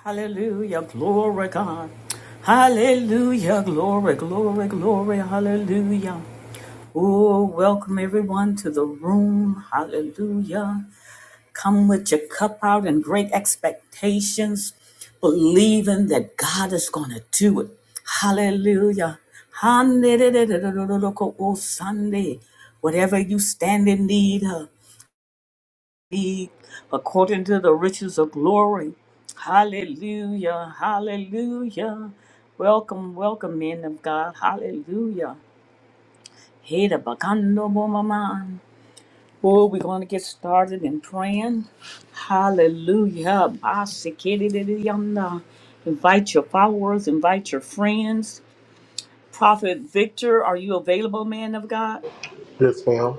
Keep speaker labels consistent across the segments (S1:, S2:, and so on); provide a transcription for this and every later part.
S1: Hallelujah, glory God. Hallelujah, glory, glory, glory, hallelujah. Oh, welcome everyone to the room. Hallelujah. Come with your cup out and great expectations, believing that God is going to do it. Hallelujah. Hallelujah. Sunday. Whatever you stand in need of, be according to the riches of glory. Hallelujah, hallelujah. Welcome, welcome, men of God. Hallelujah. Hey, the bacano mama. Oh, we're going to get started in praying. Hallelujah. Basikidididiyanda. Invite your followers, invite your friends. Prophet Victor, are you available, man of God?
S2: Yes, ma'am.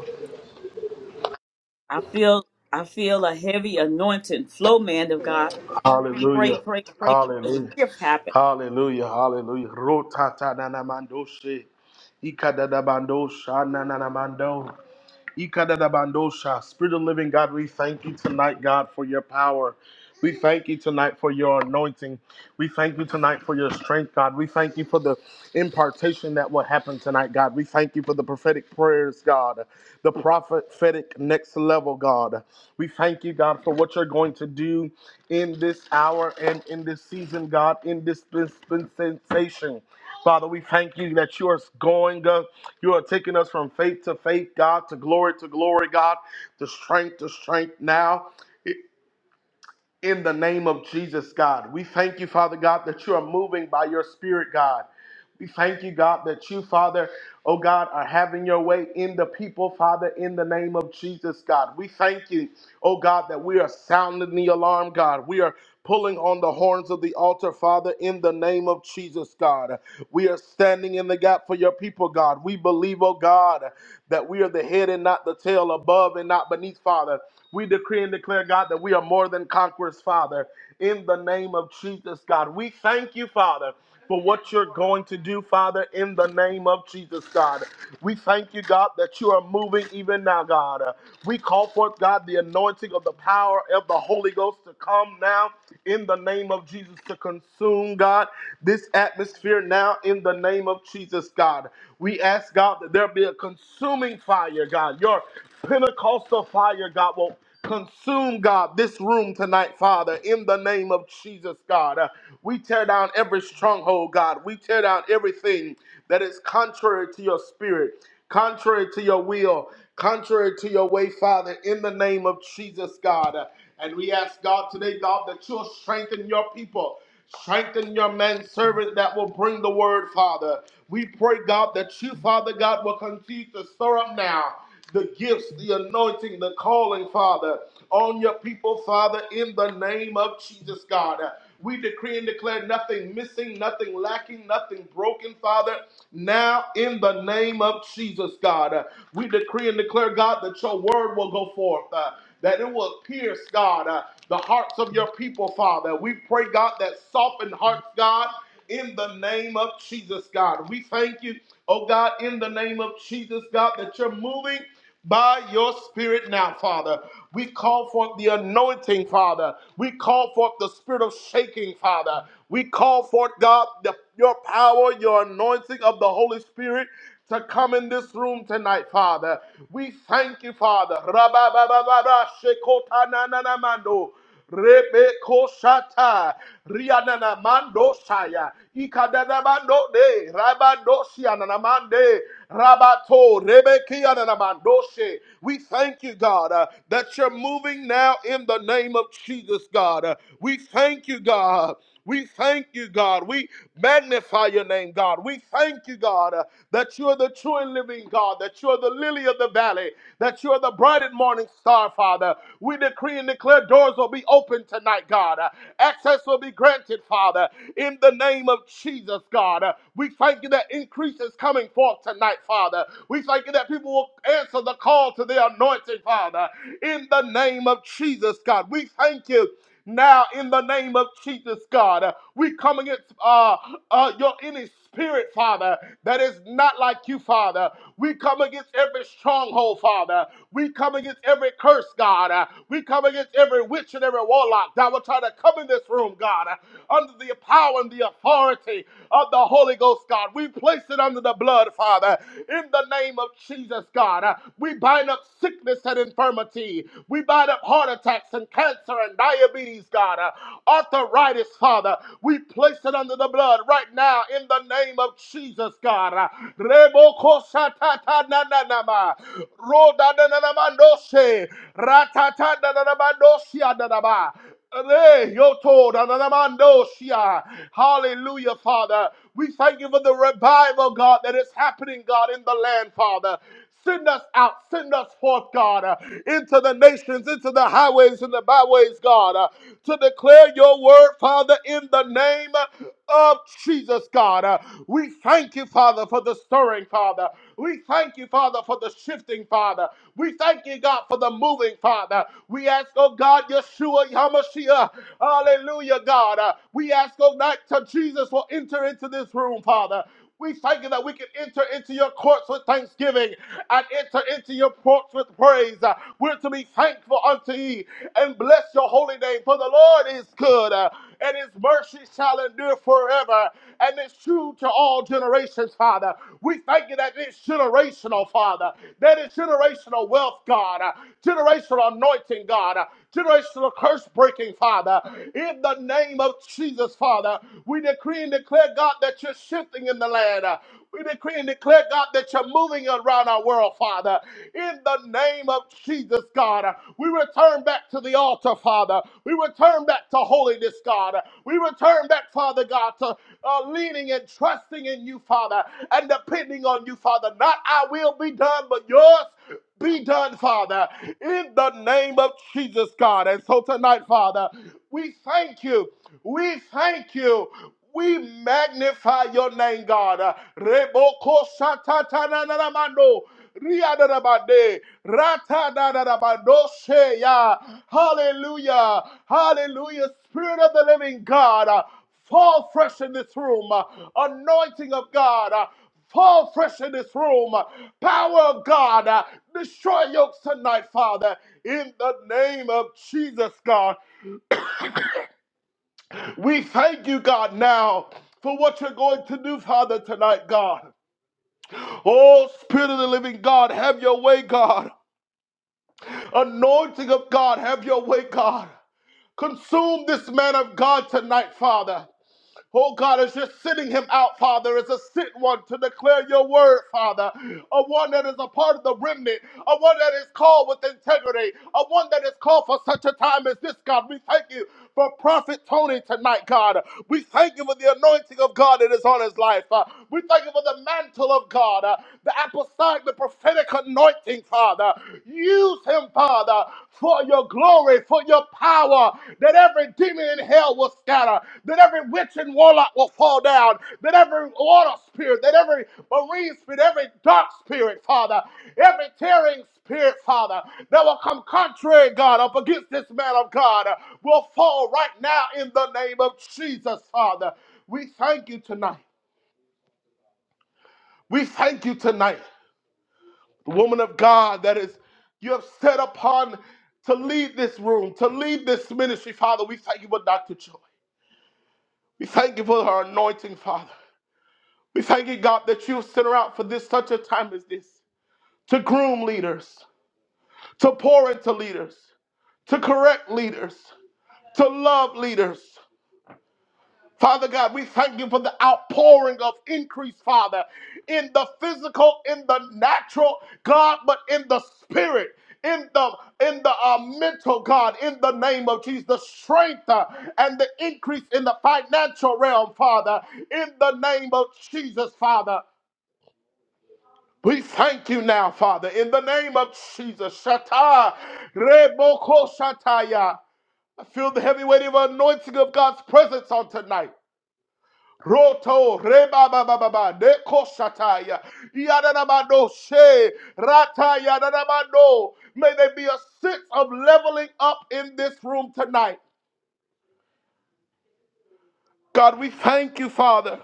S1: I feel I feel a heavy anointing flow, man of God. Pray,
S2: Hallelujah.
S1: pray, pray till the
S2: Hallelujah.
S1: shift happens.
S2: Hallelujah. Hallelujah. Rota ta na na mando she. Ika da da bando sha na na na mando. Ikadadabandosha. Spirit of the living God, we thank you tonight, God, for your power. We thank you tonight for your anointing. We thank you tonight for your strength, God. We thank you for the impartation that will happen tonight, God. We thank you for the prophetic prayers, God, the prophetic next level, God. We thank you, God, for what you're going to do in this hour and in this season, God, in this dispensation. Father, we thank you that you are going, uh, you are taking us from faith to faith, God, to glory to glory, God, to strength to strength now. i- In the name of Jesus, God, we thank you, Father God, that you are moving by your Spirit, God. We thank you, God, that you, Father, oh God, are having your way in the people, Father, in the name of Jesus, God. We thank you, oh God, that we are sounding the alarm, God. We are pulling on the horns of the altar, Father, in the name of Jesus, God. We are standing in the gap for your people, God. We believe, oh God, that we are the head and not the tail, above and not beneath, Father. We decree and declare, God, that we are more than conquerors, Father, in the name of Jesus, God. We thank you, Father for what you're going to do, Father, in the name of Jesus, God. We thank you, God, that you are moving even now, God. Uh, We call forth, God, the anointing of the power of the Holy Ghost to come now in the name of Jesus to consume, God, this atmosphere now in the name of Jesus, God. We ask, God, that there be a consuming fire, God. Your Pentecostal fire, God, will Consume, God, this room tonight, Father, in the name of Jesus, God. Uh, we tear down every stronghold, God. We tear down everything that is contrary to your spirit, contrary to your will, contrary to your way, Father, in the name of Jesus, God. Uh, and we ask, God, today, God, that you'll strengthen your people. Strengthen your manservant that will bring the word, Father. We pray, God, that you, Father God, will continue to stir up now the gifts, the anointing, the calling, Father, on your people, Father, in the name of Jesus, God. We decree and declare nothing missing, nothing lacking, nothing broken, Father. Now, in the name of Jesus, God, Uh, we decree and declare, God, that your word will go forth, uh, that it will pierce, God, uh, the hearts of your people, Father. We pray, God, that soften hearts, God in the name of Jesus, God. We thank you, oh God, in the name of Jesus, God, that you're moving by your spirit now, Father. We call forth the anointing, Father. We call forth the spirit of shaking, Father. We call forth, God, the, your power, your anointing of the Holy Spirit to come in this room tonight, Father. We thank you, Father. Rabba-ba-ba-ba-ba, shekota na na na mando. Rebeko shata rianana mando saya ikadana mando de rabando sianana mande rabato Rebekia anana mando We thank you, God, uh, that you're moving now in the name of Jesus, God. Uh, we thank you, God. We thank you, God. We magnify your name, God. We thank you, God, uh, that you are the true and living God, that you are the lily of the valley, that you are the bright and morning star, Father. We decree and declare doors will be open tonight, God. Uh, Access will be granted, Father, in the name of Jesus, God. Uh, We thank you that increase is coming forth tonight, Father. We thank you that people will answer the call to their anointing, Father, in the name of Jesus, God. We thank you. Now, in the name of Jesus, God, uh, we come against uh, uh, your any spirit, Father, that is not like you, Father. We come against every stronghold, Father. We come against every curse, God. Uh, we come against every witch and every warlock that will try to come in this room, God, uh, under the power and the authority of the Holy Ghost, God. We place it under the blood, Father, in the name of Jesus, God. Uh, we bind up sickness and infirmity. We. We bind up heart attacks and cancer and diabetes, God, uh, arthritis, Father. We place it under the blood right now in the name of Jesus, God. Uh, Rebokosatatananama, Rodananamandoshe, Ratatananamandosia, Re, yoto, nananamandosia. Hallelujah, Father. We thank you for the revival, God, that is happening, God, in the land, Father. Send us out, send us forth, God, uh, into the nations, into the highways and the byways, God, uh, to declare your word, Father, in the name of Jesus, God. Uh, we thank you, Father, for the stirring, Father. We thank you, Father, for the shifting, Father. We thank you, God, for the moving, Father. We ask, oh God, Yeshua, Yamashiach, hallelujah, God. Uh, we ask, oh God, to Jesus will enter into this room, Father. We thank you that we can enter into your courts with thanksgiving and enter into your courts with praise. Uh, We're to be thankful unto you and bless your holy name, for the Lord is good uh, and his mercy shall endure forever. And it's true to all generations, Father. We thank you that it's generational, Father, that it's generational wealth, God, uh, generational anointing, God, uh, generational curse breaking, Father. In the name of Jesus, Father, we decree decree and declare, God, that you're shifting in the land. Uh, We decree and declare, God, that you're moving around our world, Father. In the name of Jesus, God, uh, we return back to the altar, Father. We return back to holiness, God. We return back, Father God, to uh, leaning and trusting in you, Father, and depending on you, Father. Not I will be done, but yours be done, Father, in the name of Jesus, God. And so tonight, Father, we thank you. We thank you. We magnify your name, God. Uh, Reboko satatananamando, riadadabade, ratadadadabadoshe ya. Hallelujah. Hallelujah. Spirit of the living God. uh, Fall fresh in this room. Uh, Anointing of God. uh, Fall fresh in this room. Uh, Power of God. uh, Destroy yokes tonight, Father. In the name of Jesus, God. We thank you, God, now for what you're going to do, Father, tonight, God. Oh, Spirit of the living God, have your way, God. Anointing of God, have your way, God. Consume this man of God tonight, Father. Oh God, as you're sending him out, Father, as a sent one to declare your word, Father, a one that is a part of the remnant, a one that is called with integrity, a one that is called for such a time as this, God. We thank you for Prophet Tony tonight, God. We thank you for the anointing of God that is on his life. Uh, we thank you for the mantle of God, uh, the apostolic, the prophetic anointing, Father. Use him, Father, for your glory, for your power, that every demon in hell will scatter, that every witch and warlock will fall down, that every water spirit, that every marine spirit, every dark spirit, Father, every tearing spirit, Father, that will come contrary, God, up against this man of God, uh, will fall right now in the name of Jesus, Father. We thank you tonight. We thank you tonight the woman of God that is you have set upon to lead this room, to lead this ministry, Father. We thank you for Dr. Joy. We thank you for her anointing, Father. We thank you, God, that you sent her out for this such a time as this to groom leaders, to pour into leaders, to correct leaders, to love leaders. Father God, we thank you for the outpouring of increase, Father, in the physical, in the natural, God, but in the spirit, in the in the uh, mental, God, in the name of Jesus, the strength uh, and the increase in the financial realm, Father, in the name of Jesus, Father. We thank you now, Father, in the name of Jesus. Shata, Reboko Shataya. I feel the heavy weight of anointing of God's presence on tonight. Roto reba ba ba ba ba de kosataya yadanabado she rata yadanabado. May there be a sense of leveling up in this room tonight. God, we thank you, Father.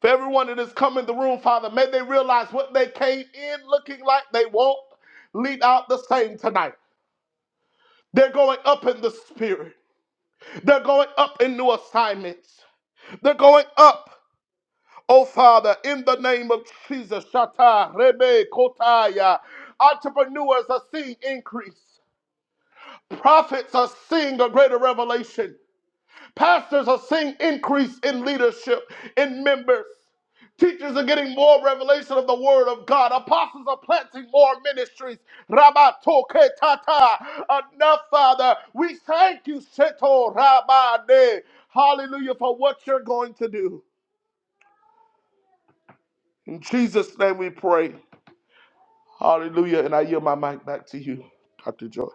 S2: For everyone that has come in the room, Father, may they realize what they came in looking like they won't leave out the same tonight. They're going up in the spirit. They're going up in new assignments. They're going up. Oh, Father, in the name of Jesus, Shata, Rebe, Kotaya, entrepreneurs are seeing increase. Prophets are seeing a greater revelation. Pastors are seeing increase in leadership, in members. Teachers are getting more revelation of the Word of God. Apostles are planting more ministries. Rabato ke tata. Enough, Father. We thank you, Seto Rabade. Hallelujah, for what you're going to do. In Jesus' name we pray. Hallelujah. And I yield my mic back to you, Dr. Joy.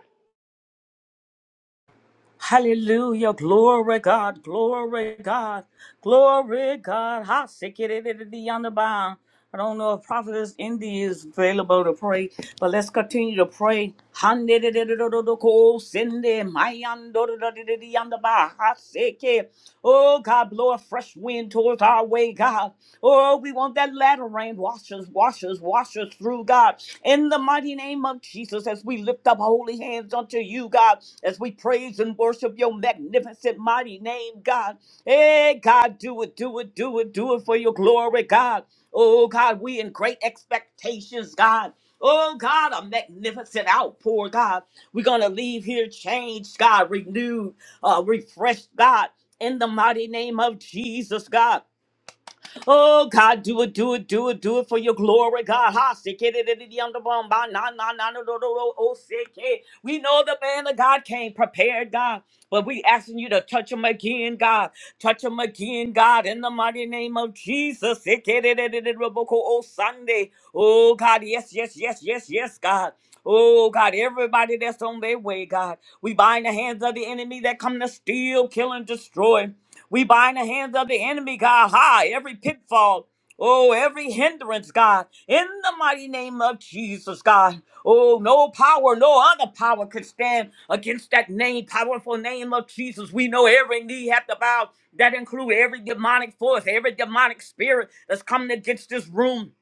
S1: Hallelujah. Glory God. Glory God. Glory God. How sick it is to be on the bound. I don't know if Prophetess Indy is available to pray, but let's continue to pray. Handedididididoko, sende, mayandodididididiyandaba, haseke. Oh God, blow a fresh wind towards our our way, God. Oh, we want that latter rain. Wash us, wash us, wash us through, God. In the mighty name of Jesus, as we lift up holy hands unto you, God, as we praise and worship your magnificent, mighty name, God. Hey, God, do it, do it, do it, do it for your glory, God. Oh, God, we in great expectations, God. Oh, God, a magnificent outpour, God. We're going to leave here changed, God, renewed, uh, refreshed, God, in the mighty name of Jesus, God. Oh God, do it, do it, do it, do it for your glory, God. Ha sick it it, it, it, yonder bum, ba, na, na, na, no, no, no, no, oh sick it. We know the man of God came prepared, God, but we asking you to touch him again, God. Touch him again, God, in the mighty name of Jesus. Sick it it, it, it, it, Rebecca, Oh Sunday. Oh God, yes, yes, yes, yes, yes, God. Oh God, everybody that's on their way, God. We bind the hands of the enemy that come to steal, kill, and destroy. We bind the hands of the enemy, God, high, every pitfall. Oh, every hindrance, God, in the mighty name of Jesus, God. Oh, no power, no other power could stand against that name, powerful name of Jesus. We know every knee hath to bow. That include every demonic force, every demonic spirit that's coming against this room.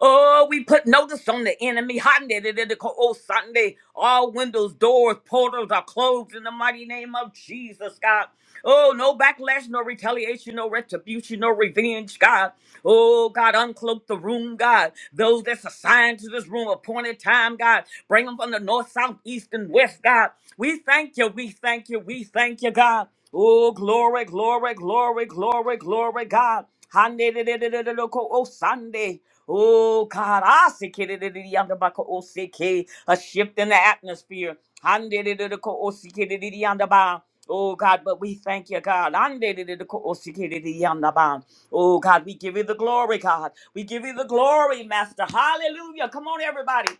S1: Oh, we put notice on the enemy. Oh, Sunday, all windows, doors, portals are closed in the mighty name of Jesus, God. Oh, no backlash, no retaliation, no retribution, no revenge, God. Oh, God, uncloak the room, God. Those that's assigned to this room, appointed time, God. Bring them from the north, south, east, and west, God. We thank you, we thank you, we thank you, God. Oh, glory, glory, glory, glory, glory, God. Hande de de de de de de ko- Oh, Sunday. Oh God, I see it. A shift in the atmosphere. Handedididikosikidididiyandaba. Oh God, but we thank you, God. Handedididikosikidididiyandaba. Oh God, we give you the glory, God. We give you the glory, Master. Hallelujah. Come on, everybody.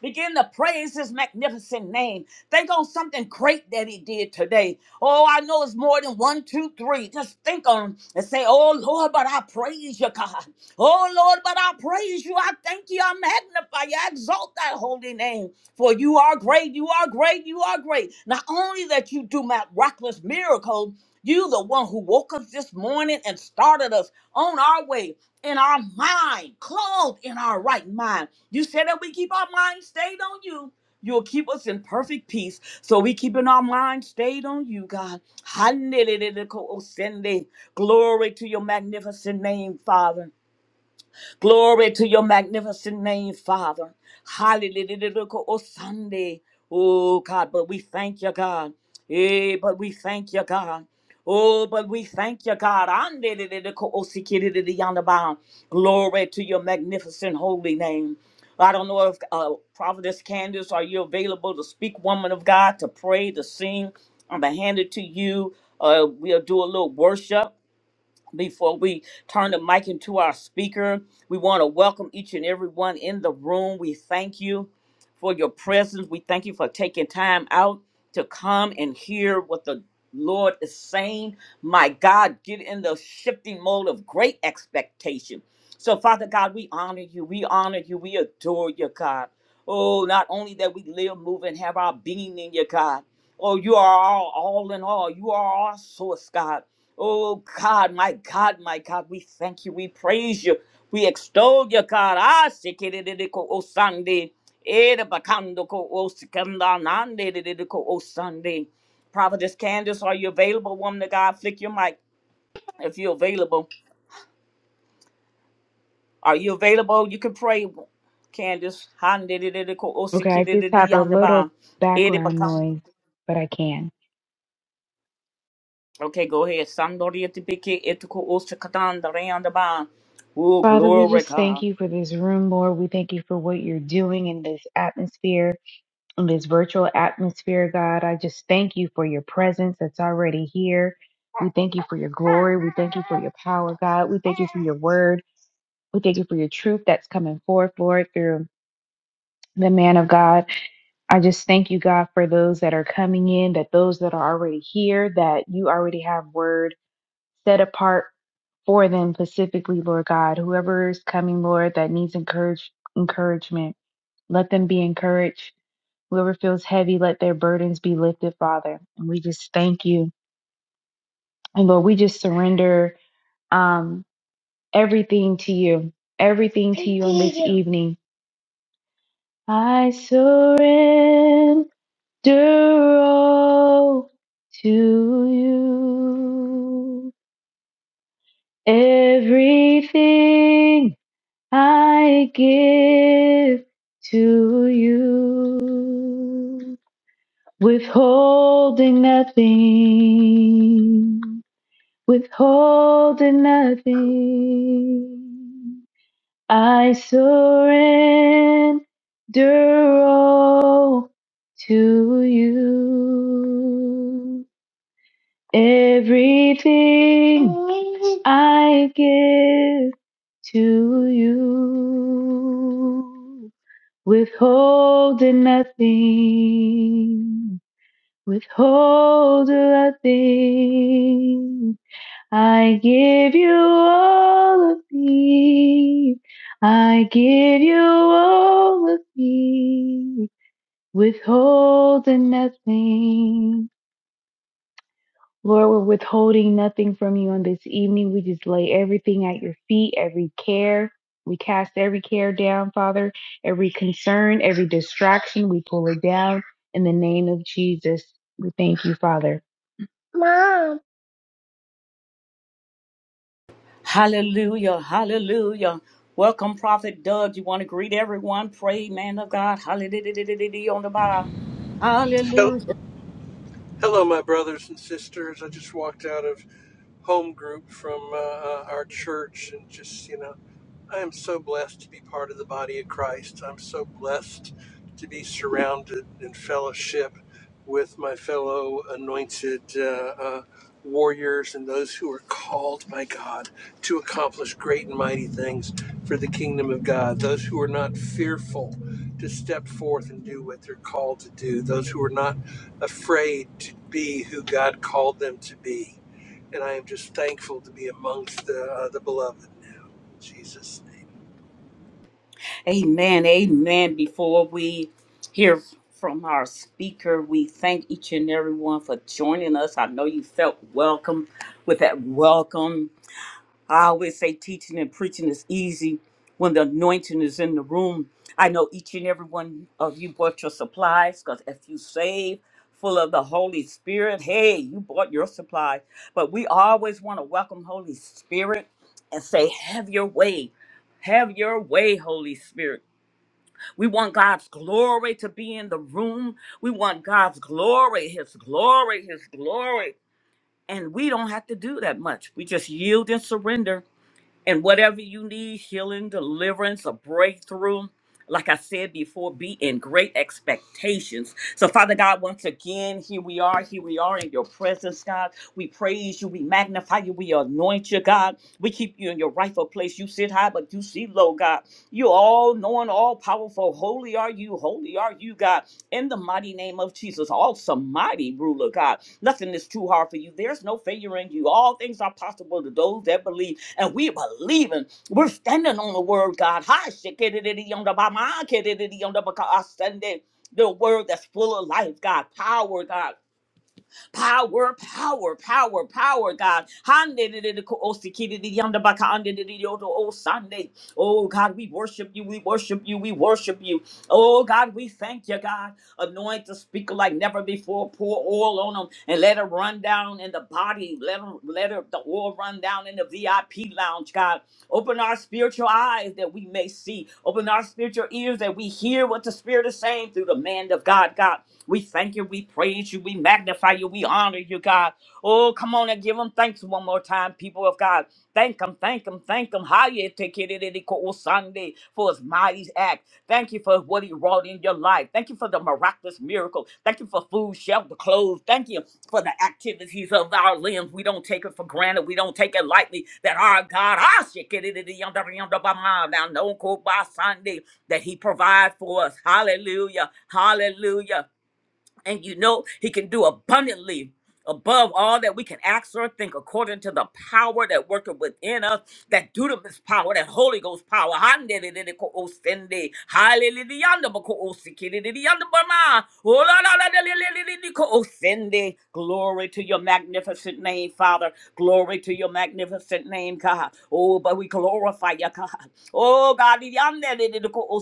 S1: Begin to praise his magnificent name. Think on something great that he did today. Oh, I know it's more than one, two, three. Just think on and say, Oh Lord, but I praise you, God. Oh Lord, but I praise you. I thank you. I magnify you. I exalt that holy name. For you are great. You are great. You are great. Not only that you do miraculous miracles, you the one who woke us this morning and started us on our way in our mind, clothed in our right mind. You said that we keep our mind stayed on you. You'll keep us in perfect peace. So we keeping our mind stayed on you, God. Hallelujah. Glory to your magnificent name, Father. Glory to your magnificent name, Father. Hallelujah. Oh, Sunday. Oh, God, but we thank you, God. Eh, but we thank you, God. Oh, but we thank you, God. Andeleleleko osikidididiyandaba. Glory to your magnificent holy name. I don't know if uh, Prophetess Candace, are you available to speak, woman of God, to pray, to sing? I'm going to hand it to you. Uh, we'll do a little worship before we turn the mic into our speaker, we want to welcome each and everyone in the room. We thank you for your presence. We thank you for taking time out to come and hear what the Lord is saying. My God, get in the shifting mode of great expectation. So, Father God, we honor you. We honor you. We adore you, God. Oh, not only that we live, move, and have our being in you, God. Oh, you are all, all in all. You are our source, God. Oh God, my God, my God, we thank you, we praise you, we extol you, God. Ah, sikidididiko o Sunday, ere bakandoko o sikandanande dididiko o Sunday. Prophetess Candace, are you available, woman of God? Flick your mic if you're available. Are you available? You can pray, Candace. Handidididiko o
S3: Okay, I just have a little
S1: sikidididiyandaba, ere
S3: background
S1: bakan-
S3: noise, but I can.
S1: Okay, go ahead. Sandori etipiki etiko o sikandandare yandaba. Oh,
S3: Father, we
S1: glory,
S3: just
S1: God.
S3: thank you for this room, Lord. We thank you for what you're doing in this atmosphere, in this virtual atmosphere, God. I just thank you for your presence that's already here. We thank you for your glory. We thank you for your power, God. We thank you for your word. We thank you for your truth that's coming forth, Lord, through the man of God. I just thank you, God, for those that are coming in, that those that are already here, that you already have word set apart for them specifically, Lord God. Whoever is coming, Lord, that needs encourage, encouragement, let them be encouraged. Whoever feels heavy, let their burdens be lifted, Father. And we just thank you. And Lord, we just surrender um, everything to you, everything to you on this evening. I surrender all to you, everything I give to you, withholding nothing, withholding nothing. I surrender all to you. Everything I give to you withholding nothing, withholding nothing. I give you all of me. I give you all of me, withholding nothing Lord, we're withholding nothing from you on this evening. We just lay everything at your feet, every care. We cast every care down, Father, every concern, every distraction. We pull it down in the name of Jesus. We thank you, Father. Mom.
S1: Hallelujah. Hallelujah. Welcome, Prophet Doug. You want to greet everyone? Pray, man of God. Hallelujah. On the bar.
S4: Hel-
S1: Hallelujah.
S4: Hello, my brothers and sisters. I just walked out of home group from uh, uh, our church and just, you know, I am so blessed to be part of the body of Christ. I'm so blessed to be surrounded in fellowship with my fellow anointed uh, uh, warriors and those who are called by God to accomplish great and mighty things for the kingdom of God, those who are not fearful to step forth and do what they're called to do, those who are not afraid to be who God called them to be. And I am just thankful to be amongst the, uh, the beloved now. In Jesus' name.
S1: Amen. Amen. Before we hear from our speaker, we thank each and everyone for joining us. I know you felt welcome with that welcome. I always say teaching and preaching is easy when the anointing is in the room. I know each and every one of you bought your supplies because if you save full of the Holy Spirit, hey, you bought your supplies. But we always want to welcome Holy Spirit and say, have your way. Have your way, Holy Spirit. We want God's glory to be in the room. We want God's glory, His glory, His glory. And we don't have to do that much. We just yield and surrender and whatever you need, healing, deliverance, a breakthrough, like I said before, be in great expectations. So, Father God, once again, here we are. Here we are in your presence, God. We praise you. We magnify you. We anoint you, God. We keep you in your rightful place. You sit high, but you see low, God. You all knowing, all powerful. Holy are you. Holy are you, God. In the mighty name of Jesus, awesome, mighty ruler, God. Nothing is too hard for you. There's no failure in you. All things are possible to those that believe and we believing. We're standing on the word, God. Hi, shikididi yonder bama, kididi yonder baka, I stand in The word that's full of life, God, power, God. Power, power, power, power, God. Sunday. Oh, God, we worship you. We worship you. We worship you. Oh, God, we thank you, God. Anoint the speaker like never before. Pour oil on them and let it run down in the body. Let, 'em- let it, the oil run down in the VIP lounge, God. Open our spiritual eyes that we may see. Open our spiritual ears that we hear what the Spirit is saying through the man of God, God. We thank you, we praise you, we magnify you, we honor you, God. Oh, come on and give them thanks one more time, people of God. Thank him, thank him, thank him. How you take it on Sunday for his mighty act. Thank you for what he wrought in your life. Thank you for the miraculous miracle. Thank you for food, shelter, clothes. Thank you for the activities of our limbs. We don't take it for granted. We don't take it lightly that our God, ah, shit, get it in the yonder, yonder, bah, bah, now, no, go by Sunday, that he provides for us. Hallelujah. Hallelujah and you know he can do abundantly above all that we can ask or think according to the power that worketh within us that dunamis power that holy ghost power Handeleleleko-osende, haleleleyandabako-osikidididiyandabama, olalaleleleleleleko-osende. glory to your magnificent name father glory to your magnificent name god oh but we glorify you god Oh God, yonder de- oh,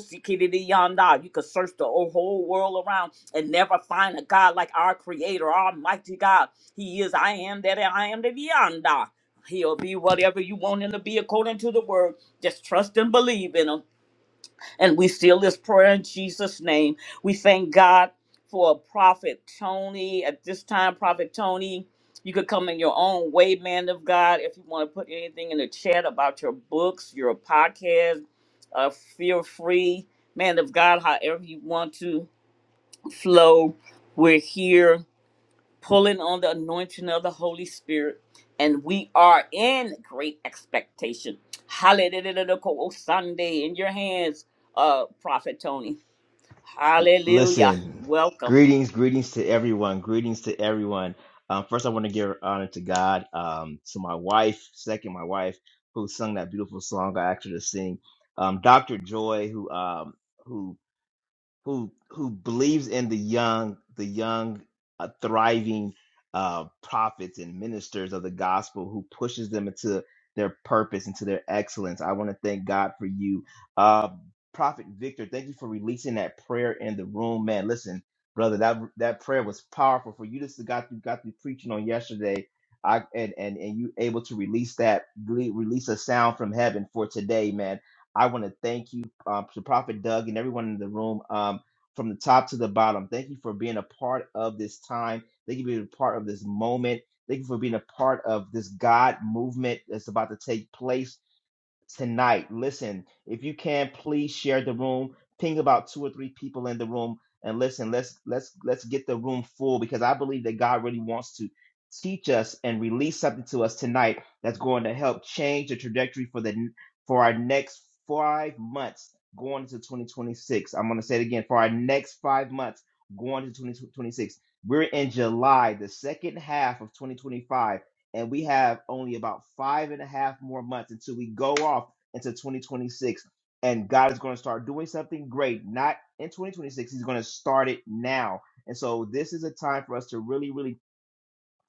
S1: you could search the whole world around and never find a God like our Creator, Almighty God. He is I am that I am the yonder. He'll be whatever you want him to be according to the word. Just trust and believe in him. And we seal this prayer in Jesus' name. We thank God for Prophet Tony. At this time, Prophet Tony, you could come in your own way, man of God. If you want to put anything in the chat about your books, your podcast, uh, feel free, man of God, however you want to flow. We're here pulling on the anointing of the Holy Spirit, and we are in great expectation. Hallelujah. Oh, Sunday in your hands, uh, Prophet Tony.
S5: L-
S1: Hallelujah.
S5: Listen,
S1: Welcome.
S5: greetings, greetings to everyone. Greetings to everyone. Um, first, I want to give honor to God, um, to my wife. Second, my wife who sung that beautiful song I asked her to sing. Um, Dr. Joy, who um, who who who believes in the young, the young, uh, thriving uh, prophets and ministers of the gospel, who pushes them into their purpose, into their excellence. I want to thank God for you, uh, Prophet Victor. Thank you for releasing that prayer in the room, man. Listen, brother, that that prayer was powerful for you. Just got you got through preaching on yesterday. I, and, and and you able to release that release a sound from heaven for today, man. I want to thank you uh, to Prophet Doug and everyone in the room um, from the top to the bottom. Thank you for being a part of this time. Thank you for being a part of this moment. Thank you for being a part of this God movement that's about to take place tonight. Listen, if you can, please share the room. Ping about two or three people in the room, and listen. Let's let's let's get the room full because I believe that God really wants to teach us and release something to us tonight that's going to help change the trajectory for the for our next five months going into 2026. I'm going to say it again for our next five months going into 2026. We're in July, the second half of 2025 and we have only about five and a half more months until we go off into 2026 and god is going to start doing something great not in 2026 he's going to start it now and so this is a time for us to really really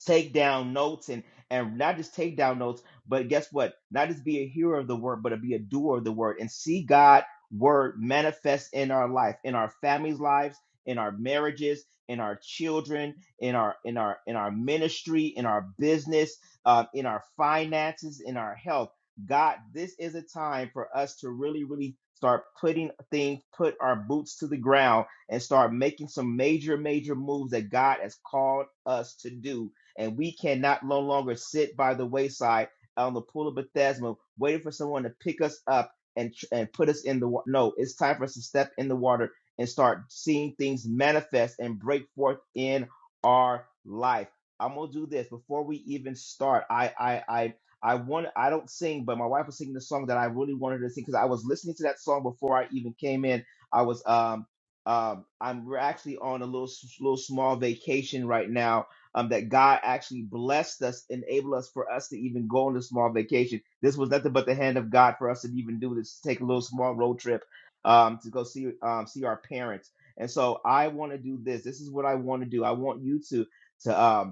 S5: take down notes and and not just take down notes but guess what not just be a hearer of the word but to be a doer of the word and see god word manifest in our life in our families lives in our marriages in our children in our in our in our ministry in our business uh, in our finances in our health god this is a time for us to really really start putting things put our boots to the ground and start making some major major moves that god has called us to do and we cannot no longer sit by the wayside on the pool of Bethesda waiting for someone to pick us up and and put us in the water. No, it's time for us to step in the water and start seeing things manifest and break forth in our life. I'm gonna do this before we even start. I I I I want I don't sing, but my wife was singing the song that I really wanted her to sing because I was listening to that song before I even came in. I was um um I'm we're actually on a little s- little small vacation right now um, that God actually blessed us, enabled us for us to even go on this small vacation. This was nothing but the hand of God for us to even do this, take a little small road trip um, to go see um, see our parents. And so I want to do this. This is what I want to do. I want you to to um,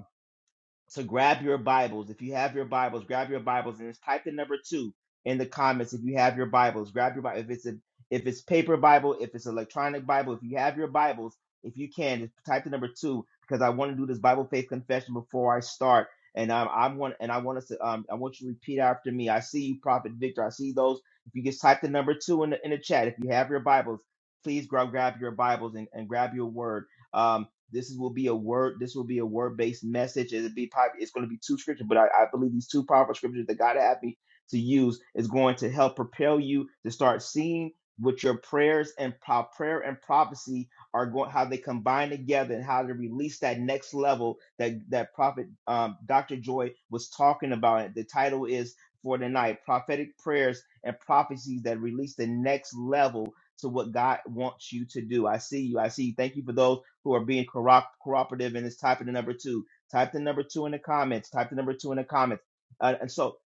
S5: so grab your Bibles. If you have your Bibles, grab your Bibles and just type the number two in the comments. If you have your Bibles, grab your Bible. If it's a if it's paper Bible, if it's electronic Bible, if you have your Bibles, if you can, just type the number two because I want to do this Bible faith confession before I start. And um, I want and I want us to um, I want you to repeat after me. I see you, Prophet Victor. I see those. If you just type the number two in the in the chat, if you have your Bibles, please grab grab your Bibles and, and grab your word. Um, this will be a word. This will be a word-based message. It'll be probably, it's going to be two scriptures, but I, I believe these two powerful scriptures that God had me to use is going to help propel you to start seeing what your prayers and pro- prayer and prophecy are going, how they combine together, and how to release that next level that that prophet um, Dr. Joy was talking about. The title is for tonight: prophetic prayers and prophecies that release the next level to what God wants you to do. I see you. I see you. Thank you for those who are being corro- cooperative and is typing the number two. Type the number two in the comments. Type the number two in the comments. Uh, and so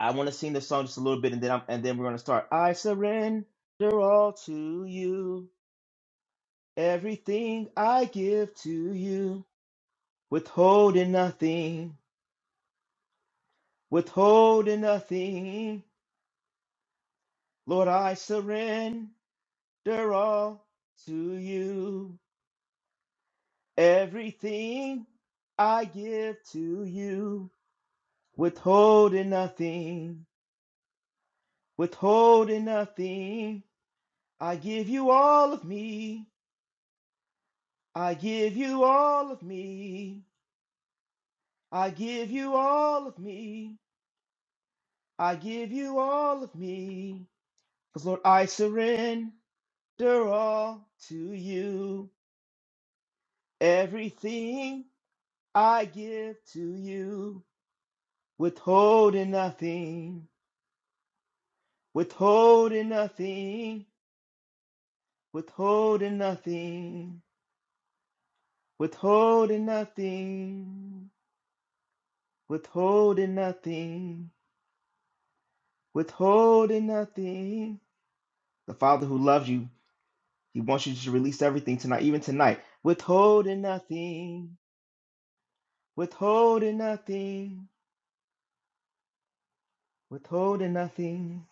S5: I want to sing the song just a little bit, and then I'm, and then we're gonna start. I surrender all to you. Everything I give to you, withholding nothing, withholding nothing. Lord, I surrender all to you. Everything I give to you withholding nothing, withholding nothing. I give you all of me. I give you all of me. I give you all of me. I give you all of me. Because, Lord, I surrender all to you. Everything I give to you, withholding nothing, withholding nothing, withholding nothing. Withholding nothing, withholding nothing, withholding nothing. The Father who loves you, He wants you to release everything tonight, even tonight. Withholding nothing, withholding nothing, withholding nothing.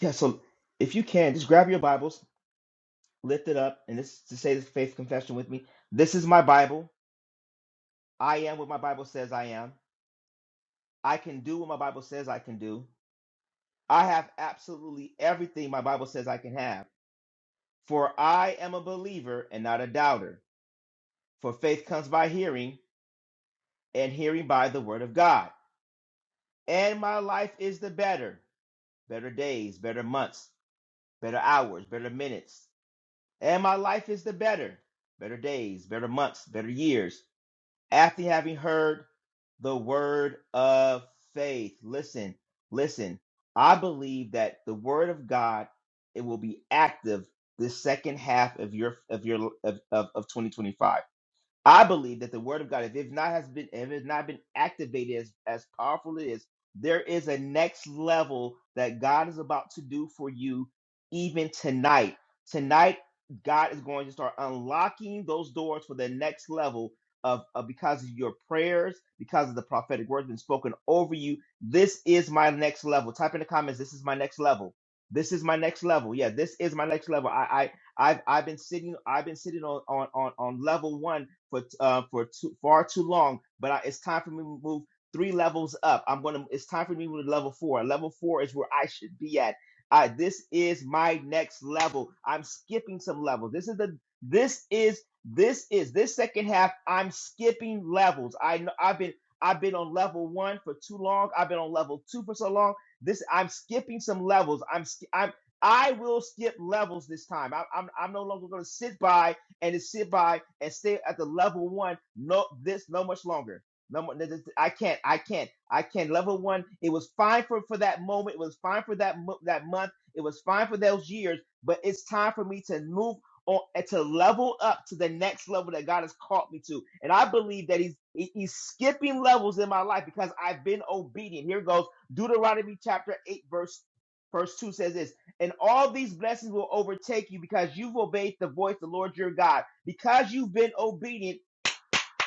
S5: Yeah, so if you can, just grab your Bibles, lift it up, and this to say this faith confession with me. This is my Bible. I am what my Bible says I am. I can do what my Bible says I can do. I have absolutely everything my Bible says I can have. For I am a believer and not a doubter. For faith comes by hearing, and hearing by the word of God. And my life is the better better days, better months, better hours, better minutes. And my life is the better better days, better months, better years. After having heard the word of faith, listen, listen. I believe that the word of God it will be active the second half of your of your of, of, of 2025 I believe that the word of God, if it not has been, if it's not been activated as as powerful it is, there is a next level that God is about to do for you, even tonight. Tonight, God is going to start unlocking those doors for the next level of, of because of your prayers, because of the prophetic words been spoken over you. This is my next level. Type in the comments. This is my next level. This is my next level. Yeah, this is my next level. I I I've I've been sitting I've been sitting on on on, on level one for uh, for too, far too long. But I, it's time for me to move three levels up. I'm gonna. It's time for me to move to level four. Level four is where I should be at. I, this is my next level. I'm skipping some levels. This is the. This is this is this second half. I'm skipping levels. I know I've been I've been on level one for too long. I've been on level two for so long. This I'm skipping some levels. I'm sk- I'm I will skip levels this time. I, I'm I'm no longer going to sit by and to sit by and stay at the level one no this no much longer. No, mo- this- I can't. I can't. I can't. Level one. It was fine for for that moment. It was fine for that mo- that month. It was fine for those years. But it's time for me to move on and to level up to the next level that God has called me to. And I believe that He's he- He's skipping levels in my life because I've been obedient. Here it goes. Deuteronomy chapter eight verse verse two says this and all these blessings will overtake you because you've obeyed the voice of the Lord your God. Because you've been obedient,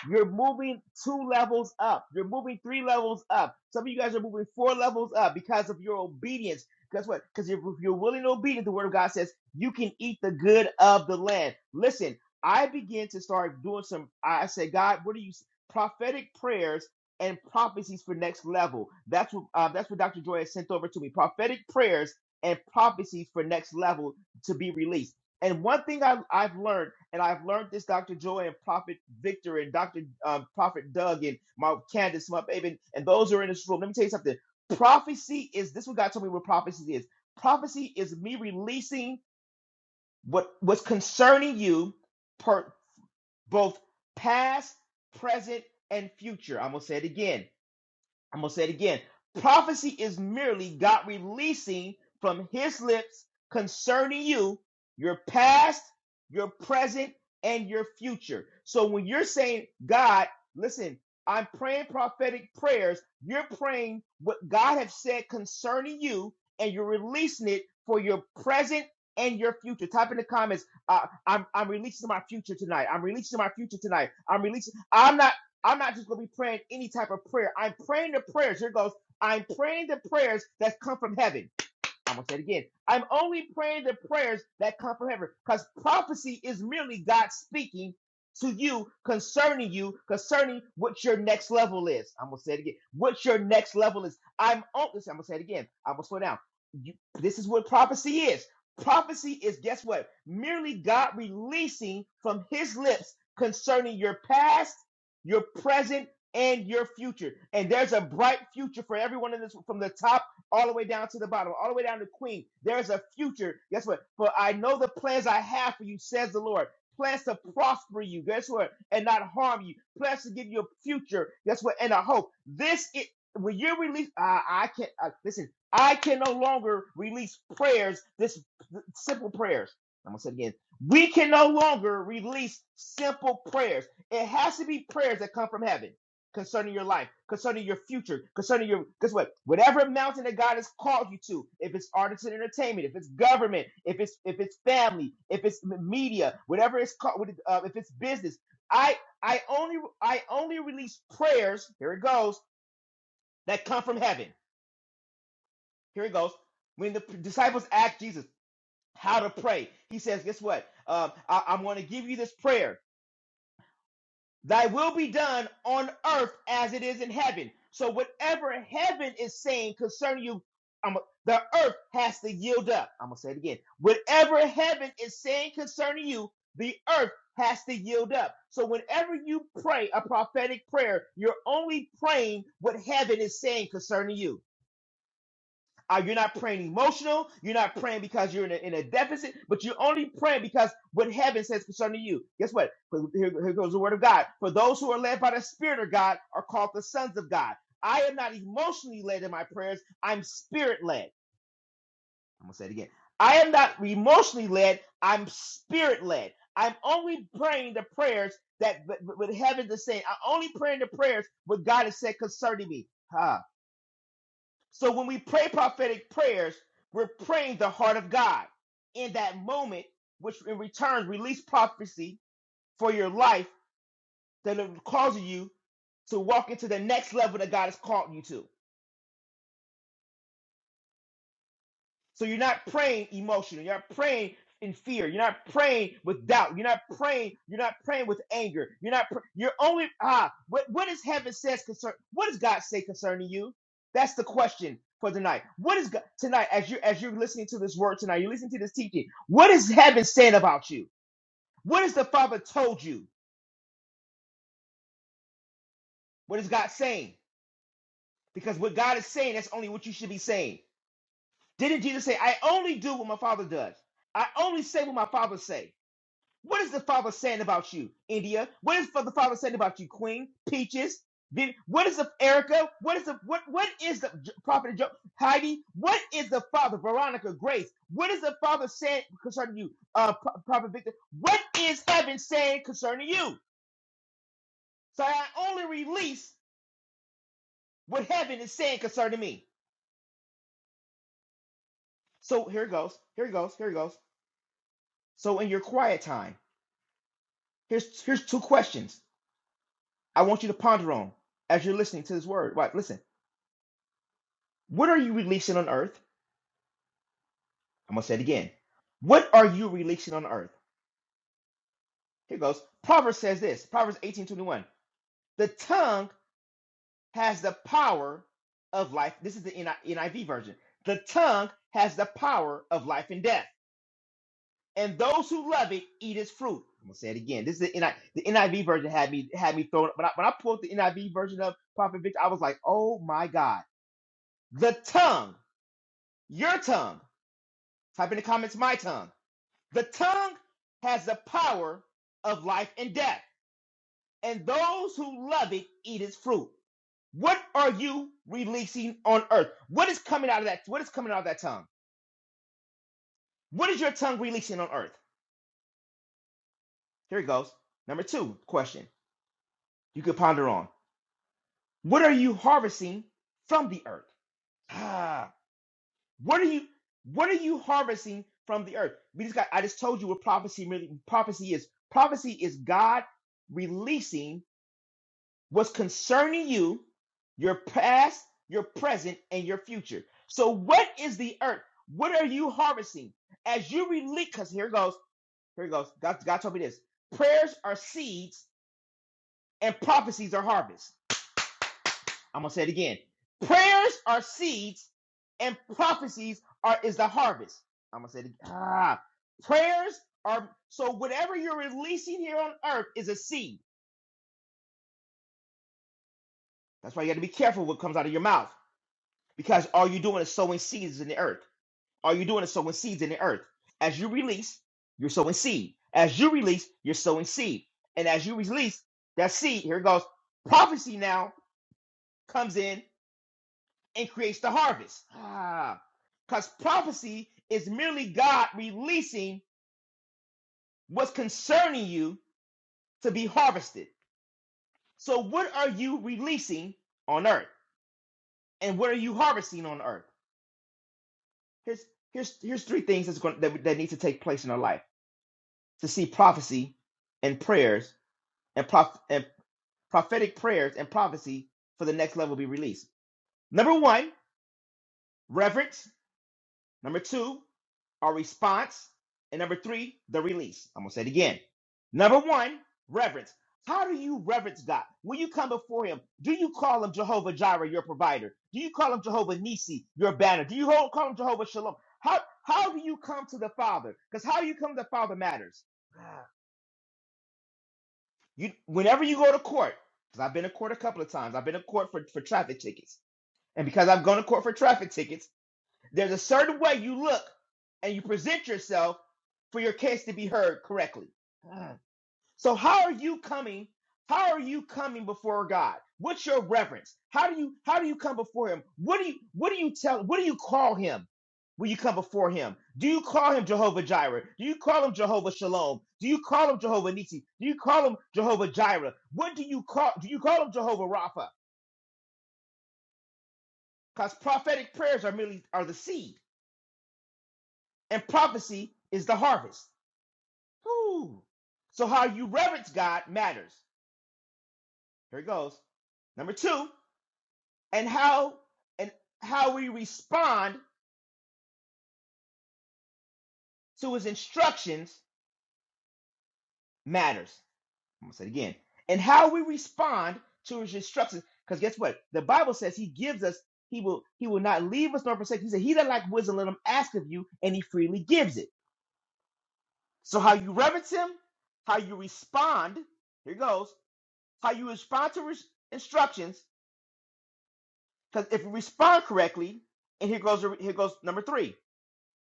S5: you're moving two levels up. You're moving three levels up. Some of you guys are moving four levels up because of your obedience. Guess what? Because if you're willing and obedient, the word of God says you can eat the good of the land. Listen, I began to start doing some. I said, God, what are you? Prophetic prayers and prophecies for next level. That's what uh, that's what Dr. Joy has sent over to me. Prophetic prayers and prophecies for next level to be released. And one thing I've, I've learned, and I've learned this, Dr. Joy and Prophet Victor and Dr. Um, Prophet Doug and my Candace, my baby, and, and those who are in this room. Let me tell you something. Prophecy is this. Is what God told me what prophecy is. Prophecy is me releasing what what's concerning you, per both past, present, and future. I'm gonna say it again I'm going to say it again. Prophecy is merely God releasing from his lips concerning you your past, your present, and your future. So when you're saying, God, listen, I'm praying prophetic prayers, you're praying what God has said concerning you, and you're releasing it for your present and your future. Type in the comments, uh, I'm, I'm releasing my future tonight. I'm releasing my future tonight. I'm releasing. I'm not. I'm not just gonna be praying any type of prayer. I'm praying the prayers. Here it goes. I'm praying the prayers that come from heaven. I'm gonna say it again. I'm only praying the prayers that come from heaven, because prophecy is merely God speaking to you concerning you, concerning what your next level is. I'm gonna say it again. What your next level is. I'm only. I'm gonna say it again. I'm gonna slow down. You, this is what prophecy is. Prophecy is guess what? Merely God releasing from His lips concerning your past, your present, and your future. And there's a bright future for everyone in this from the top all the way down to the bottom, all the way down to Queen. There is a future. Guess what? For I know the plans I have for you, says the Lord. Plans to prosper you, guess what? And not harm you. Plans to give you a future, guess what? And a hope. This it when you're released, I, I can't uh, listen. I can no longer release prayers. This th- simple prayers. I'm gonna say it again. We can no longer release simple prayers. It has to be prayers that come from heaven concerning your life, concerning your future, concerning your guess what? Whatever mountain that God has called you to, if it's artists and entertainment, if it's government, if it's if it's family, if it's m- media, whatever it's called, what it- uh, if it's business, I I only I only release prayers. Here it goes that come from heaven. Here it goes. When the disciples asked Jesus how to pray, he says, "Guess what? Um, I, I'm going to give you this prayer." Thy will be done on earth as it is in heaven. So whatever heaven is saying concerning you, I'm, the earth has to yield up. I'm gonna say it again. Whatever heaven is saying concerning you, the earth has to yield up. So whenever you pray a prophetic prayer, you're only praying what heaven is saying concerning you. Uh, you're not praying emotional. You're not praying because you're in a, in a deficit, but you're only praying because what heaven says concerning you. Guess what? For- Here, here goes the word of God. For those who are led by the Spirit of God are called the sons of God. I am not emotionally led in my prayers. I'm spirit led. I'm going to say it again. I am not emotionally led. I'm spirit led. I'm only praying the prayers that with heaven is saying. I'm only praying the prayers what God has said concerning me. Ha. So when we pray prophetic prayers, we're praying the heart of God in that moment, which in return release prophecy for your life that it causes you to walk into the next level that God has called you to. So you're not praying emotionally. You're not praying in fear. You're not praying with doubt. You're not praying. You're not praying with anger. You're not. Pr- you're only ah. What what does heaven says concern? What does God say concerning you? That's the question for tonight. What is God tonight as you as you're listening to this word tonight? You're listening to this teaching. What is heaven saying about you? What has the Father told you? What is God saying? Because what God is saying, that's only what you should be saying. Didn't Jesus say, "I only do what my Father does. I only say what my Father say." What is the Father saying about you, India? What is the Father saying about you, Queen Peaches? What is the Erica? What is the what? What is the Prophet jo- Heidi? What is the Father Veronica Grace? What is the Father saying concerning you, uh, Pro- Prophet Victor? What is Heaven saying concerning you? So I only release what Heaven is saying concerning me. So here it goes. Here it goes. Here it goes. So in your quiet time, here's here's two questions I want you to ponder on as you're listening to this word. Right, listen. What are you releasing on earth? I'm gonna say it again. What are you releasing on earth? Here goes. Proverbs says this. Proverbs 18:21. The tongue has the power of life. This is the NI NIV version. The tongue has the power of life and death, and those who love it eat its fruit. I'm gonna say it again. This is the, NI, the NIV version had me had me thrown. But I, when I pulled the NIV version of Prophet Victor, I was like, oh my God. The tongue, your tongue. Type in the comments, my tongue The tongue has the power of life and death, and those who love it eat its fruit. What are you releasing on earth? What is coming out of that? What is coming out of that tongue? What is your tongue releasing on earth? Here it goes. Number two question you could ponder on. What are you harvesting from the earth? Ah, what are you what are you harvesting from the earth? We just got I just told you what prophecy really prophecy is. Prophecy is God releasing what's concerning you, your past, your present, and your future. So, what is the earth? What are you harvesting as you release? Because here it goes, here it goes. God, God told me this: prayers are seeds, and prophecies are harvest. I'm gonna say it again: prayers are seeds, and prophecies are is the harvest. I'm gonna say it again. Ah, prayers are so whatever you're releasing here on earth is a seed. That's why you got to be careful what comes out of your mouth Because all you're doing is sowing seeds in the earth. All you're doing is sowing seeds in the earth. As you release, you're sowing seed. As you release, you're sowing seed. And as you release that seed, here it goes. Prophecy now comes in and creates the harvest. Ah, because prophecy is merely God releasing what's concerning you to be harvested. So, what are you releasing on earth, and what are you harvesting on earth? Here's here's here's three things that's going that, that need to take place in our life to see prophecy and prayers and, prof- and prophetic prayers and prophecy for the next level be released. Number one, reverence. Number two, our response. And number three, the release. I'm going to say it again. Number one, reverence. How do you reverence God? When you come before Him, do you call Him Jehovah Jireh, your provider? Do you call Him Jehovah Nisi, your banner? Do you ho- call Him Jehovah Shalom? How, how do you come to the Father? Because how you come to the Father matters. You whenever you go to court, because I've been to court a couple of times, I've been to court for, for traffic tickets. And because I've gone to court for traffic tickets, there's a certain way you look and you present yourself for your case to be heard correctly. Ah, so how are you coming? How are you coming before God? What's your reverence? How do you how do you come before him? What do you what do you tell what do you call him when you come before him? Do you call him Jehovah Jireh? Do you call him Jehovah Shalom? Do you call him Jehovah Nisi? Do you call him Jehovah Jireh? What do you call do you call him Jehovah Rapha? Because prophetic prayers are merely are the seed and prophecy is the harvest. Whew. So how you reverence God matters. Here it goes. Number two. and how and how we respond to his instructions matters. I'm gonna say it again. And how we respond to his instructions, because guess what? The Bible says he gives us, he will, he will not leave us nor forsake. us. He said, He that lack wisdom, let him ask of you, and he freely gives it. So how you reverence him, how you respond, here it goes, how you respond to his instructions, because if you respond correctly, and here goes here goes number three.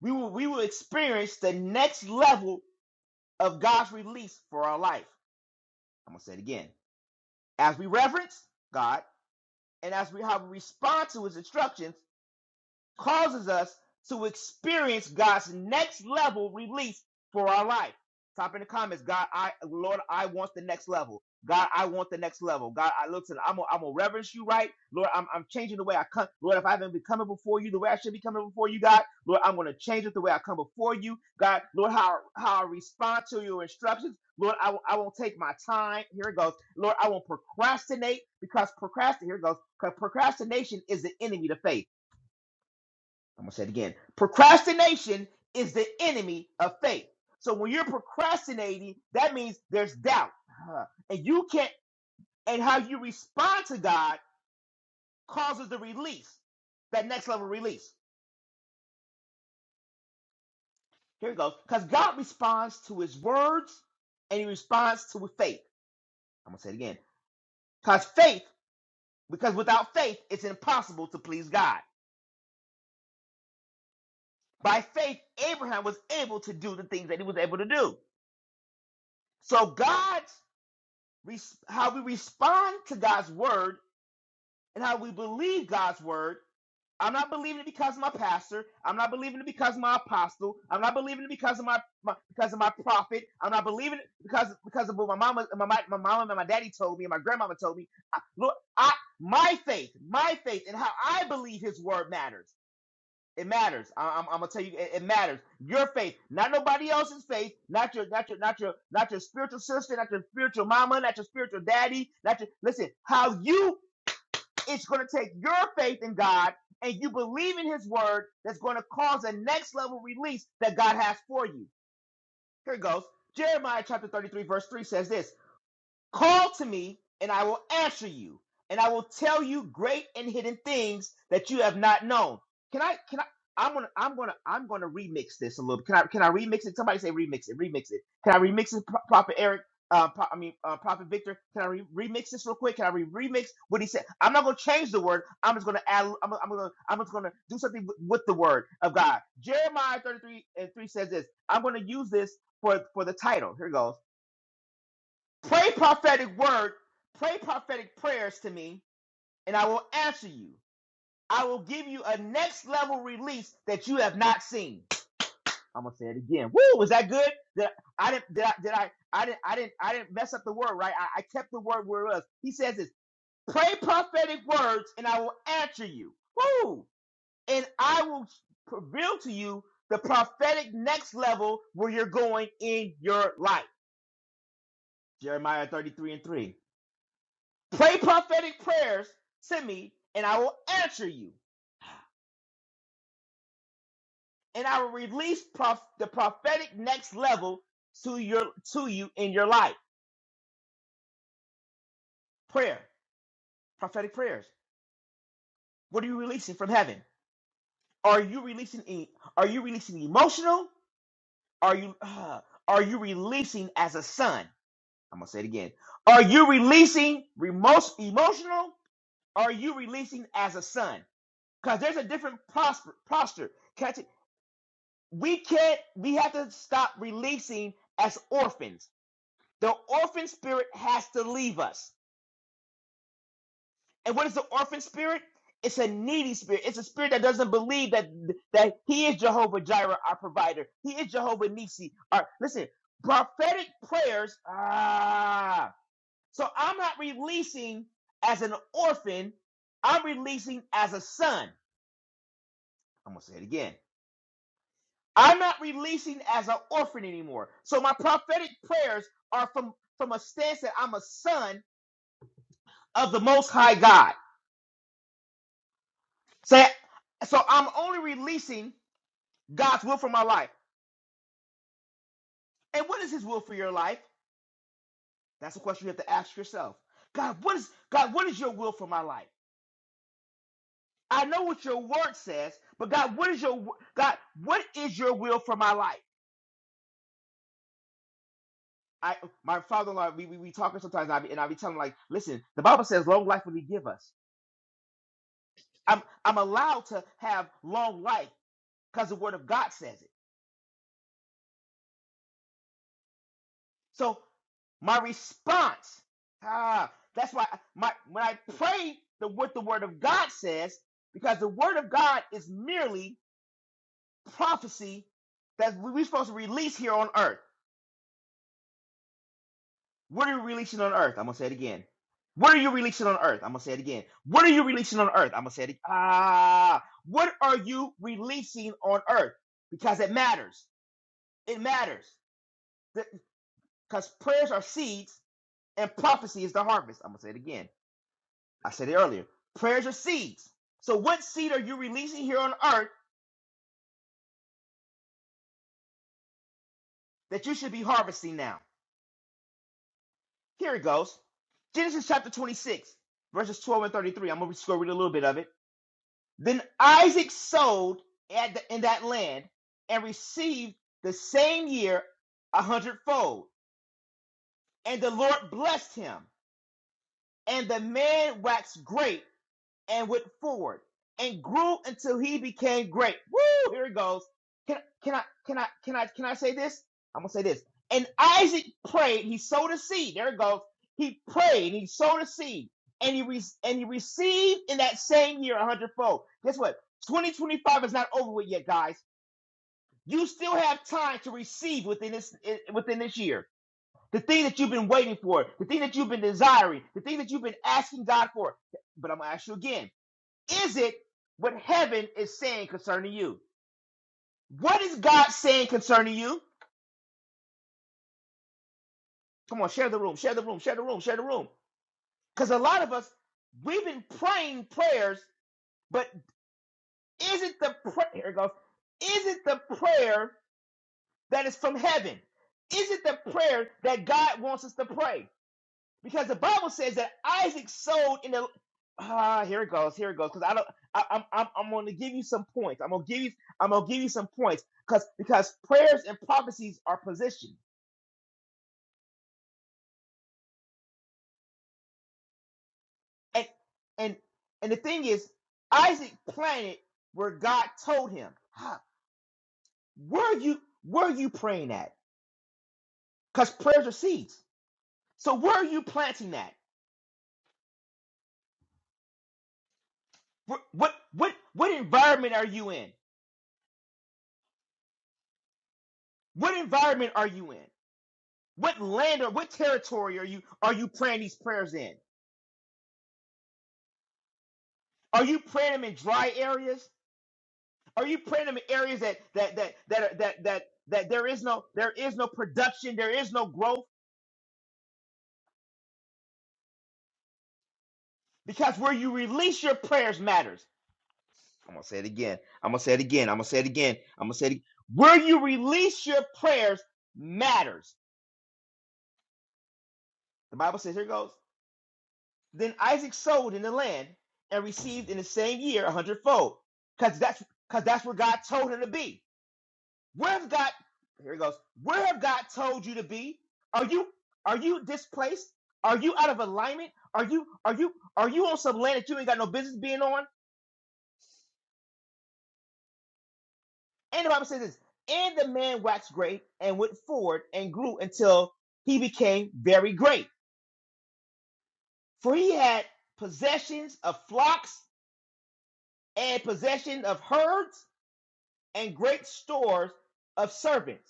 S5: We will we will experience the next level of God's release for our life. I'm going to say it again. As we reverence God and as we have respond to his instructions, causes us to experience God's next level release for our life. Type in the comments, God, I, Lord, I want the next level. God, I want the next level. God, I look to, I'm gonna I'm gonna reverence you, right? Lord, I'm, I'm changing the way I come. Lord, if I haven't been coming before you the way I should be coming before you, God, Lord, I'm gonna change it the way I come before you, God, Lord, how how I respond to your instructions, Lord, I, won't- I won't take my time. Here it goes, Lord, I won't procrastinate because procrastinate. Here it goes, 'cause procrastination is the enemy to faith. I'm gonna say it again. Procrastination is the enemy of faith. So when you're procrastinating, that means there's doubt, Huh. and you can't. And how you respond to God causes the release, that next level release. Here it goes. Because God responds to His words, and He responds to faith. I'm gonna say it again. Because faith, because without faith, it's impossible to please God. By faith, Abraham was able to do the things that he was able to do. So God how we respond to God's word and how we believe God's word. I'm not believing it because of my pastor. I'm not believing it because of my apostle. I'm not believing it because of my, my because of my prophet. I'm not believing it because because of what my mama my, my, my mama and my daddy told me and my grandmama told me. I, Lord, I my faith, my faith and how I believe his word matters. It matters. I, am I'm I'm gonna tell you, it, it matters. Your faith, not nobody else's faith, not your, not your, not your, not your spiritual sister, not your spiritual mama, not your spiritual daddy, not your. Listen, how you? It's gonna take your faith in God and you believe in His word. That's gonna cause a next level release that God has for you. Here it goes. Jeremiah chapter 33, verse 3 says this Call to me, and I will answer you, and I will tell you great and hidden things that you have not known. Can I? Can I? I'm gonna, I'm gonna, I'm gonna remix this a little. Can I? Can I remix it? Somebody say remix it. Remix it. Can I remix it, Pro- Prophet Eric? Uh, Pro- I mean, uh, Prophet Victor. Can I re- remix this real quick? Can I re- remix what he said? I'm not gonna change the word. I'm just gonna add. I'm, I'm gonna, I'm just gonna do something with, with the word of God. Jeremiah 33 and 3 says this. I'm gonna use this for for the title. Here goes. Pray prophetic word, pray prophetic prayers to me, and I will answer you. I will give you a next level release that you have not seen. I'm gonna say it again. Woo! Was that good? Did I, I didn't? Did I? Did I? I didn't. I didn't. I didn't mess up the word, right? I, I kept the word where it was. He says this: Pray prophetic words, and I will answer you. Woo! And I will reveal to you the prophetic next level where you're going in your life. Jeremiah 33 and 3. Pray prophetic prayers to me, and I will answer you, and I will release prof- the prophetic next level to your to you in your life. Prayer, prophetic prayers. What are you releasing from heaven? Are you releasing? E- are you releasing emotional? Are you uh, are you releasing as a son? I'm gonna say it again. Are you releasing remote emotional? Are you releasing as a son? Because there's a different prosper, posture. we can't we have to stop releasing as orphans the orphan spirit has to leave us and what is the orphan spirit it's a needy spirit it's a spirit that doesn't believe that that he is jehovah jireh our provider he is jehovah Nissi, our listen prophetic prayers ah so i'm not releasing as an orphan i'm releasing as a son i'm gonna say it again I'm not releasing as an orphan anymore. So my prophetic prayers are from from a stance that I'm a son of the Most High God. So, so I'm only releasing God's will for my life. And what is His will for your life? That's a question you have to ask yourself. God, what is God? What is your will for my life? I know what your word says, but God, what is your w- God? What is your will for my life? I, my father-in-law, we, we, we talking sometimes, and I be, and I be telling him, like, listen, the Bible says, long life will He give us. I'm I'm allowed to have long life because the word of God says it. So my response, ah, that's why I- my when I pray the what the word of God says, because the word of God is merely prophecy that we- we're supposed to release here on earth. What are you releasing on earth? I'm gonna say it again. What are you releasing on earth? I'm gonna say it again. What are you releasing on earth? I'm gonna say it. Ah, what are you releasing on earth? Because it matters. It matters. because prayers are seeds and prophecy is the harvest. I'm gonna say it again. I said it earlier. Prayers are seeds. So what seed are you releasing here on earth that you should be harvesting now? Here it goes. Genesis chapter 26, verses 12 and 33. I'm gonna just go read a little bit of it. Then Isaac sowed at the- in that land and received the same year a hundredfold. And the Lord blessed him. And the man waxed great and went forward and grew until he became great. Woo! Here it goes. Can can I can I can I can I say this? I'm gonna say this. And Isaac prayed. He sowed a seed. There it goes. He prayed. He sowed a seed, and he re- and he received in that same year a hundredfold. Guess what? 2025 is not over with yet, guys. You still have time to receive within this eh, within this year. The thing that you've been waiting for, the thing that you've been desiring, the thing that you've been asking God for. But I'm gonna ask you again is it what heaven is saying concerning you? What is God saying concerning you? Come on, share the room, share the room, share the room, share the room. Because a lot of us, we've been praying prayers, but isn't the prayer, here it goes, isn't the prayer that is from heaven? Is it the prayer that God wants us to pray? because the Bible says that Isaac sowed in the. Ah, here it goes. Here it goes. Because I don't. I, I'm. I'm. I'm going to give you some points. I'm going to give you. I'm going to give you some points. Because because prayers and prophecies are positioned. And and and the thing is, Isaac planted where God told him. Huh, where are you where are you praying at? Because prayers are seeds. So where are you planting that? What what what what environment are you in? What environment are you in? What land or what territory are you are you praying these prayers in? Are you praying them in dry areas? Are you praying them in areas that that that that are- that that that there is no there is no production, there is no growth? Because where you release your prayers matters. I'm gonna say it again. I'm gonna say it again. I'm gonna say it again. I'm gonna say it again. Where you release your prayers matters. The Bible says, here it goes. Then Isaac sowed in the land and received in the same year a hundredfold. Because that's because that's where God told him to be. Where have God here he goes. Where have God told you to be? Are you are you displaced? Are you out of alignment? Are you are you are you on some land that you ain't got no business being on? And the Bible says this, and the man waxed great and went forward and grew until he became very great. For he had possessions of flocks and possession of herds and great stores of servants.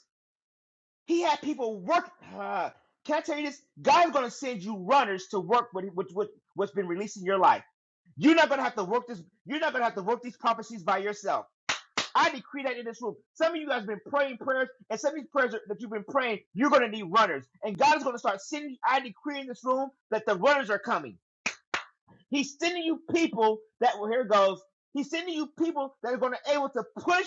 S5: He had people work. Uh, can I tell you this? God's going to send you runners to work with, with, with what's been released in your life. You're not going to have to work this. You're not going to have to work these prophecies by yourself. I decree that in this room. Some of you guys have been praying prayers, and some of these prayers that you've been praying, you're going to need runners. And God is going to start sending. I decree in this room that the runners are coming. He's sending you people that, well, here it goes. He's sending you people that are going to be able to push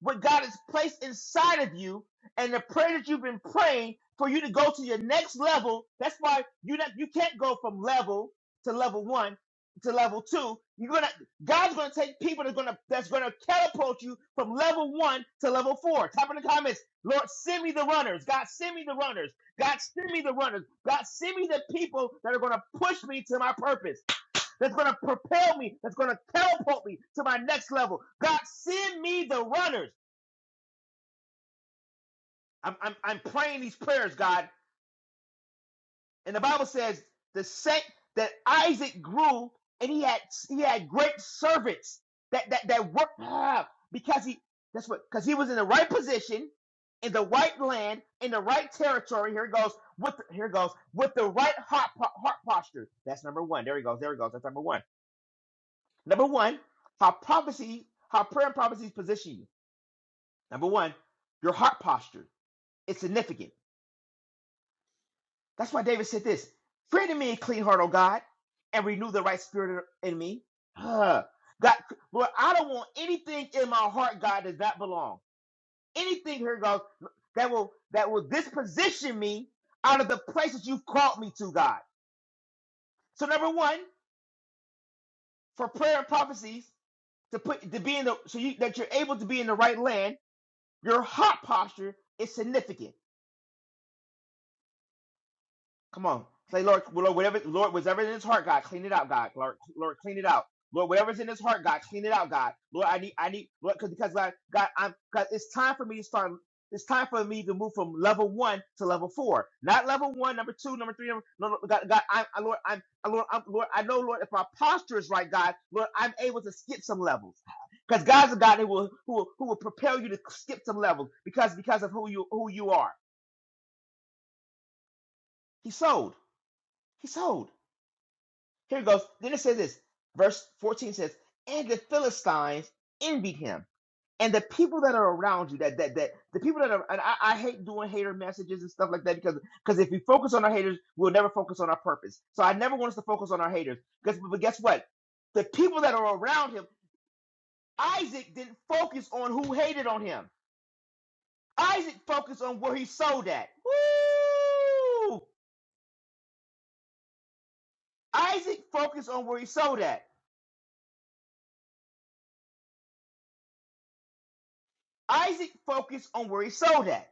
S5: what God has placed inside of you and the prayer that you've been praying for you to go to your next level. That's why you not, you can't go from level to level one to level two. You're gonna God's gonna take people that's gonna that's gonna catapult you from level one to level four. Type in the comments, Lord, send me the runners. God, send me the runners. God, send me the runners. God, send me the people that are gonna push me to my purpose that's going to propel me, that's going to catapult me to my next level. God, send me the runners. I'm, I'm, I'm praying these prayers, God. And the Bible says the saint that Isaac grew and he had he had great servants that that that worked ah, because he that's what because he was in the right position in the right land in the right territory. Here it goes with the, here it goes with the right heart, po- heart posture. That's number one. There he goes. There he goes. That's number one Number one, how prophecy, how prayer and prophecies position you. Number one, your heart posture. is significant. That's why David said this Create in me a clean heart, O God, and renew the right spirit in me. Huh. God, Lord, I don't want anything in my heart, God, that does not belong. Anything here, God, that will that will disposition me out of the place that you've called me to, God. So number one, for prayer and prophecies, to put to be in the so you that you're able to be in the right land Your heart posture is significant. Come on. Say, Lord, well, Lord, whatever, Lord, whatever's in his heart, God, clean it out, God. Lord, Lord, clean it out. Lord, whatever's in his heart, God, clean it out, God. Lord, I need, I need, Lord, cause, because God, God, I'm, God, it's time for me to start. It's time for me to move from level one to level four. Not level one, number two, number three. Number, no, no, God, God, I, I, Lord, I'm, I, Lord, I'm, Lord, I know, Lord, if my posture is right, God, Lord, I'm able to skip some levels. Because God's a God who will, who will who will propel you to skip some levels because because of who you who you are. He sold. He sold. Here it goes. Then it says this. Verse 14 says, And the Philistines envied him. And the people that are around you, that that that the people that are and I, I hate doing hater messages and stuff like that because because if we focus on our haters, we'll never focus on our purpose. So I never want us to focus on our haters. Because but guess what? The people that are around him, Isaac didn't focus on who hated on him. Isaac focused on where he sold at. Woo! Isaac focused on where he sold at. Isaac focused on where he sold at.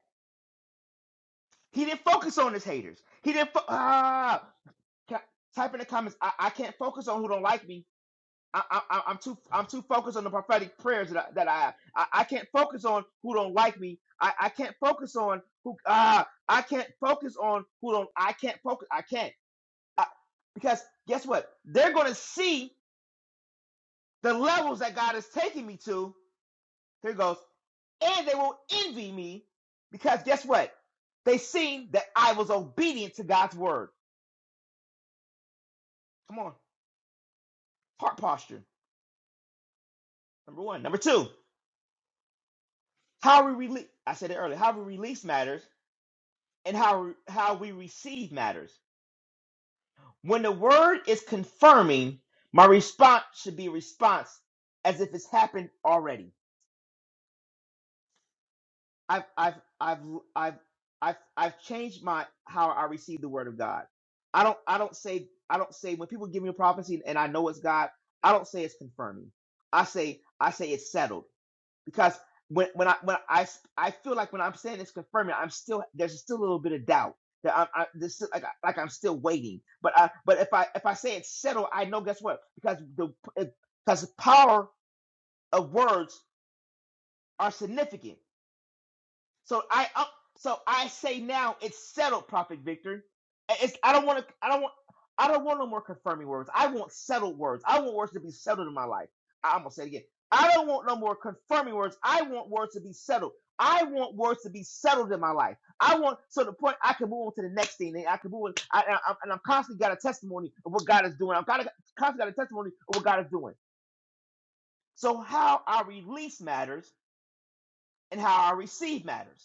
S5: He didn't focus on his haters. He didn't fo- ah. Type in the comments. I, I can't focus on who don't like me. I, I, I- I'm too I'm too focused on the prophetic prayers that I, that I have. I, I can't focus on who don't like me. I, I can't focus on who ah. I can't focus on who don't. I can't focus. I can't I, because guess what? They're going to see the levels that God is taking me to. Here it goes. and they will envy me because guess what? They seen that I was obedient to God's word. Come on, heart posture. Number one. Number two, how we release. I said it earlier. How we release matters and how how we receive matters. When the word is confirming, my response should be a response as if it's happened already. I've I've I've I've I've I've changed my how I receive the word of God. I don't I don't say I don't say when people give me a prophecy and I know it's God, I don't say it's confirming. I say I say it's settled because when when I when I I feel like when I'm saying it's confirming, I'm still there's still a little bit of doubt that I'm I, this is like I- like I'm still waiting. But I but if I if I say it's settled, I know guess what because the because the power of words are significant. So I up. So I say now it's settled, Prophet Victor. It's, I don't want to. I don't want. I don't want no more confirming words. I want settled words. I want words to be settled in my life. I- I'm gonna say it again. I don't want no more confirming words. I want words to be settled. I want words to be settled in my life. I want so the point I can move on to the next thing. And I can move on. I, I, I'm- and I'm constantly got a testimony of what God is doing. I'm kind of constantly got a testimony of what God is doing. So how I release matters and how I receive matters.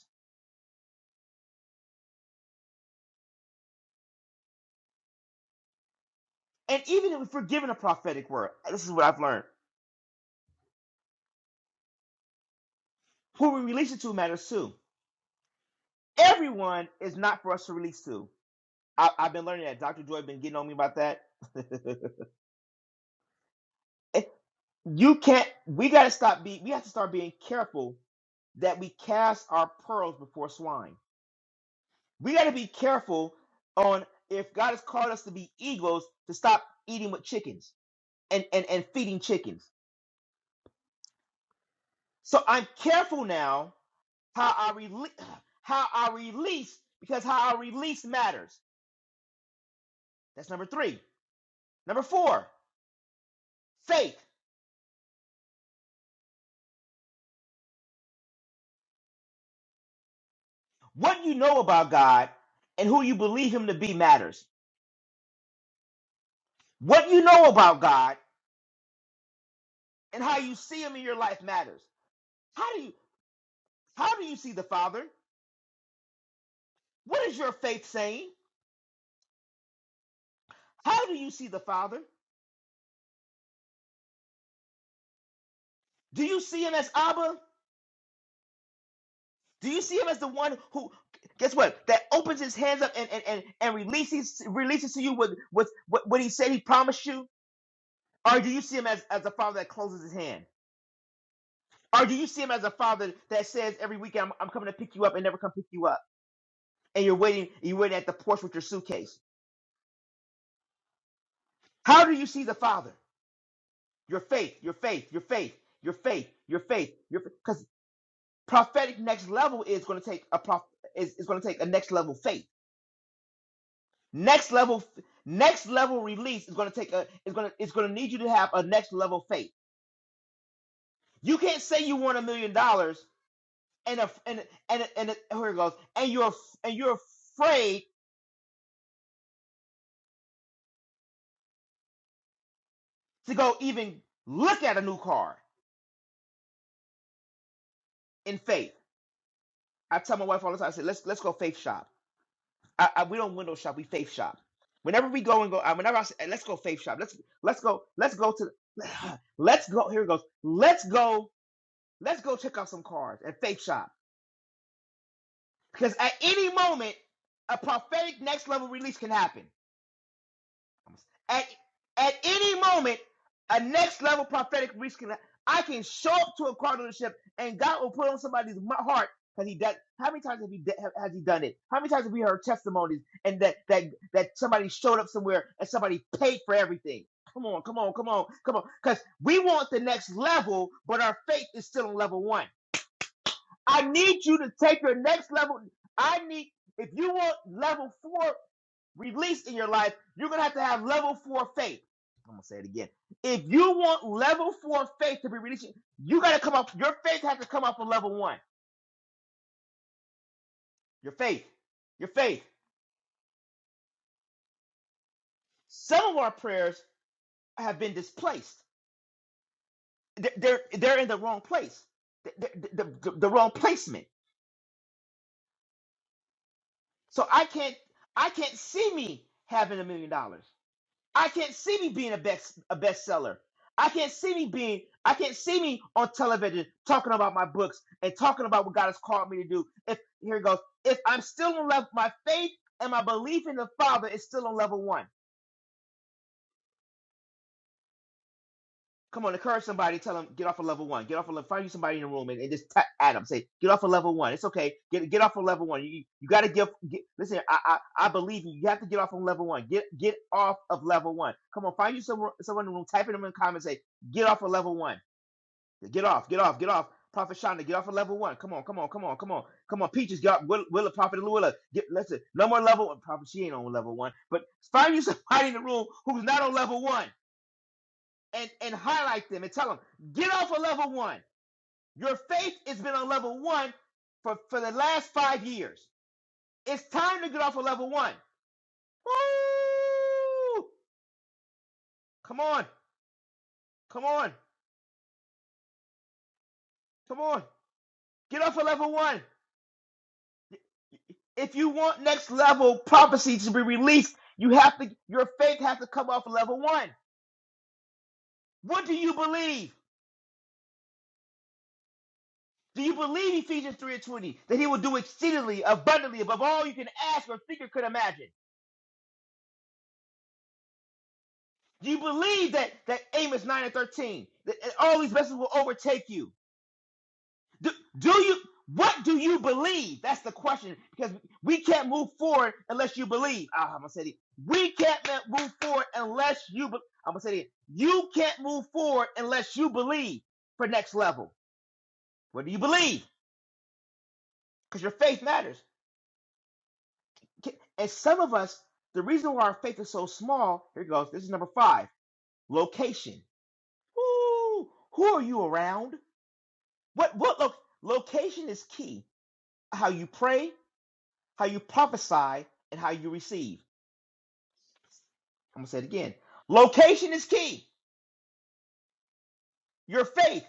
S5: And even if we're given a prophetic word, this is what I've learned. Who we release it to matters too. Everyone is not for us to release to. I, I've been learning that. Dr. Joy been getting on me about that. you can't. We got to stop. being. we have to start being careful that we cast our pearls before swine. We got to be careful on if God has called us to be eagles to stop eating with chickens and, and, and feeding chickens. So I'm careful now How I release how I release because how I release matters. That's number 3. Number 4, faith. What you know about God and who you believe him to be matters. What you know about God and how you see him in your life matters. How do you how do you see the Father? What is your faith saying? How do you see the Father? Do you see him as Abba? Do you see him as the one who guess what? That opens his hands up and and, and, and releases releases to you what, what what what he said he promised you? Or do you see him as, as a father that closes his hand? Or do you see him as a father that says every weekend I'm, I'm coming to pick you up and never come pick you up? And you're waiting, you're waiting at the porch with your suitcase. How do you see the father? Your faith, your faith, your faith, your faith, your faith, your because prophetic next level is going to take a prof, is, is going to take a next level faith. Next level next level release is going to take a is going to it's going to need you to have a next level faith. You can't say you want a million dollars and a, and and and and- here it goes, and you're and you're afraid to go even look at a new car in faith. I tell my wife all the time. I say, let's let's go faith shop. I, I, we don't window shop. We faith shop. Whenever we go and go, uh, whenever I say, let's go faith shop. Let's let's go let's go to let's go. Here it goes. Let's go let's go check out some cars at faith shop because at any moment a prophetic next level release can happen. At, at any moment, a next level prophetic reach can I can show up to a car dealership and God will put on somebody's heart because he done. How many times have he has he done it? How many times have we heard testimonies and that that that somebody showed up somewhere and somebody paid for everything? Come on, come on, come on, come on. Because we want the next level, but our faith is still on level one. I need you to take your next level. I need if you want level four released in your life, you're going to have to have level four faith. I'm going to say it again. If you want level four faith to be released, you got to come up, your faith has to come up from level one. Your faith, your faith. Some of our prayers have been displaced, they're, they're, they're in the wrong place, the, the, the, the wrong placement. So I can't, I can't see me having a million dollars. I can't see me being a best a bestseller. I can't see me being I can't see me on television talking about my books and talking about what God has called me to do. If here it goes, if I'm still in love, my faith and my belief in the Father is still on level one. Come on, encourage somebody. Tell them get off of level one. Get off of level. Find you somebody in the room and, and just tap at them. Say get off of level one. It's okay. Get get off of level one. You you got to give. Get, listen, I, I I believe you. You have to get off of level one. Get get off of level one. Come on, find you someone someone in the room. Type in them in the comments. Say get off of level one. Get off. Get off. Get off. Prophet Shonda, get off of level one. Come on, come on, come on, come on, come on. Peaches, get off. Willa, Willa Prophet Willa, get listen. No more level. Prophet, she ain't on level one. But find you somebody in the room who's not on level one and and highlight them and tell them get off of level one your faith has been on level one for for the last five years it's time to get off of level one Woo! come on come on come on get off of level one if you want next level prophecy to be released you have to your faith has to come off of level one what do you believe do you believe ephesians 3 and 20 that he will do exceedingly abundantly above all you can ask or think or could imagine Do you believe that that Amos 9 and 13, that all these blessings will overtake you? Do, do you what do you believe? That's the question. Because we can't move forward unless you believe. Ah, I'm gonna say it. again. We can't move forward unless you be- I'm gonna say it. again. You can't move forward unless you believe for next level. What do you believe? Because your faith matters. And some of us, the reason why our faith is so small, here it goes. This is number five. Location. Ooh, who are you around? What what look location is key. How you pray, how you prophesy, and how you receive. I'm gonna say it again. Location is key. Your faith.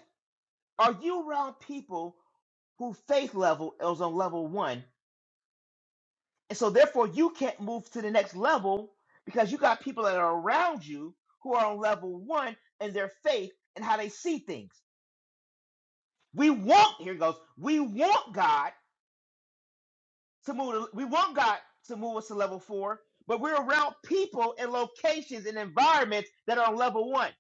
S5: Are you around people who faith level is on level one? And so therefore you can't move to the next level because you got people that are around you who are on level one and their faith and how they see things. We want, here it goes, we want God to move. To, we want God to move us to level four, but we're around people and locations and environments that are on level one.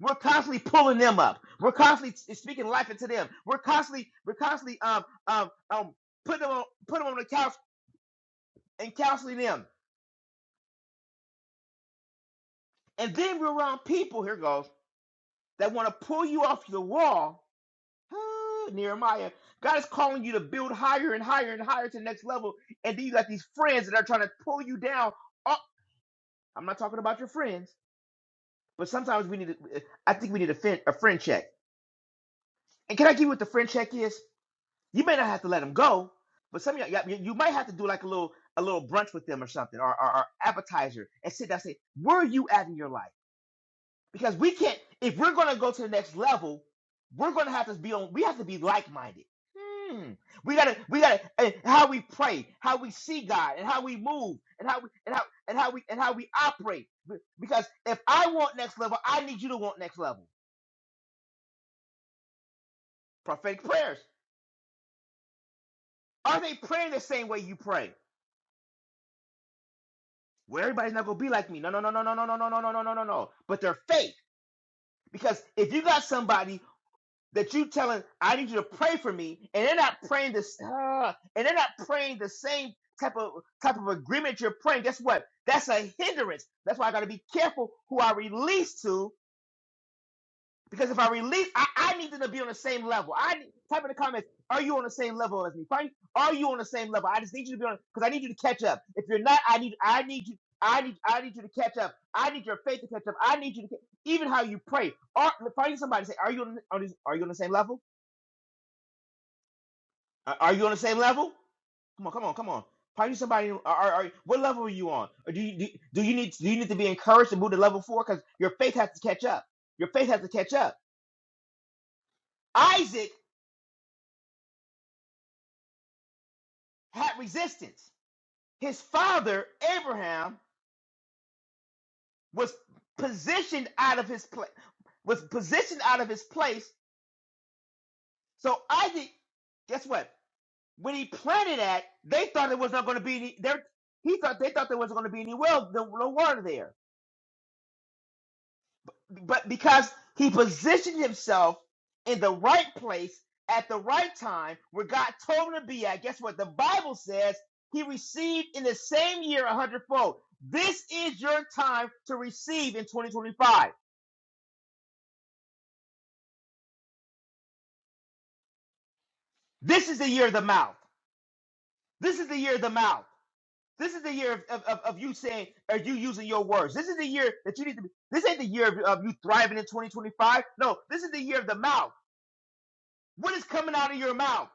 S5: We're constantly pulling them up. We're constantly s- speaking life into them. We're constantly, we're constantly um um um putting them on putting them on the couch and counseling them. And then we're around people. Here goes that want to pull you off the wall. Ah, Nehemiah, God is calling you to build higher and higher and higher to the next level. And then you got these friends that are trying to pull you down. Oh, I'm not talking about your friends. But sometimes we need. To, I think we need a, fin, a friend check. And can I give you what the friend check is? You may not have to let them go, but some of y'all, you you might have to do like a little a little brunch with them or something, or, or, or appetizer, and sit down and say, "Where are you at in your life?" Because we can't. If we're going to go to the next level, we're going to have to be on. We have to be like minded. Hmm. We gotta, we gotta, and how we pray, how we see God, and how we move, and how we, and how, and how we, and how we operate. Because if I want next level, I need you to want next level. prophetic prayers. Are they praying the same way you pray? Well, everybody's not gonna be like me. No, no, no, no, no, no, no, no, no, no, no, no, no, no. But they're fake. Because if you got somebody that you telling, I need you to pray for me, and they're not praying this uh, and they're not praying the same type of type of agreement you're praying, guess what? That's a hindrance. That's why I gotta be careful who I release to Because if I release, I, I need them to be on the same level. I type in the comments, are you on the same level as me? Frank, are you on the same level? I just need you to be on because I need you to catch up. If you're not, I need I need you I need I need you to catch up. I need your faith to catch up. I need you to even how you pray. Are, find somebody and say, are you on, are you are you on the same level? Are are you on the same level? Come on, come on, come on. Find you somebody. Are, are, are what level are you on? Or do you do, do you need do you need to be encouraged to move to level four because your faith has to catch up. Your faith has to catch up. Isaac had resistance. His father Abraham was positioned out of his place. Was positioned out of his place. So Isaac, guess what? When he planted that, they thought there was not going to be any. There, he thought they thought there wasn't going to be any well, no, no water there. but because he positioned himself in the right place at the right time where God told him to be at, guess what? The Bible says he received in the same year a hundredfold. This is your time to receive in 2025. This is the year of the mouth. This is the year of the mouth. This is the year of, of, of of you saying, or you using your words. This is the year that you need to be. This ain't the year of, of you thriving in 2025. No, this is the year of the mouth. What is coming out of your mouth?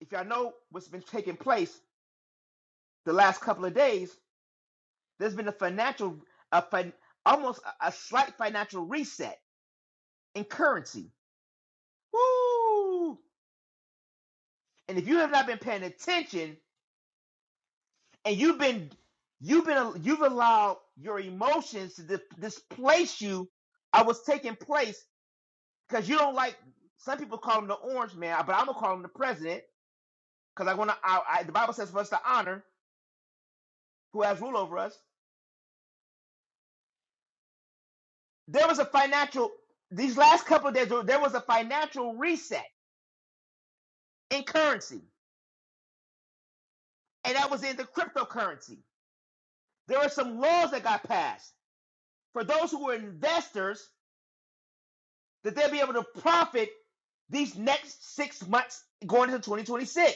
S5: If y'all know what's been taking place the last couple of days, there's been a financial, a fin- almost a, a slight financial reset in currency. Woo! And if you have not been paying attention, and you've been, you've been, you've allowed your emotions to di- displace you, I was taking place because you don't like. Some people call him the orange man, but I'm gonna call him the president because I want to. I, I, the Bible says for us to honor who has rule over us. There was a financial. These last couple of days, there there was a financial reset in currency, and that was in the cryptocurrency. There were some laws that got passed for those who were investors that they'll be able to profit these next six months going into 2026.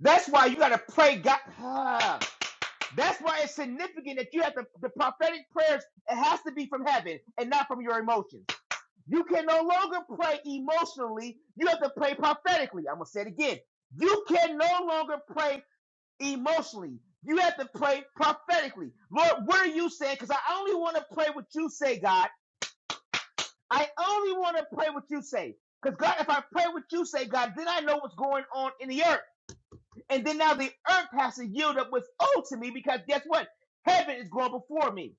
S5: That's why you got to pray God. Ah. that's why it's significant that you have to, the prophetic prayers, it has to be from heaven and not from your emotions. You can no longer pray emotionally. You have to pray prophetically. I'm going to say it again. You can no longer pray emotionally. You have to pray prophetically. Lord, what are you saying? Because I only want to pray what you say, God. I only want to pray what you say. Because God, if I pray what you say, God, then I know what's going on in the earth. And then now the earth has to yield up what's owed to me because guess what? Heaven is going before me.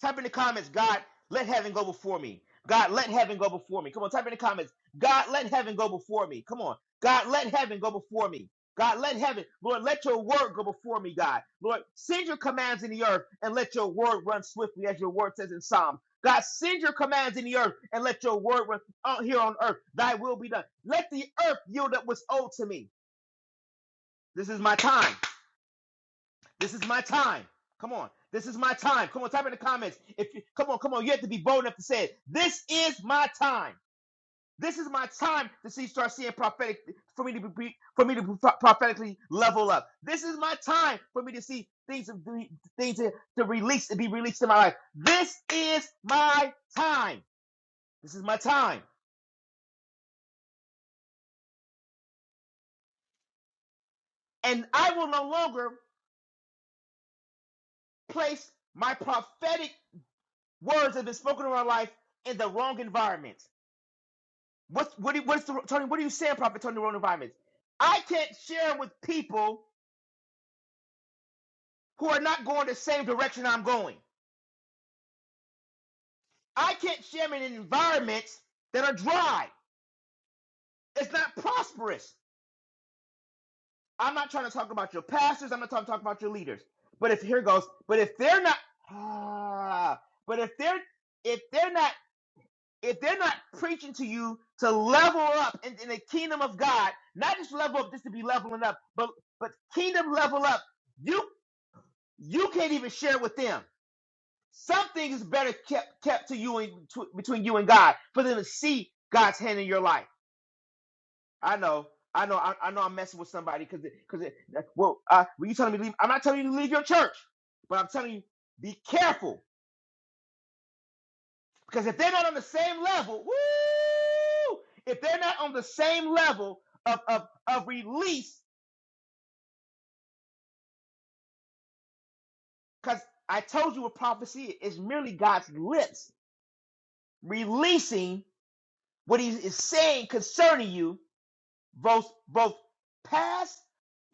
S5: Type in the comments, God, let heaven go before me. God, let heaven go before me. Come on, type in the comments. God, let heaven go before me. Come on. God, let heaven go before me. God, let heaven, Lord, let your word go before me, God. Lord, send your commands in the earth and let your word run swiftly, as your word says in Psalms. God, send your commands in the earth and let your word run out here on earth. Thy will be done. Let the earth yield up what's owed to me. This is my time. This is my time. Come on. This is my time. Come on, type in the comments. If you come on, come on, you have to be bold enough to say it. This is my time. This is my time to see start seeing prophetic for me to be for me to prophetically level up. This is my time for me to see things to things to, to release to be released in my life. This is my time. This is my time. And I will no longer place my prophetic words that have been spoken in my life in the wrong environment. What's what? do- What's the Tony? What are you saying, Prophet Tony? Road environments. I can't share 'em with people who are not going the same direction I'm going. I can't share 'em in environments that are dry. It's not prosperous. I'm not trying to talk about your pastors. I'm not trying to talk about your leaders. But if here goes. But if they're not, ah, but if they're if they're not if they're not preaching to you to level up in, in the kingdom of God, not just level up just to be leveling up, but but kingdom level up. you. you can't even share with them. Something is better kept kept to you and betw- between you and God for them to see God's hand in your life. I know, I know, I, I know. I'm messing with somebody because because well, uh, when you telling me to leave, I'm not telling you to leave your church, but I'm telling you be careful because if they're not on the same level, woo, if they're not on the same level of of of release, because I told you with prophecy is merely God's lips releasing what He is saying concerning you both both past,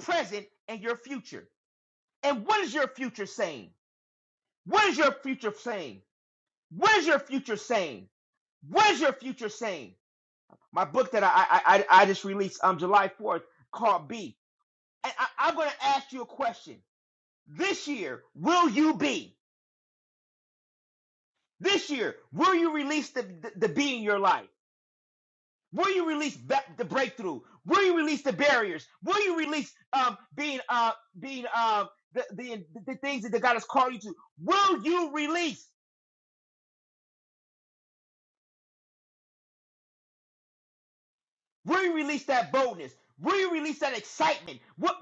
S5: present, and your future. And what is your future saying? What is your future saying? What is your future saying? What is your future saying? My book that I I, I just released on um, July 4th called B. And I, I'm going to ask you a question. This year, will you be? This year, will you release the, the, the B in your life? Will you release ba- the breakthrough? Will you release the barriers? Will you release um, being uh, being uh, the, the the things that God has called you to? Will you release? Will you release that boldness? Will you release that excitement? What?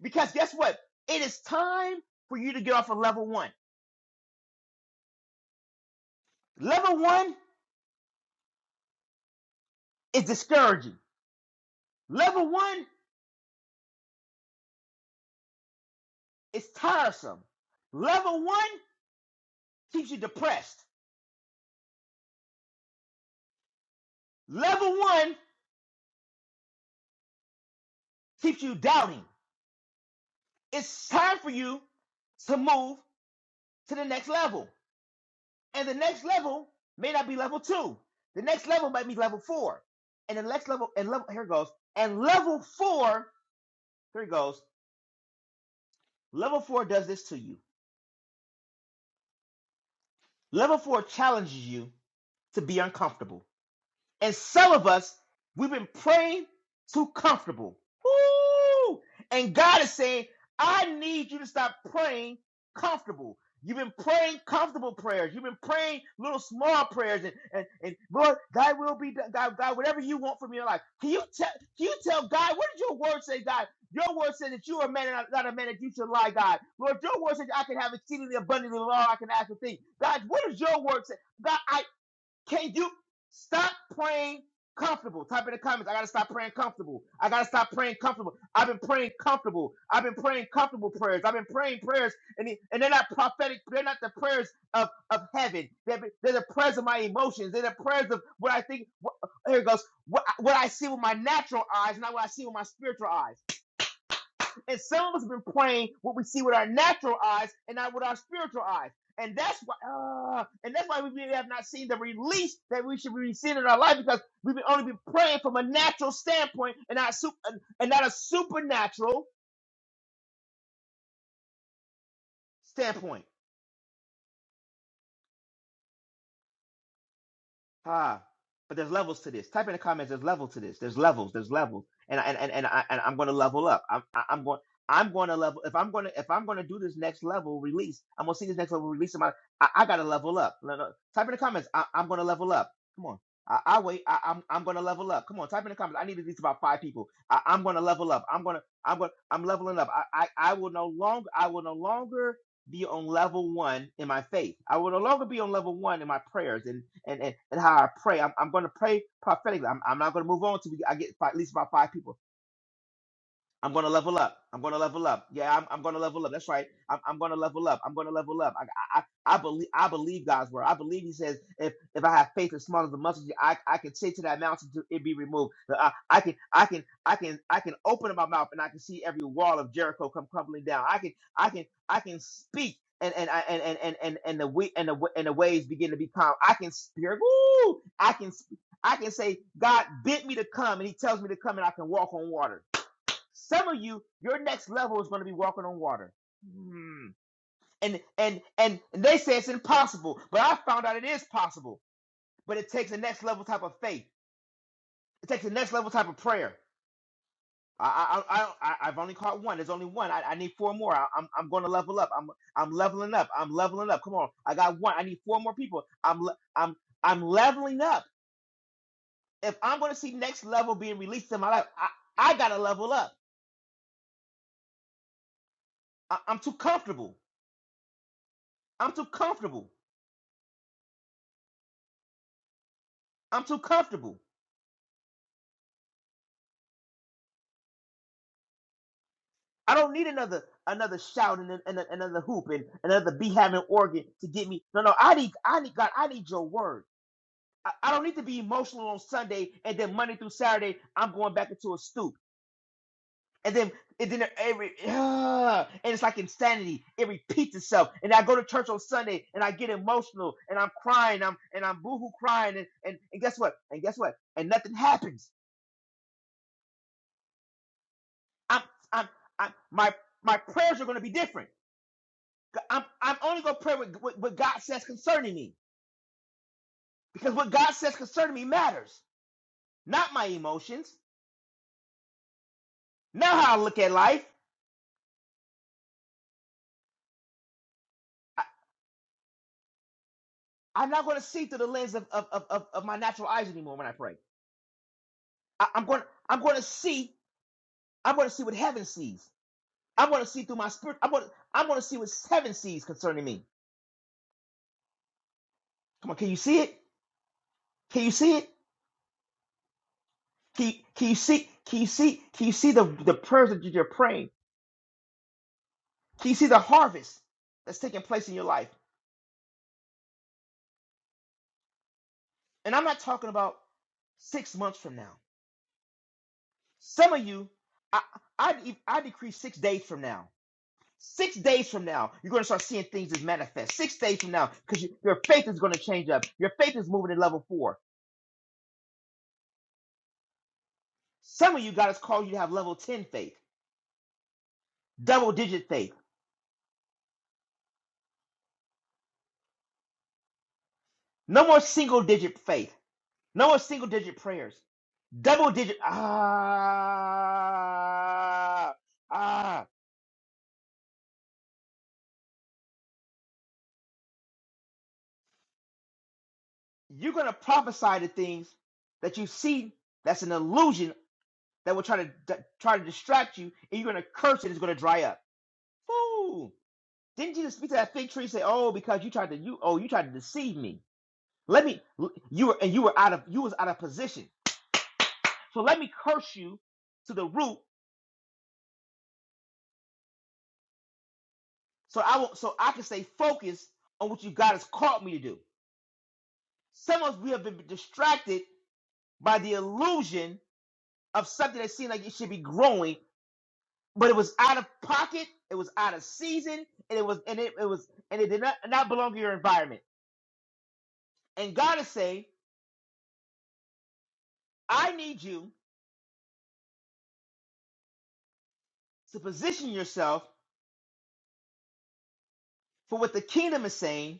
S5: Because guess what? It is time for you to get off of level one. Level one is discouraging. Level one is tiresome. Level one keeps you depressed. Level one keeps you doubting. It's time for you to move. to the next level. And the next level may not be level two. The next level might be level four. And the next level, and level, here it goes. And level four, here it goes. Level four does this to you. Level four challenges you to be uncomfortable. And some of us, we've been praying too comfortable. Woo! And God is saying, I need you to stop praying comfortable. You've been praying comfortable prayers. You've been praying little small prayers and, and, and Lord, thy will be done. God, God, whatever you want from your life. Can you tell can you tell God, what did your word say, God? Your word says that you are a man and not not a man that you should lie, God. Lord, your word says I can have exceedingly abundantly of all I can ask and think. God, what does your word say? God, I. Can you stop praying comfortable? Type in the comments. I gotta stop praying comfortable. I gotta stop praying comfortable. I've been praying comfortable. I've been praying comfortable prayers. I've been praying prayers, and the- and they're not prophetic. They're not the prayers of of heaven. They're, the- they're the prayers of my emotions. They're the prayers of what I think. What, here it goes. What what I see with my natural eyes, not what I see with my spiritual eyes. And some of us have been praying what we see with our natural eyes and not with our spiritual eyes. And that's why, uh, and that's why we really have not seen the release that we should be seeing in our life because we've only been praying from a natural standpoint and not, su- and not a supernatural standpoint. Ha. But there's levels to this. Type in the comments. There's level to this. There's levels. There's levels. And and and and, I, and I'm going to level up. I'm I- I'm going. I'm going to level. If I'm going to if I'm going to do this next level release, I'm going to see this next level release. In my, I, I got to level up. No, no. Type in the comments. I, I'm going to level up. Come on. I, I wait. I, I'm I'm going to level up. Come on. Type in the comments. I need at least about five people. I, I'm going to level up. I'm going to I'm going. to I'm leveling up. I, I I will no longer. I will no longer be on level one in my faith. I will no longer be on level one in my prayers and and and, and how I pray. I'm, I'm going to pray prophetically. I'm, I'm not going to move on until I get fi- at least about five people. I'm gonna level up. I'm gonna level up. Yeah, I'm, I'm gonna level up. That's right. I'm, I'm gonna level up. I'm gonna level up. I, I I believe I believe God's word. I believe He says if if I have faith as small as a mustard seed, I I can say to that mountain to it be removed. That I, I can I can I can I can open my mouth and I can see every wall of Jericho come crumbling down. I can I can I can speak. And and, I, and and and and and the we and the wa- and the waves begin to be calm. I can speak. Woo! I can sp- I can say God bid me to come, and He tells me to come, and I can walk on water. Some of you, your next level is going to be walking on water. Hmm. And and and they say it's impossible, but I found out it is possible. But it takes the next level type of faith. It takes the next level type of prayer. I I I, I I've only caught one. There's only one. I, I need four more. I, I'm I'm going to level up. I'm I'm leveling up. I'm leveling up. Come on, I got one. I need four more people. I'm le- I'm I'm leveling up. If I'm going to see next level being released in my life, I I gotta level up. I, I'm too comfortable. I'm too comfortable. I'm too comfortable. I don't need another another shout and, and another hoop and another be having organ to get me. No, no, I need I need God. I need your word. I, I don't need to be emotional on Sunday and then Monday through Saturday I'm going back into a stoop and then and then every uh, and it's like insanity. It repeats itself. And I go to church on Sunday and I get emotional and I'm crying. I'm and I'm boohoo crying and and, and guess what? And guess what? And nothing happens. I'm I'm, I'm my my prayers are going to be different. I'm, I'm only going to pray with what, what God says concerning me because what God says concerning me matters, not my emotions, not how I look at life. I, I'm not going to see through the lens of, of, of, of of my natural eyes anymore when I pray. I, I'm going I'm going to see I'm going to see what heaven sees. I'm going to see through my spirit. I'm going to, I'm going to see what heaven sees concerning me. Come on, can you see it? Can you see it? Can you, can you see? Can you see? Can you see the the prayers that you're praying? Can you see the harvest that's taking place in your life? and I'm not talking about six months from now. Some of you, I, I, de- I decree six days from now. Six days from now, you're going to start seeing things as manifest. Six days from now, because you, your faith is going to change up. Your faith is moving to level four. Some of you, God has called you to have level 10 faith, double digit faith. No more single digit faith. No more single digit prayers. Double digit. Ah, ah. You're going to prophesy to things that you see that's an illusion that will try to d- try to distract you, and you're gonna curse it. It's gonna dry up. Fool! Didn't Jesus speak to that fig tree? and Say, oh, because you tried to you oh you tried to deceive me. Let me you were and you were out of you was out of position. So let me curse you to the root, so I will so I can stay focused on what you God has called me to do. Some of us we have been distracted by the illusion of something that seemed like it should be growing, but it was out of pocket, it was out of season, and it was and it, it was and it did not not belong to your environment. And God is saying, I need you to position yourself for what the kingdom is saying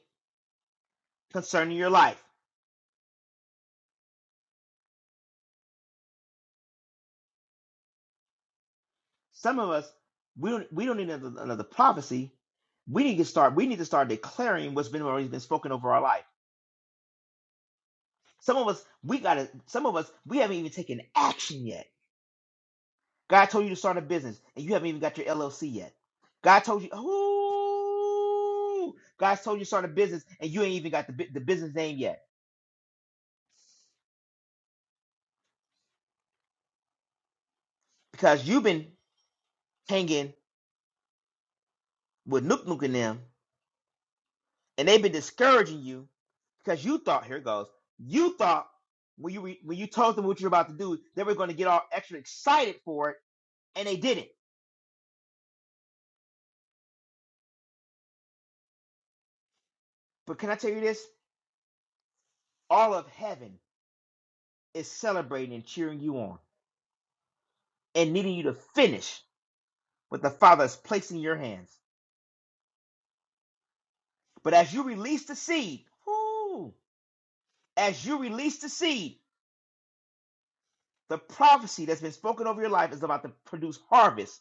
S5: concerning your life. Some of us, we don't, we don't need another, another prophecy. We need to start. We need to start declaring what's been already been spoken over our life. Some of us, we got to. Some of us, we haven't even taken action yet. God told you to start a business, and you haven't even got your LLC yet. God told you, ooh, God's told you to start a business, and you ain't even got the bu- the business name yet because you've been hanging with Nook Nook and them and they've been discouraging you because you thought here it goes you thought when you re, when you told them what you're about to do they were going to get all extra excited for it and they didn't but can i tell you this all of heaven is celebrating and cheering you on and needing you to finish what the father is placing in your hands but as you release the seed whoo, as you release the seed the prophecy that's been spoken over your life is about to produce harvest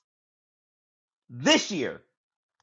S5: this year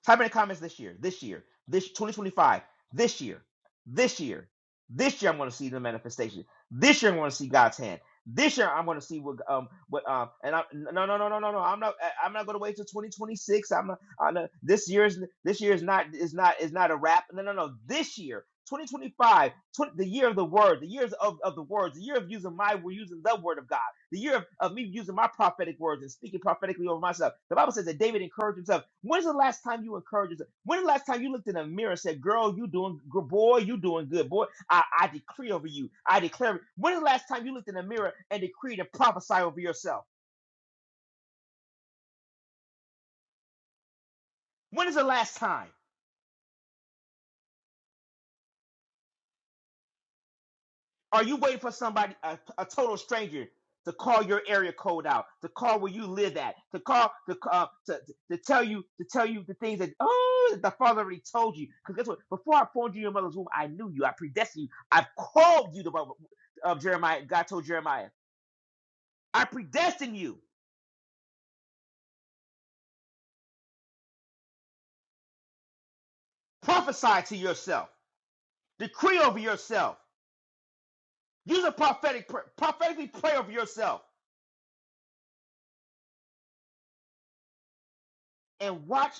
S5: Type in the comments this year, this year, this 2025, this year, this year, this year. I'm going to see the manifestation. This year, I'm going to see God's hand. This year, I'm going to see what um what um and i no no no no no no I'm not I- am not going to wait till 2026. I'm not, I'm not this year's this year is not is not is not a wrap. No no no this year. 2025, 20, twenty-five, twen- the year of the word, the years of, of the words, the year of using my, we're using the word of God the year of, of me using my prophetic words and speaking prophetically over myself. The Bible says that David encouraged himself. When's the last time you encouraged yourself? When's the last time you looked in the mirror and said, Girl, you doing good, boy, you doing good. Boy, I, I decree over you. I declare. When's the last time you looked in the mirror and decreed and prophesied over yourself? When is the last time? Are you waiting for somebody, a, a total stranger, to call your area code out, to call where you live at, to call to uh, to, to tell you to tell you the things that oh the father already told you? Because guess what? Before I formed you in your mother's womb, I knew you. I predestined you. I called you. The Bible of Jeremiah, God told Jeremiah, I predestined you. Prophesy to yourself. Decree over yourself. Use a prophetic pr- prophetically pray over yourself and watch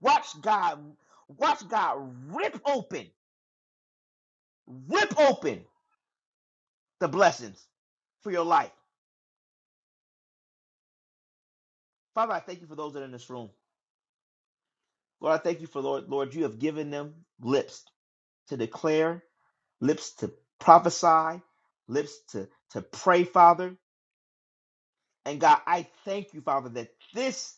S5: watch God watch God rip open. rip open the blessings for your life. Father, I thank you for those that are in this room. Lord, I thank you for Lord, Lord, you have given them lips to declare, lips to prophesy, lips to, to pray, Father. And God, I thank you, Father, that this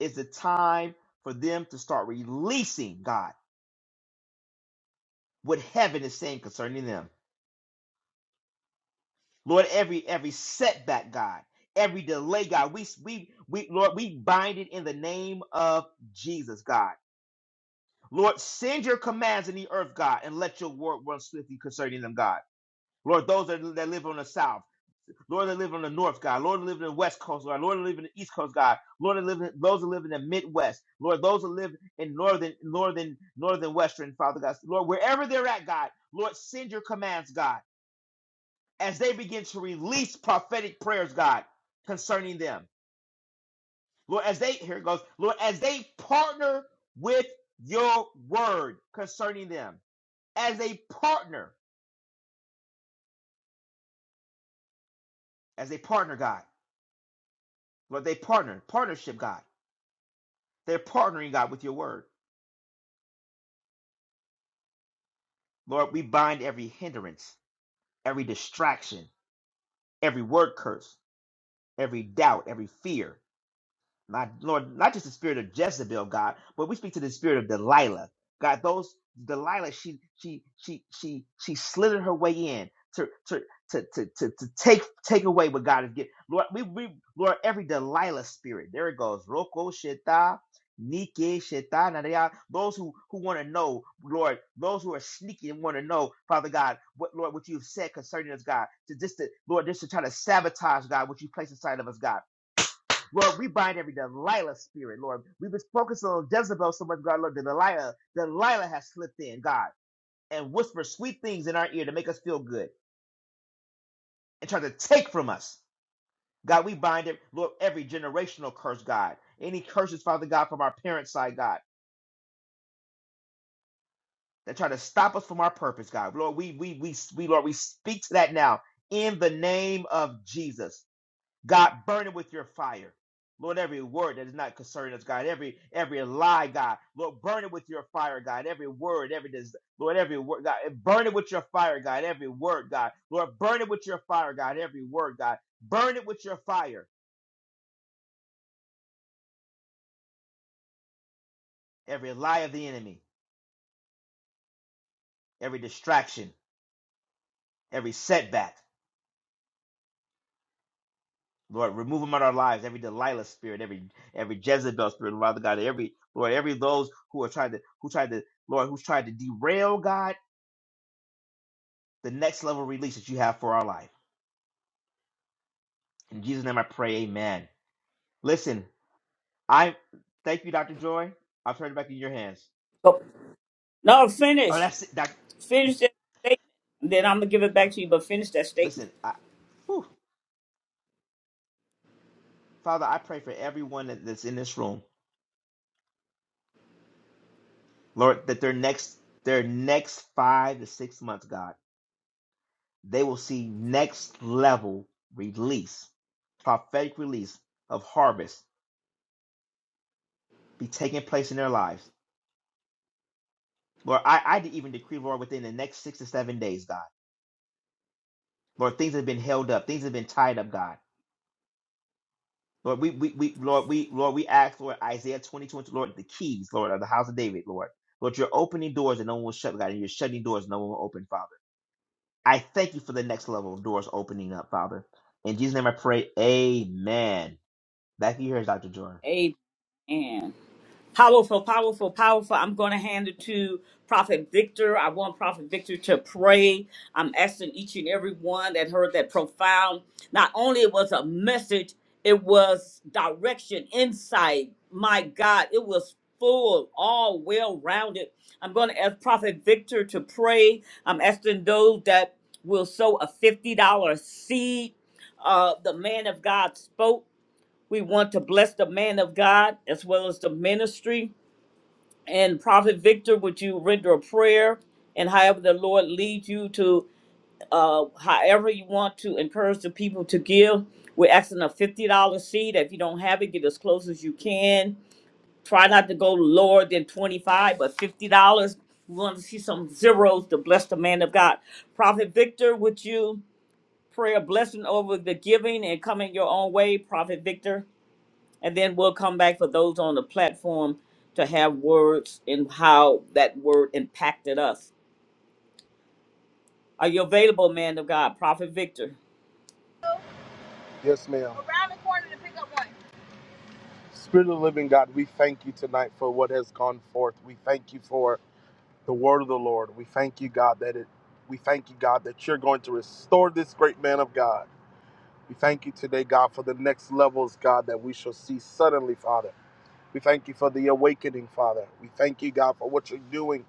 S5: is the time for them to start releasing, God, what heaven is saying concerning them. Lord, every every setback, God, every delay, God, we we we Lord, we bind it in the name of Jesus, God. Lord, send your commands in the earth, God, and let your word run swiftly concerning them, God. Lord, those that, that live on the south, Lord, that live on the north, God, Lord, that live in the west coast, God, Lord, that live in the east coast, God, Lord, that live in, those that live in the midwest, Lord, those that live in northern, northern, northern western, Father God, Lord, wherever they're at, God, Lord, send your commands, God, as they begin to release prophetic prayers, God, concerning them, Lord, as they here it goes, Lord, as they partner with your word concerning them. as a partner, as a partner, God. Lord, they partner, partnership, God. They're partnering, God, with your word. Lord, we bind every hindrance, every distraction, every word curse, every doubt, every fear, my Lord, not just the spirit of Jezebel, God, but we speak to the spirit of Delilah, God. Those Delilah, she she she she she slithered her way in to to to to to, to take take away what God has given. Lord, we we Lord every Delilah spirit. There it goes. Roko sheta. Nike sheta nadea. those who who want to know, Lord, those who are sneaky and want to know, Father God, what Lord, what you've said concerning us, God, to just to Lord, just to try to sabotage, God, what you place inside of us, God. Lord, we bind every Delilah spirit, Lord. We've been focusing on Jezebel so much, God, Lord. that Delilah, Delilah has slipped in, God, and whispered sweet things in our ear to make us feel good and try to take from us. God, we bind it, Lord, every generational curse, God. Any curses, Father God, from our parents' side, God, that try to stop us from our purpose, God. Lord, we we we we Lord, we speak to that now in the name of Jesus. God, burn it with your fire. Lord, every word that is not concerning us, God, every every lie, God, Lord, burn it with your fire, God, every word, every des- Lord, every word, God, burn it with your fire, God, every word, God, Lord, burn it with your fire, God, every word, God, burn it with your fire, every lie of the enemy, every distraction, every setback, Lord, remove them out of our lives, every Delilah spirit, every every Jezebel spirit, Father God, every Lord, every those who are trying to who tried to Lord, who's tried to derail God the next level release that you have for our life. In Jesus' name I pray, amen. Listen, I thank you, Dr. Joy. I turn it back in your hands.
S1: Oh, No,
S5: Oh,
S1: finish.
S5: that's it. Doc,
S1: Finish that statement. Then I'm gonna give it back to you, but finish that statement.
S5: listen, I, whew. Father, I pray for everyone that- that's in this room, Lord, that their next their next five to six months, God, they will see next level release, prophetic release of harvest be taking place in their lives. Lord, I, I even decree, Lord, within the next six to seven days, God. Lord, things that have been held up. Things that have been tied up, God. Lord, we, we, we Lord, we, Lord, we ask, Lord, Isaiah 22, Lord, the keys, Lord, of the house of David, Lord. Lord, you're opening doors and no one will shut, God, and you're shutting doors and no one will open, Father. I thank you for the next level of doors opening up, Father. In Jesus' name I pray, amen. Back to you here, Dr. Joy.
S1: Amen. Powerful, powerful, powerful. I'm going to hand it to Prophet Victor. I want Prophet Victor to pray. I'm asking each and every one that heard that profound. Not only it was a message, it was direction, insight. My God, it was full, all well rounded. I'm going to ask Prophet Victor to pray. I'm asking those that will sow a $50 seed. Uh, the man of God spoke. We want to bless the man of God as well as the ministry. And Prophet Victor, would you render a prayer? And however the Lord leads you to, uh, however you want to encourage the people to give, we're asking a fifty dollar seed. If you don't have it, get as close as you can. Try not to go lower than twenty five, but fifty dollars. We want to see some zeros to bless the man of God. Prophet Victor, would you pray a blessing over the giving and come in your own way, Prophet Victor? And then we'll come back for those on the platform to have words and how that word impacted us. Are you available, man of God? Prophet Victor.
S2: Yes, ma'am. Spirit of the living God, we thank you tonight for what has gone forth. We thank you for the word of the Lord. We thank you, God, that it we thank you, God, that you're going to restore this great man of God. We thank you today, God, for the next levels, God, that we shall see suddenly, Father. We thank you for the awakening, Father. We thank you, God, for what you're doing,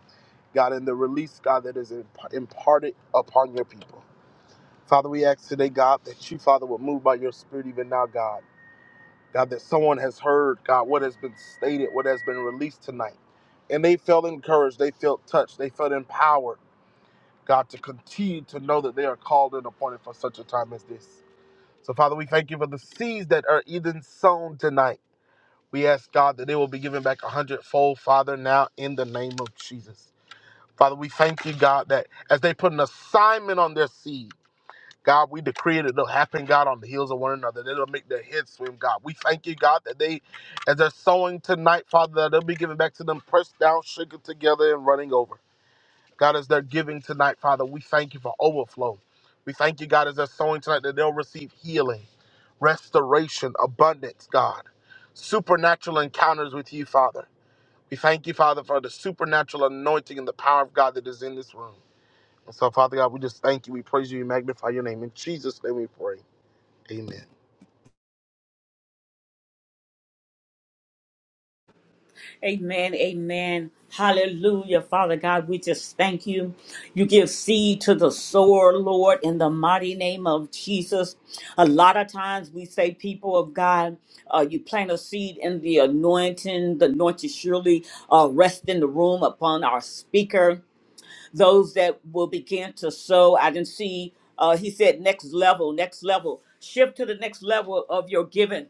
S2: God, and the release, God, that is imp- imparted upon your people. Father, we ask today, God, that you, Father, will move by your spirit even now, God. God, that someone has heard, God, what has been stated, what has been released tonight. And they felt encouraged, they felt touched, they felt empowered, God, to continue to know that they are called and appointed for such a time as this. So, Father, we thank you for the seeds that are even sown tonight. We ask, God, that they will be given back a hundredfold, Father, now in the name of Jesus. Father, we thank you, God, that as they put an assignment on their seed, God, we decree it. It'll happen, God, on the heels of one another. That It'll make their heads swim, God. We thank you, God, that they, as they're sowing tonight, Father, that they'll be given back to them, pressed down, shaken together, and running over. God, as they're giving tonight, Father, we thank you for overflow. We thank you, God, as they're sowing tonight, that they'll receive healing, restoration, abundance, God. Supernatural encounters with you, Father. We thank you, Father, for the supernatural anointing and the power of God that is in this room. And so, Father God, we just thank you. We praise you. We magnify your name. In Jesus' name we pray. Amen.
S1: Amen. Amen. Hallelujah. Father God, we just thank you. You give seed to the sower, Lord, in the mighty name of Jesus. A lot of times we say, people of God, uh, you plant a seed in the anointing, the anointing surely uh, rest in the room upon our speaker. those that will begin to sow. I didn't see, uh, he said, next level, next level. Shift to the next level of your giving.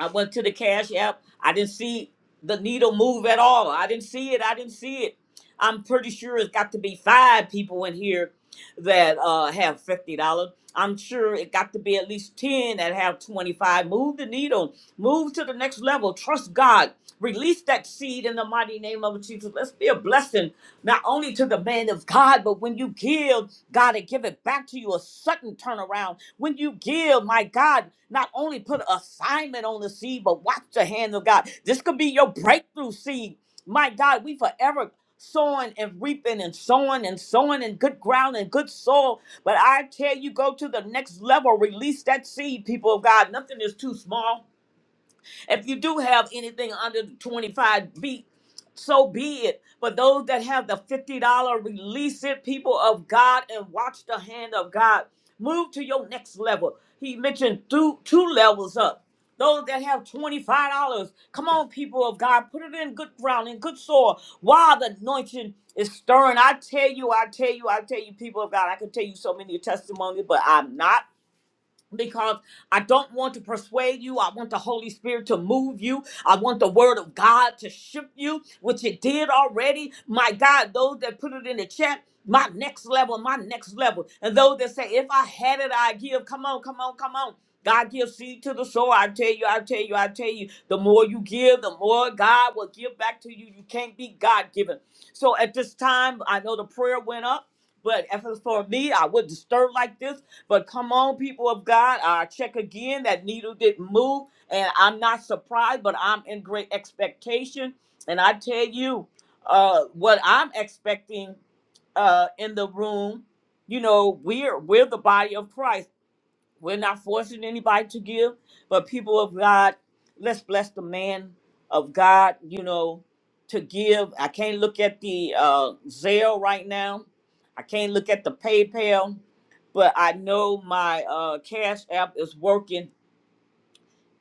S1: I went to the Cash App. I didn't see the needle move at all. I didn't see it. I didn't see it. I'm pretty sure it's got to be five people in here that uh, have fifty dollars. I'm sure it got to be at least ten that have twenty five. Move the needle. Move to the next level. Trust God. Release that seed in the mighty name of Jesus. Let's be a blessing not only to the man of God, but when you give, God will give it back to you a sudden turnaround. When you give, my God, not only put assignment on the seed, but watch the hand of God. This could be your breakthrough seed. My God, we forever sowing and reaping and sowing and sowing in good ground and good soil. But I tell you, go to the next level, release that seed, people of God. Nothing is too small. If you do have anything under the 25 feet, so be it. But those that have the $50, release it, people of God, and watch the hand of God. Move to your next level. He mentioned two, two levels up. Those that have $25, come on, people of God, put it in good ground, in good soil. While the anointing is stirring, I tell you, I tell you, I tell you, people of God, I can tell you so many testimonies, but I'm not because I don't want to persuade you. I want the Holy Spirit to move you. I want the Word of God to shift you, which it did already. My God, those that put it in the chat, my next level, my next level. And those that say, if I had it, I give. Come on, come on, come on. God gives seed to the sower. I tell you, I tell you, I tell you. The more you give, the more God will give back to you. You can't be God given. So at this time, I know the prayer went up. But as for me, I wouldn't stir like this. But come on, people of God, I check again. That needle didn't move, and I'm not surprised, but I'm in great expectation. And I tell you, uh, what I'm expecting uh, in the room, you know, we're we're the body of Christ. We're not forcing anybody to give, but people of God, let's bless the man of God, you know, to give. I can't look at the uh, Zelle right now. I can't look at the PayPal, but I know my uh, Cash App is working.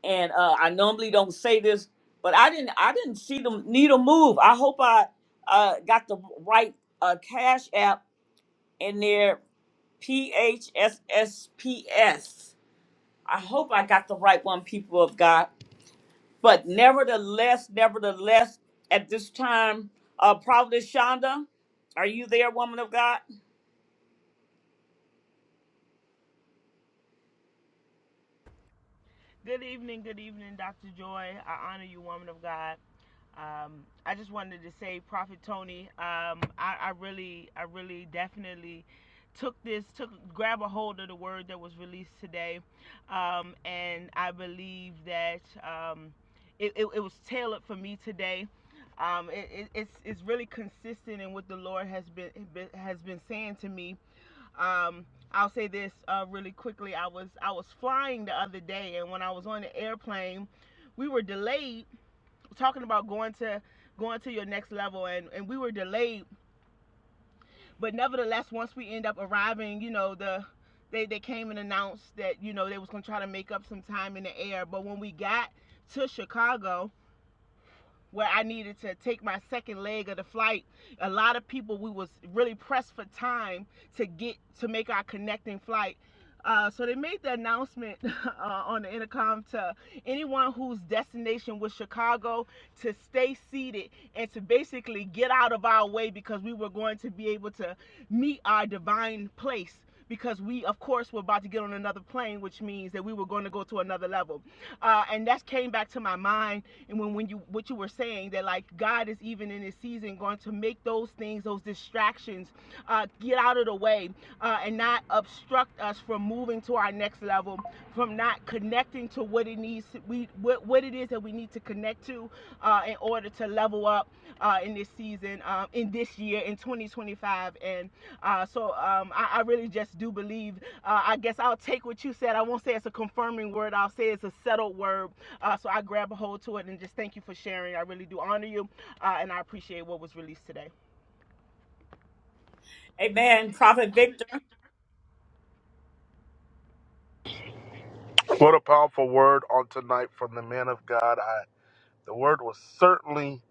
S1: And uh, I normally don't say this, but I didn't. I didn't see the needle move. I hope I uh, got the right uh, Cash App in there. P H S S P S. I hope I got the right one, people of God. But nevertheless, nevertheless, at this time, uh, Prophet Shonda, are you there, woman of God?
S6: Good evening, good evening, Dr. Joy. I honor you, woman of God. Um, I just wanted to say, Prophet Tony, um, I, I really, I really definitely took this, took grab a hold of the word that was released today, um, and I believe that um, it, it, it was tailored for me today. Um, it, it, it's it's really consistent in what the Lord has been has been saying to me um, I'll say this uh, really quickly. I was I was flying the other day, and when I was on the airplane, we were delayed talking about going to going to your next level, and and we were delayed. But nevertheless, once we end up arriving, you know the they they came and announced that you know they was gonna try to make up some time in the air. But when we got to Chicago, where I needed to take my second leg of the flight, a lot of people we was really pressed for time to get to make our connecting flight uh, so they made the announcement uh, on the intercom to anyone whose destination was Chicago to stay seated and to basically get out of our way because we were going to be able to meet our divine place because we of course were about to get on another plane which means that we were going to go to another level uh, and that came back to my mind and when, when you what you were saying that like god is even in this season going to make those things those distractions uh, get out of the way uh, and not obstruct us from moving to our next level, from not connecting to what it needs to, we what, what it is that we need to connect to uh, in order to level up uh, in this season, um, in this year, in 2025. And uh, so um, I, I really just do believe. Uh, I guess I'll take what you said. I won't say it's a confirming word. I'll say it's a settled word. Uh, so I grab a hold to it and just thank you for sharing. I really do honor you, uh, and I appreciate what was released today.
S1: Amen. Prophet Victor,
S2: What a powerful word on tonight from the man of God. I the word was certainly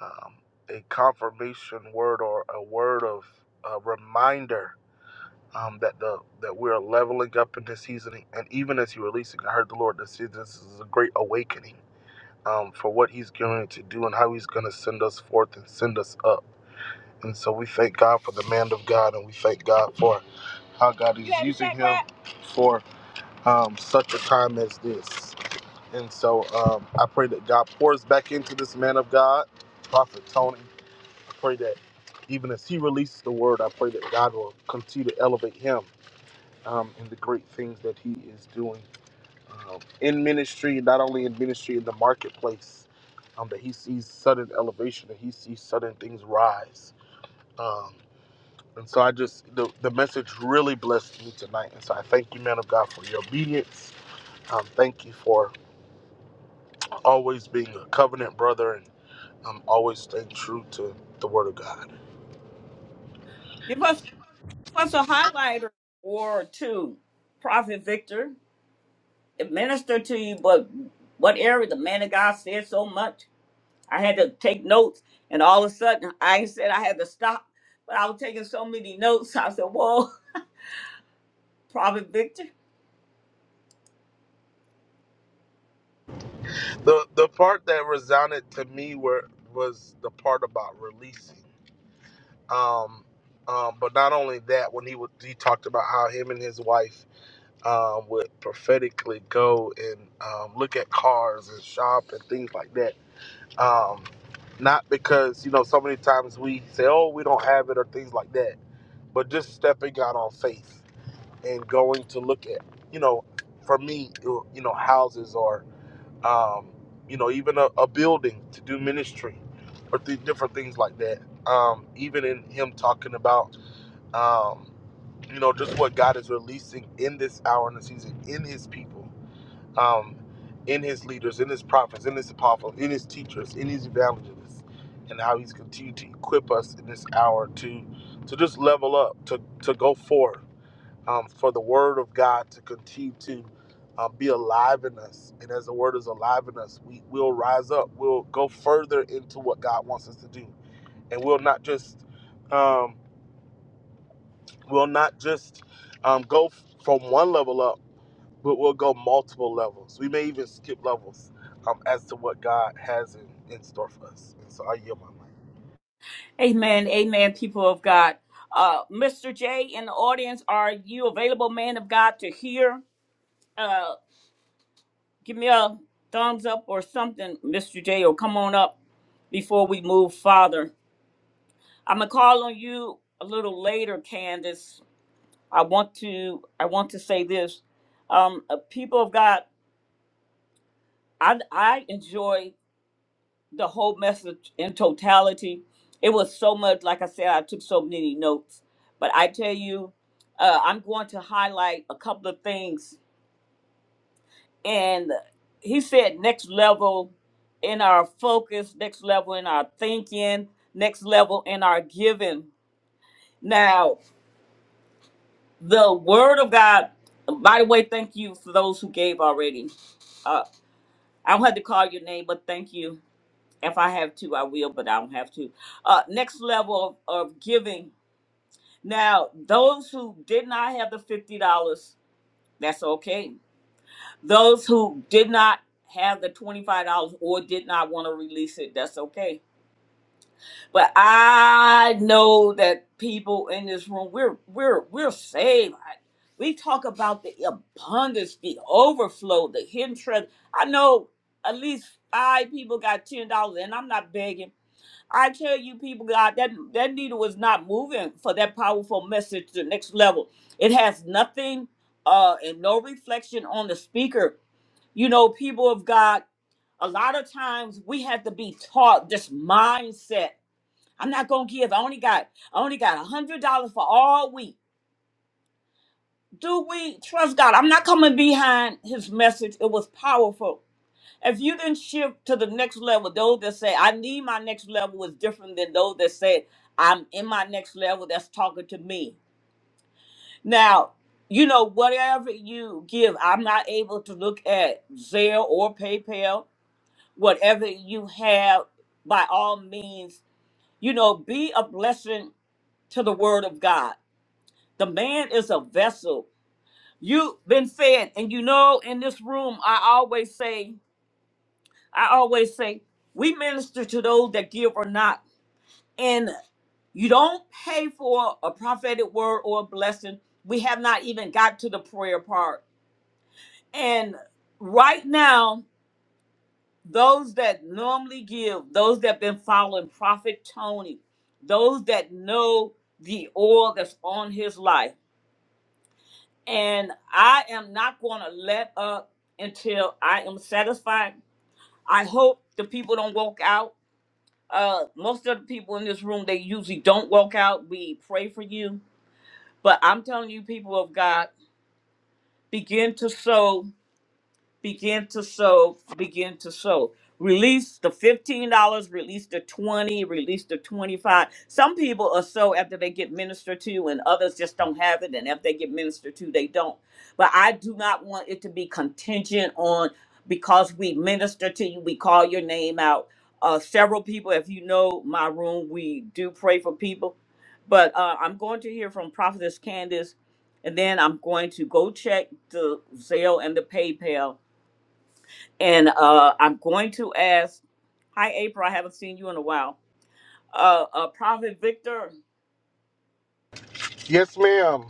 S2: um, a confirmation word or a word of a reminder um, that the that we are leveling up in this season. And even as you're releasing, I heard the Lord that is this is a great awakening um, for what He's going to do and how He's going to send us forth and send us up. And so we thank God for the man of God, and we thank God for how God is for um, such a time as this. And so um, I pray that God pours back into this man of God, Prophet Tony. I pray that even as he releases the word, I pray that God will continue to elevate him um, in the great things that he is doing um, in ministry, not only in ministry, in the marketplace, um, that he sees sudden elevation, that he sees sudden things rise. Um, and so I just, the, the message really blessed me tonight. And so I thank you, man of God, for your obedience. Um, thank you for always being a covenant brother and um, always staying true to the Word of God.
S1: give us, give us a highlighter or two. Prophet Victor, it ministered to you, but what area? The man of God said so much. I had to take notes, and all of a sudden, I ain't said I had to stop, but I was taking so many notes. I said, Whoa, Prophet Victor.
S2: The the part that resounded to me were was the part about releasing. Um, um, but not only that, when he would, he talked about how him and his wife um, would prophetically go and um, look at cars and shop and things like that. Um, not because you know so many times we say, "Oh, we don't have it" or things like that, but just stepping out on faith and going to look at you know, for me, you know, houses or um, you know, even a, a building to do ministry or th- different things like that. Um, even in him talking about, um, you know, just what God is releasing in this hour and the season in his people, um, in his leaders, in his prophets, in his apostles, in his teachers, in his evangelists, and how he's continued to equip us in this hour to to just level up, to to go forth um, for the Word of God to continue to uh, be alive in us. And as the Word is alive in us, we will rise up. We'll go further into what God wants us to do, and we'll not just um, we'll not just um, go f- from one level up, but we'll go multiple levels. We may even skip levels um, as to what God has in, in store for us. And so I yield my mind.
S1: Amen, amen, people of God. Uh, Mr. J in the audience, are you available, man of God, to hear? Uh, give me a thumbs up or something, Mr. J, or come on up before we move farther. I'm gonna call on you a little later, Candace. I want to I want to say this. Um, uh, people of God, I I enjoy the whole message in totality. It was so much, like I said, I took so many notes. But I tell you, uh, I'm going to highlight a couple of things. And he said, next level in our focus, next level in our thinking, next level in our giving. Now, the word of God, by the way, thank you for those who gave already. Uh, I don't have to call your name, but thank you. If I have to, I will, but I don't have to uh, next level of, of giving. Now, those who did not have the $50, that's okay. Those who did not have the $25 or did not want to release it, that's okay. But I know that people in this room, we're we're we're saved. I- We talk about the abundance, the overflow, the hidden treasure. I know at least five people got $10 and I'm not begging I tell you, people, God, that that needle was not moving for that powerful message to the next level. It has nothing uh and no reflection on the speaker. You know, people of God, a lot of times we have to be taught this mindset. I'm not gonna give. I only got I only got a hundred dollars for all week. Do we trust God? I'm not coming behind his message. It was powerful. If you didn't shift to the next level, those that say, I need my next level is different than those that say, I'm in my next level, that's talking to me. Now, you know, whatever you give, I'm not able to look at Zelle or PayPal. Whatever you have, by all means, you know, be a blessing to the word of God. The man is a vessel. You've been fed, and you know, in this room, I always say, I always say we minister to those that give or not. And you don't pay for a prophetic word or a blessing. We have not even got to the prayer part. And right now, those that normally give, those that been following Prophet Tony, those that know the oil that's on his life. And I am not going to let up until I am satisfied. I hope the people don't walk out uh most of the people in this room they usually don't walk out we pray for you but i'm telling you people of god begin to sow begin to sow, begin to sow. Release the $15, release the 20, release the 25. Some people are so after they get ministered to and others just don't have it and if they get ministered to they don't. But I do not want it to be contingent on because we minister to you, we call your name out. Uh, several people, if you know my room, we do pray for people. But uh, I'm going to hear from Prophetess Candace, and then I'm going to go check the Zelle and the PayPal and uh, I'm going to ask, hi, April, I haven't seen you in a while. Uh, uh, Prophet Victor,
S2: Yes, ma'am.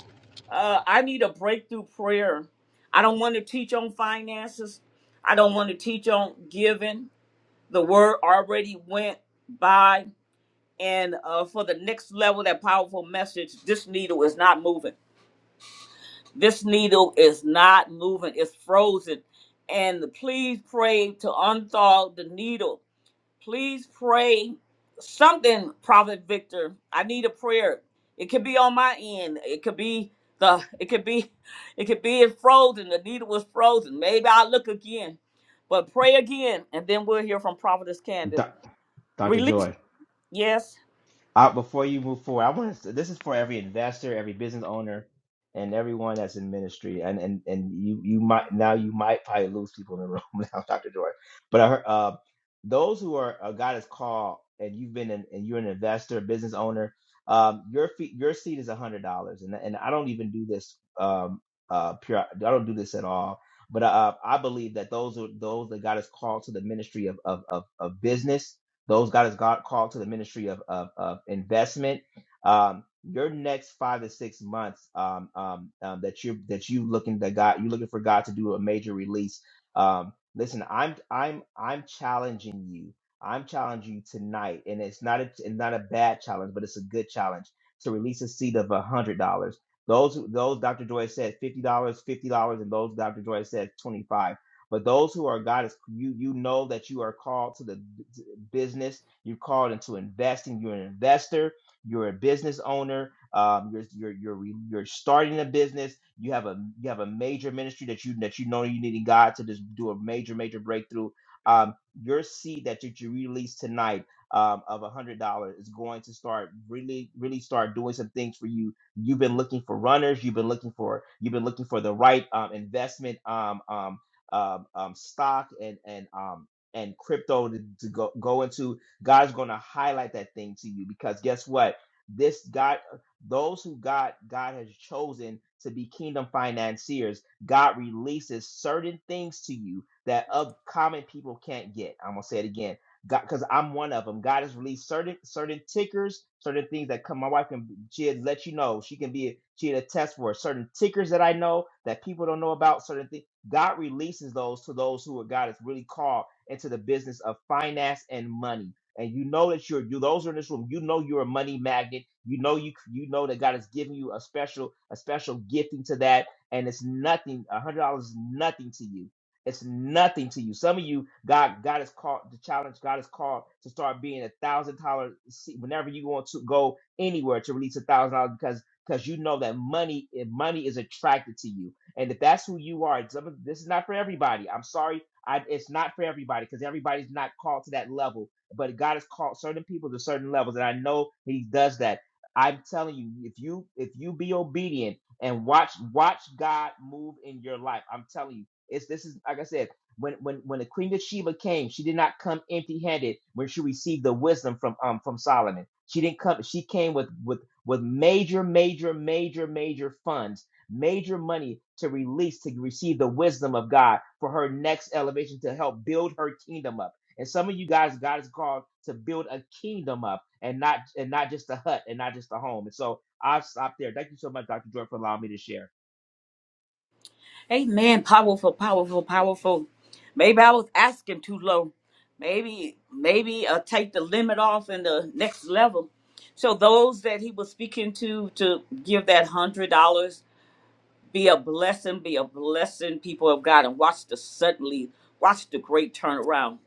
S1: uh, I need a breakthrough prayer. I don't want to teach on finances. I don't want to teach on giving. The word already went by. And uh, for the next level, that powerful message, this needle is not moving. This needle is not moving. It's frozen. And please pray to unthaw the needle Please pray something, Prophet Victor. I need a prayer. It could be on my end. It could be the it could be it could be it frozen. The needle was frozen. Maybe I'll look again. But pray again and then we'll hear from Prophetess Candace.
S5: Do- Dr.
S1: Release
S5: Joy.
S1: yes.
S5: Uh, before you move forward, I want to. This is for every investor, every business owner, and everyone that's in ministry. And and and you you might now you might probably lose people in the room now, Doctor Joy. But I heard uh, those who are uh, God has called, and you've been an, and you're an investor, business owner. Um, your fee, your seat is a hundred dollars, and and I don't even do this um uh pure. I don't do this at all. But uh, I believe that those are those that God has called to the ministry of of of, of business those God has God called to the ministry of of, of investment. Um, your next five to six months um, um, um, that you that you looking that God you looking for God to do a major release. Um, listen, I'm I'm I'm challenging you. I'm challenging you tonight, and it's not a, it's not a bad challenge, but it's a good challenge to release a seed of a hundred dollars. Those who- those Dr. Joy said fifty dollars, fifty dollars, and those Dr. Joy said twenty five. But those who are God is you you know that you are called to the b- to business. You're called into investing. You're an investor. You're a business owner. Um, you're you're you're re- you're starting a business. You have a you have a major ministry that you that you know you needing God to just do a major major breakthrough. Um, your seed that you, you release tonight um, of a hundred dollars is going to start really really start doing some things for you you've been looking for runners you've been looking for you've been looking for the right um, investment Um, um, um, um, stock and and um, and crypto to, to go go into. God's going to highlight that thing to you because guess what? This God, those who God God has chosen to be kingdom financiers, God releases certain things to you that of common people can't get. I'm gonna say it again God, because I'm one of them. God has released certain certain tickers, certain things that come. My wife can she had let you know. She can be she had a test for it. certain tickers that I know that people don't know about. Certain things God releases those to those who are God has really called into the business of finance and money. And you know that you're you those are in this room. You know you're a money magnet. You know you you know that God has given you a special a special gifting to that, and it's nothing. A hundred dollars is nothing to you it's nothing to you. Some of you, God, God has called the challenge. God has called to start being a thousand dollar. Whenever you want to go anywhere to release a thousand dollars, because because you know that money, eh, money is attracted to you. And if that's who you are, some of- this is not for everybody. I'm sorry, I, it's not for everybody because everybody's not called to that level. But God has called certain people to certain levels, and I know He does that. I'm telling you, if you if you be obedient and watch watch God move in your life, I'm telling you it's this is like I said, when when when the Queen of Sheba came, she did not come empty-handed when she received the wisdom from um from Solomon. She didn't come, she came with with with major, major, major, major funds, major money to release to receive the wisdom of God for her next elevation to help build her kingdom up. And some of you guys, God is called to build a kingdom up and not and not just a hut and not just a home. And so I'll stop there. Thank you so much, Dr. Joy, for allowing me to share.
S1: Amen. Powerful, powerful, powerful. Maybe I was asking too low. Maybe, maybe uh, take the limit off in the next level. So those that he was speaking to to give that hundred dollars Be a blessing, be a blessing, people of God, and watch the suddenly, watch the great turnaround.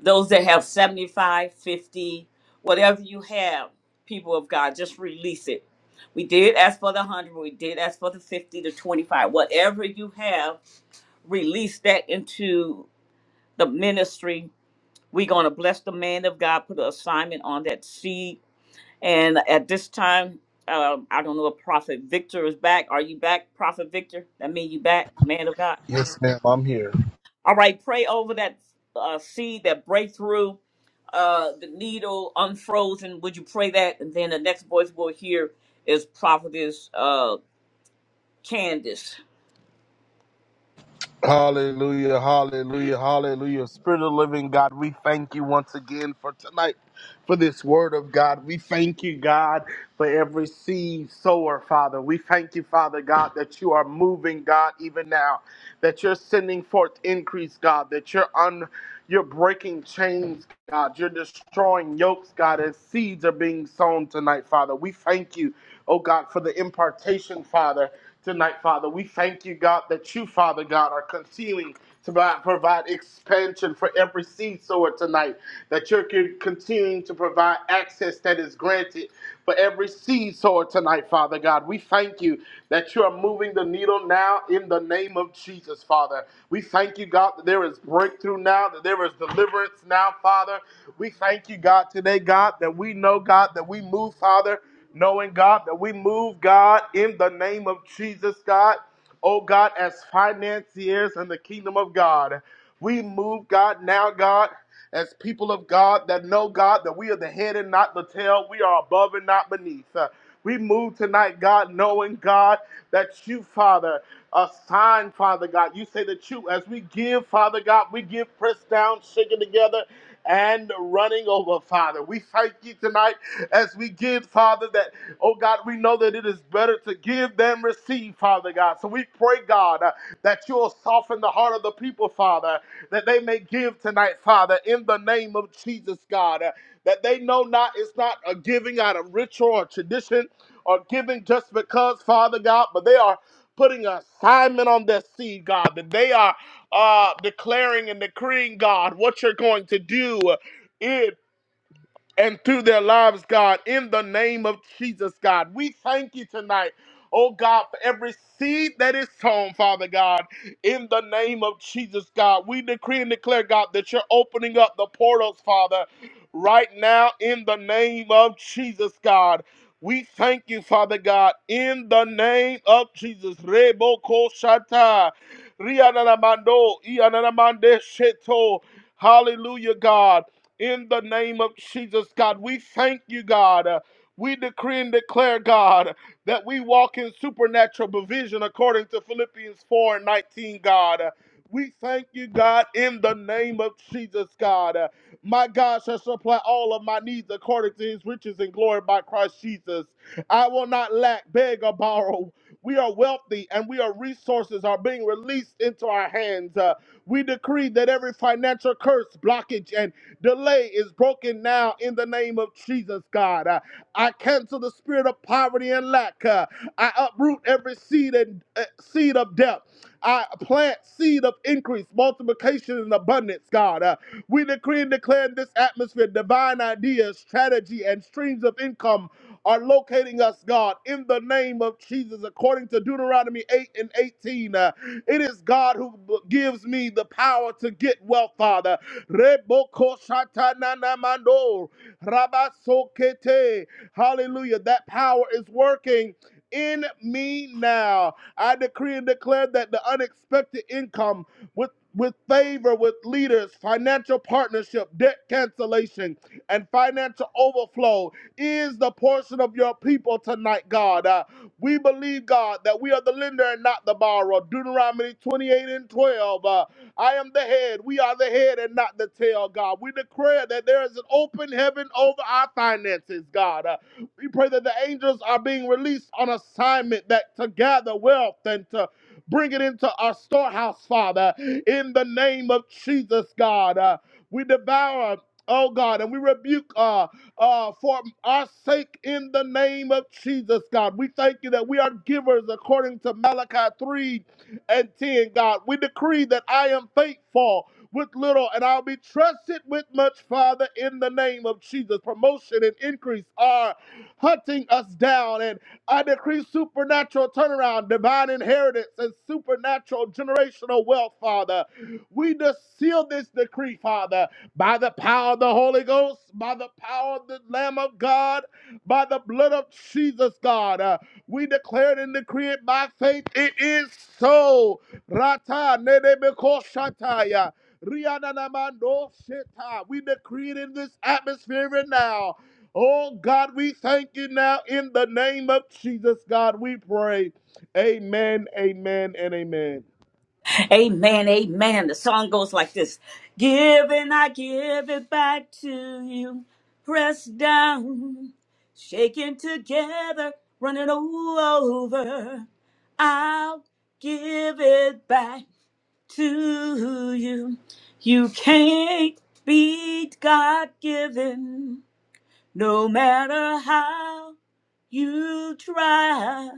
S1: Those that have 75, 50, whatever you have, people of God, just release it. We did ask for the 100, we did ask for the 50, the 25. Whatever you have, release that into the ministry. We're going to bless the man of God, put an assignment on that seed and at this time, uh, I don't know if Prophet Victor is back. Are you back, Prophet Victor? That mean you back, man of God.
S2: Yes, ma'am. I'm here.
S1: All right, pray over that uh, seed, that breakthrough, uh, the needle unfrozen. Would you pray that? And then the next voice we'll hear is Prophetess uh, Candace.
S2: Hallelujah, hallelujah, hallelujah. Spirit of the living God, we thank you once again for tonight, for this word of God. We thank you, God for every seed sower, Father. We thank you, Father God, that you are moving, God, even now, that you're sending forth increase, God, that you're un you're breaking chains, God. You're destroying yokes, God, as seeds are being sown tonight, Father. We thank you, oh God, for the impartation, Father, tonight, Father. We thank you, God, that you, Father God, are concealing to provide expansion for every seed sower tonight, that you're con- continuing to provide access that is granted for every seed sower tonight, Father God. We thank you that you are moving the needle now in the name of Jesus, Father. We thank you, God, that there is breakthrough now, that there is deliverance now, Father. We thank you, God, today, God, that we know, God, that we move, Father, knowing, God, that we move, God, in the name of Jesus, God oh God, as financiers in the kingdom of God. We move, God, now, God, as people of God that know, God, that we are the head and not the tail. We are above and not beneath. Uh, we move tonight, God, knowing, God, that you, Father, assign, Father God. You say that you, as we give, Father God, we give pressed down, shaken together, and running over, Father. We thank you tonight as we give, Father, that Oh God, we know that it is better to give than receive, Father God. So we pray, God, uh, that you'll soften the heart of the people, Father, that they may give tonight, Father, in the name of Jesus, God. uh, that they know not it's not a giving out of ritual or tradition or giving just because, Father God, but they are putting an assignment on their seed, God, that they are uh, declaring and decreeing, God, what you're going to do and through their lives, God, in the name of Jesus, God. We thank you tonight. Oh God, for every seed that is sown, Father God, in the name of Jesus, God, we decree and declare, God, that you're opening up the portals, Father, right now in the name of Jesus, God. We thank you, Father God, in the name of Jesus. Reboko shata, riananamando, iananamande sheto. Hallelujah, God in the name of Jesus, God. We thank you, God. Uh, we decree and declare, God, that we walk in supernatural provision according to Philippians 4 and 19, God. Uh, we thank you, God, in the name of Jesus, God. Uh, my God shall supply all of my needs according to his riches and glory by Christ Jesus. I will not lack, beg, or borrow. We are wealthy and we are resources are being released into our hands. Uh, we decree that every financial curse, blockage, and Delay is broken now in the name of Jesus, God. Uh, I cancel the spirit of poverty and lack. Uh, I uproot every seed and uh, seed of death. I plant seed of increase, multiplication, and abundance, God. Uh, we decree and declare in this atmosphere divine ideas, strategy, and streams of income are locating us, God, in the name of Jesus, according to Deuteronomy 8 and 18. uh, it is God who b- gives me the power to get wealth, Father. Reboko shatanana mando, rabasokete. Hallelujah. That power is working in me now. I decree and declare that the unexpected income with with favor with leaders, financial partnership, debt cancellation, and financial overflow is the portion of your people tonight, God. Uh, we believe, God, that we are the lender and not the borrower. Deuteronomy 28 and 12. Uh, I am the head. We are the head and not the tail, God. We declare that there is an open heaven over our finances, God. Uh, we pray that the angels are being released on assignment that to gather wealth and to bring it into our storehouse, Father, in the name of Jesus, God. Uh, we devour. Oh God, and we rebuke. uh, uh, for our sake in the name of Jesus, God. We thank you that we are givers according to Malachi 3 and 10, God. We decree that I am faithful with little and I'll be trusted with much, Father, in the name of Jesus. Promotion and increase are hunting us down, and I decree supernatural turnaround, divine inheritance, and supernatural generational wealth, Father. We just seal this decree, Father by the power of the Holy Ghost, by the power of the Lamb of God, by the blood of Jesus, God. Uh, we declare it and decree it by faith. It is so. Rata nedebeko shataya. Riananamando sheta. We decree it in this atmosphere and now. Oh God, we thank you now in the name of Jesus, God. We pray. Amen, amen, and amen.
S1: Amen, amen. The song goes like this Give and I give it back to you. Pressed down, shaken together, running over. I'll give it back to you. You can't beat God given, no matter how you try.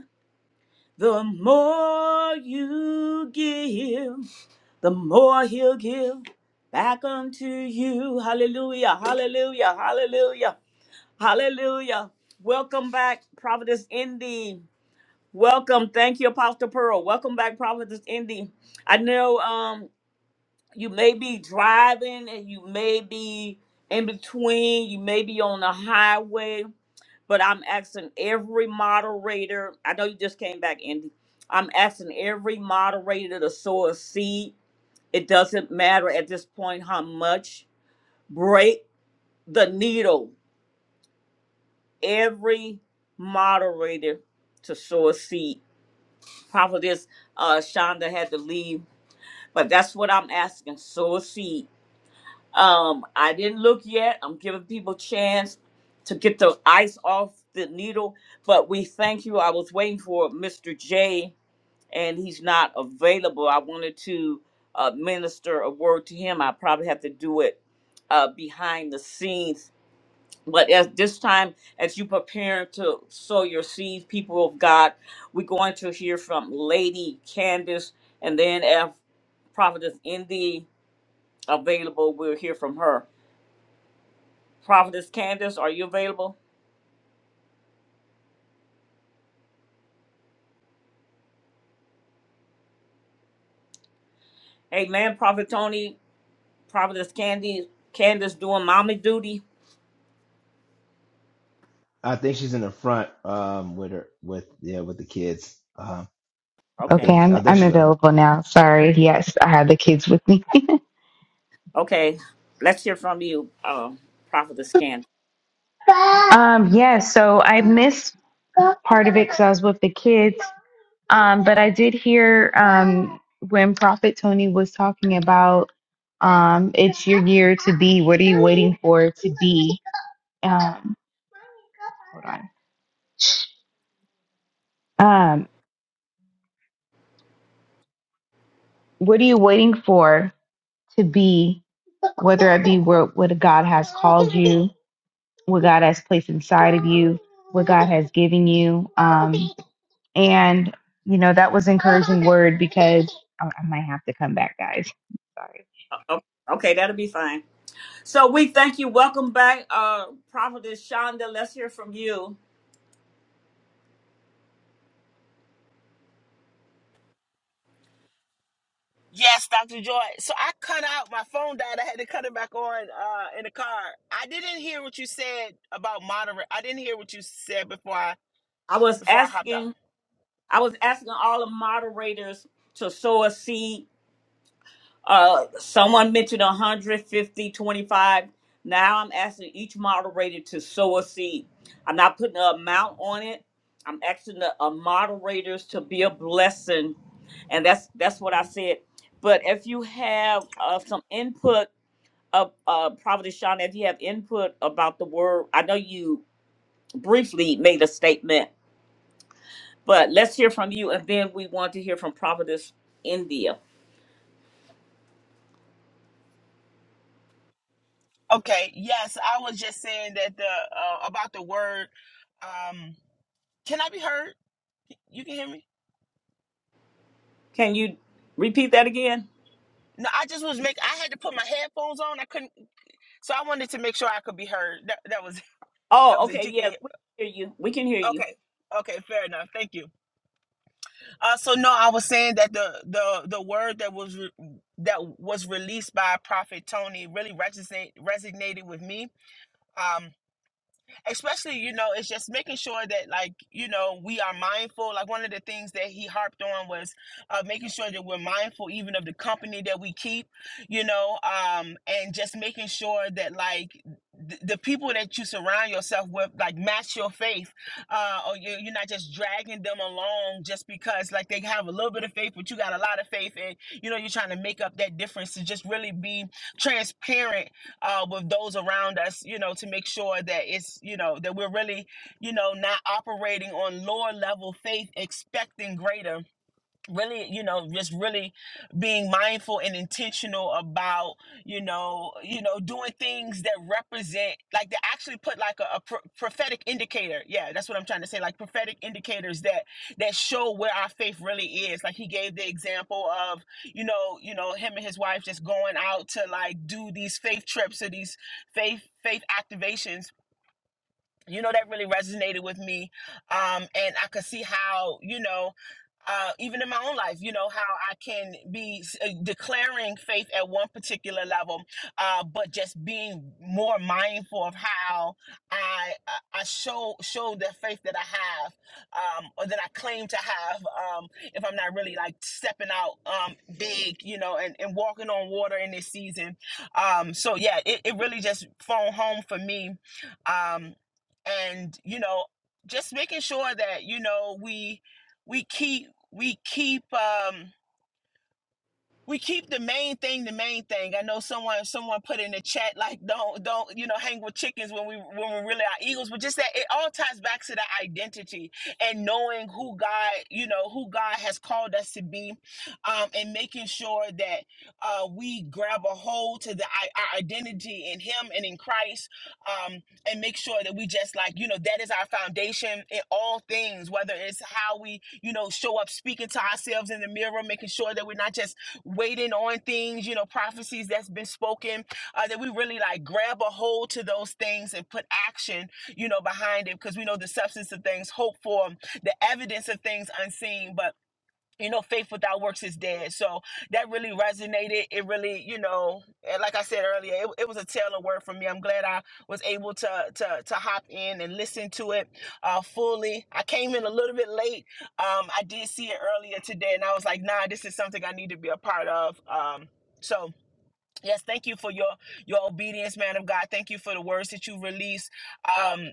S1: The more you give the more he'll give back unto you. Hallelujah, hallelujah, hallelujah, hallelujah. Welcome back, Prophetess Indy. Welcome. Thank you, Apostle Pearl. Welcome back, Prophetess Indy. I know um, you may be driving and you may be in between, you may be on the highway, but I'm asking every moderator, I know you just came back, Indy. I'm asking every moderator to sow a seed it doesn't matter at this point how much. Break the needle. Every moderator to sow a seed. Prophetess uh, Shonda had to leave, but that's what I'm asking. Sow a seed. Um, I didn't look yet. I'm giving people chance to get the ice off the needle, but we thank you. I was waiting for Mr. J and he's not available. I wanted to uh, minister a word to him. I probably have to do it uh, behind the scenes. But at this time, as you prepare to sow your seeds, people of God, we're going to hear from Lady Candace, and then if Prophetess Indy available, we'll hear from her. Prophetess Candace, are you available? Hey man, Prophet Tony, Prophetess Candy, Candace doing mommy duty.
S5: I, I think
S1: Okay.
S3: Okay, I'm I'm
S5: so.
S3: available now. Sorry. Yes, I have the kids with me.
S1: Okay, let's hear from you, uh, Prophetess Can.
S3: Um, yes, so I missed part of it because I was with the kids. Um, but I did hear um, when Prophet Tony was talking about um, it's your year to be. What are you waiting for to be? Um, hold on. Um, what are you waiting for to be? Whether it be what, what God has called you, what God has placed inside of you, what God has given you. Um, and, you know, that was encouraging word because I I might have to come back, guys. Sorry.
S1: O- Okay, that'll be fine. So we thank you. Welcome back, uh, Prophetess Shonda. Let's hear from you.
S6: Yes, Dr. Joy. So I cut out my phone died. I had to cut it back on uh, in the car. I didn't hear what you said about moderate. I didn't hear what you said before I
S1: I was
S6: before I hopped off.
S1: asking, I was asking all the moderators to sow a seed Uh, someone mentioned 150, 25. Now I'm asking each moderator to sow a seed. I'm not putting an amount on it. I'm asking the uh, moderators to be a blessing, and that's that's what I said. But if you have uh, some input, of uh, Prophet Sean, if you have input about the word, I know you briefly made a statement, but let's hear from you, and then we want to hear from Providence India.
S6: Okay. Yes, I was just saying that the uh, about the word. Um, can I be heard? You can hear me.
S1: Can you repeat that again?
S6: No, I just was make. I had to put my headphones on. I couldn't, so I wanted to make sure I could be heard. That that was that
S1: Oh,
S6: was it.
S1: okay.
S6: You
S1: Yes,
S6: can.
S1: we can hear you. We can hear you.
S6: Okay. Okay. Fair enough. Thank you. Uh, so no, I was saying that the the the word that was re- that was released by Prophet Tony really resonated resonated with me. Um, especially you know it's just making sure that like you know we are mindful like one of the things that he harped on was uh, making sure that we're mindful even of the company that we keep you know um and just making sure that like th- the people that you surround yourself with like match your faith uh or you- you're not just dragging them along just because like they have a little bit of faith but you got a lot of faith and you know you're trying to make up that difference to just really be transparent uh, with those around us, you know, to make sure that it's, you know, that we're really, you know, not operating on lower level faith, expecting greater really you know just really being mindful and intentional about you know you know doing things that represent like they actually put like a, a pro- prophetic indicator yeah that's what i'm trying to say like prophetic indicators that that show where our faith really is like he gave the example of you know you know him and his wife just going out to like do these faith trips or these faith faith activations you know that really resonated with me um and i could see how you know uh even in my own life you know how i can be s- uh, declaring faith at one particular level uh but just being more mindful of how i i I show show the faith that i have um or that i claim to have um if i'm not really like stepping out um big you know and, and walking on water in this season um so yeah it, it really just phone home for me um and you know just making sure that you know we we keep we keep um we keep the main thing the main thing. I know someone someone put in the chat like don't don't you know hang with chickens when we when we really are eagles, but just that it all ties back to the identity and knowing who God you know who God has called us to be, um, and making sure that uh, we grab a hold to the i- our identity in Him and in Christ, um, and make sure that we just like you know that is our foundation in all things, whether it's how we you know show up speaking to ourselves in the mirror, making sure that we're not just waiting on things, you know, prophecies that's been spoken, uh, that we really like grab a hold to those things and put action, you know, behind it because we know the substance of things hoped for, the evidence of things unseen. But you know, faith without works is dead. So that really resonated. It really, you know, and like I said earlier, it, it was a tailored word for me. I'm glad I was able to to to hop in and listen to it uh, fully. I came in a little bit late. Um, I did see it earlier today, and I was like, nah, this is something I need to be a part of. Um, so Yes, thank you for your your obedience, man of God. Thank you for the words that you release. Um,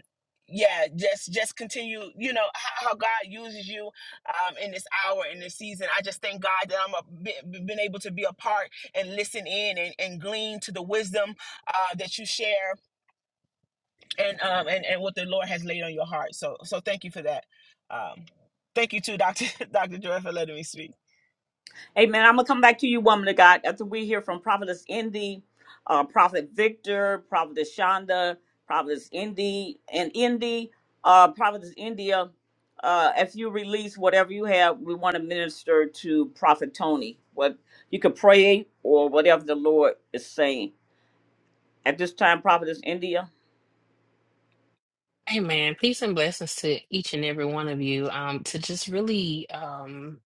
S6: yeah, just just continue. You know how, how God uses you um, in this hour in this season. I just thank God that I'm a, be- been able to be a part and listen in and, and glean to the wisdom uh, that you share and um and, and what the Lord has laid on your heart. So so thank you for that. Um thank you too, Doctor Doctor Joy for letting me speak.
S1: Amen. I'm gonna come back to you, woman of God, after we hear from Prophetess Indy, uh, Prophet Victor, Prophetess Shonda, Prophetess Indy, and Indy, uh, Prophetess India. Uh, uh, if you release whatever you have, we want to minister to Prophet Tony. What you could pray or whatever the Lord is saying at this time, Prophetess India.
S7: Hey man, Peace and blessings to each and every one of you. Um, to just really um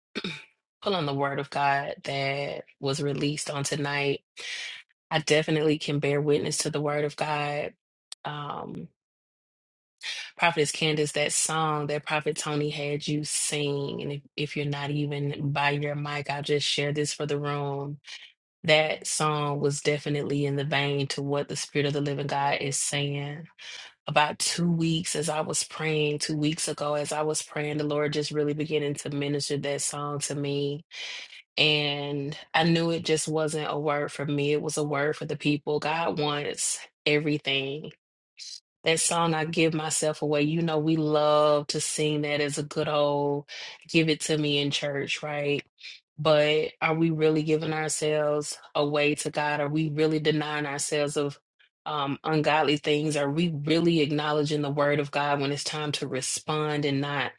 S7: pull on the word of God that was released on tonight. I definitely can bear witness to the word of God. Um, Prophetess Candace, that song that Prophet Tony had you sing, and if, if you're not even by your mic, I'll just share this for the room. That song was definitely in the vein to what the Spirit of the Living God is saying about two weeks as I was praying, two weeks ago, as I was praying, the Lord just really beginning to minister that song to me. And I knew it just wasn't a word for me, it was a word for the people. God wants everything. That song, I Give Myself Away, you know, we love to sing that as a good old give it to me in church, right? But are we really giving ourselves away to God? Are we really denying ourselves of um, ungodly things? Are we really acknowledging the word of God when it's time to respond and not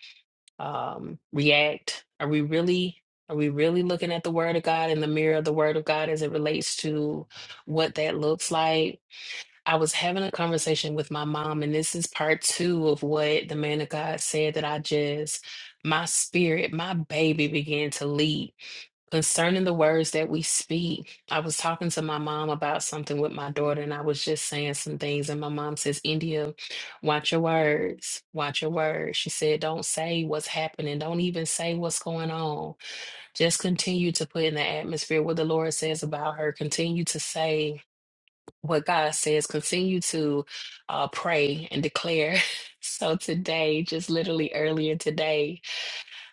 S7: um, react? Are we really? Are we really looking at the word of God in the mirror of the word of God as it relates to what that looks like? I was having a conversation with my mom, and this is part two of what the man of God said that I just, my spirit, my baby began to leap concerning the words that we speak. I was talking to my mom about something with my daughter, and I was just saying some things. And my mom says, India, watch your words, watch your words. She said, Don't say what's happening, don't even say what's going on. Just continue to put in the atmosphere what the Lord says about her, continue to say what God says, continue to uh, pray and declare. So today, just literally earlier today,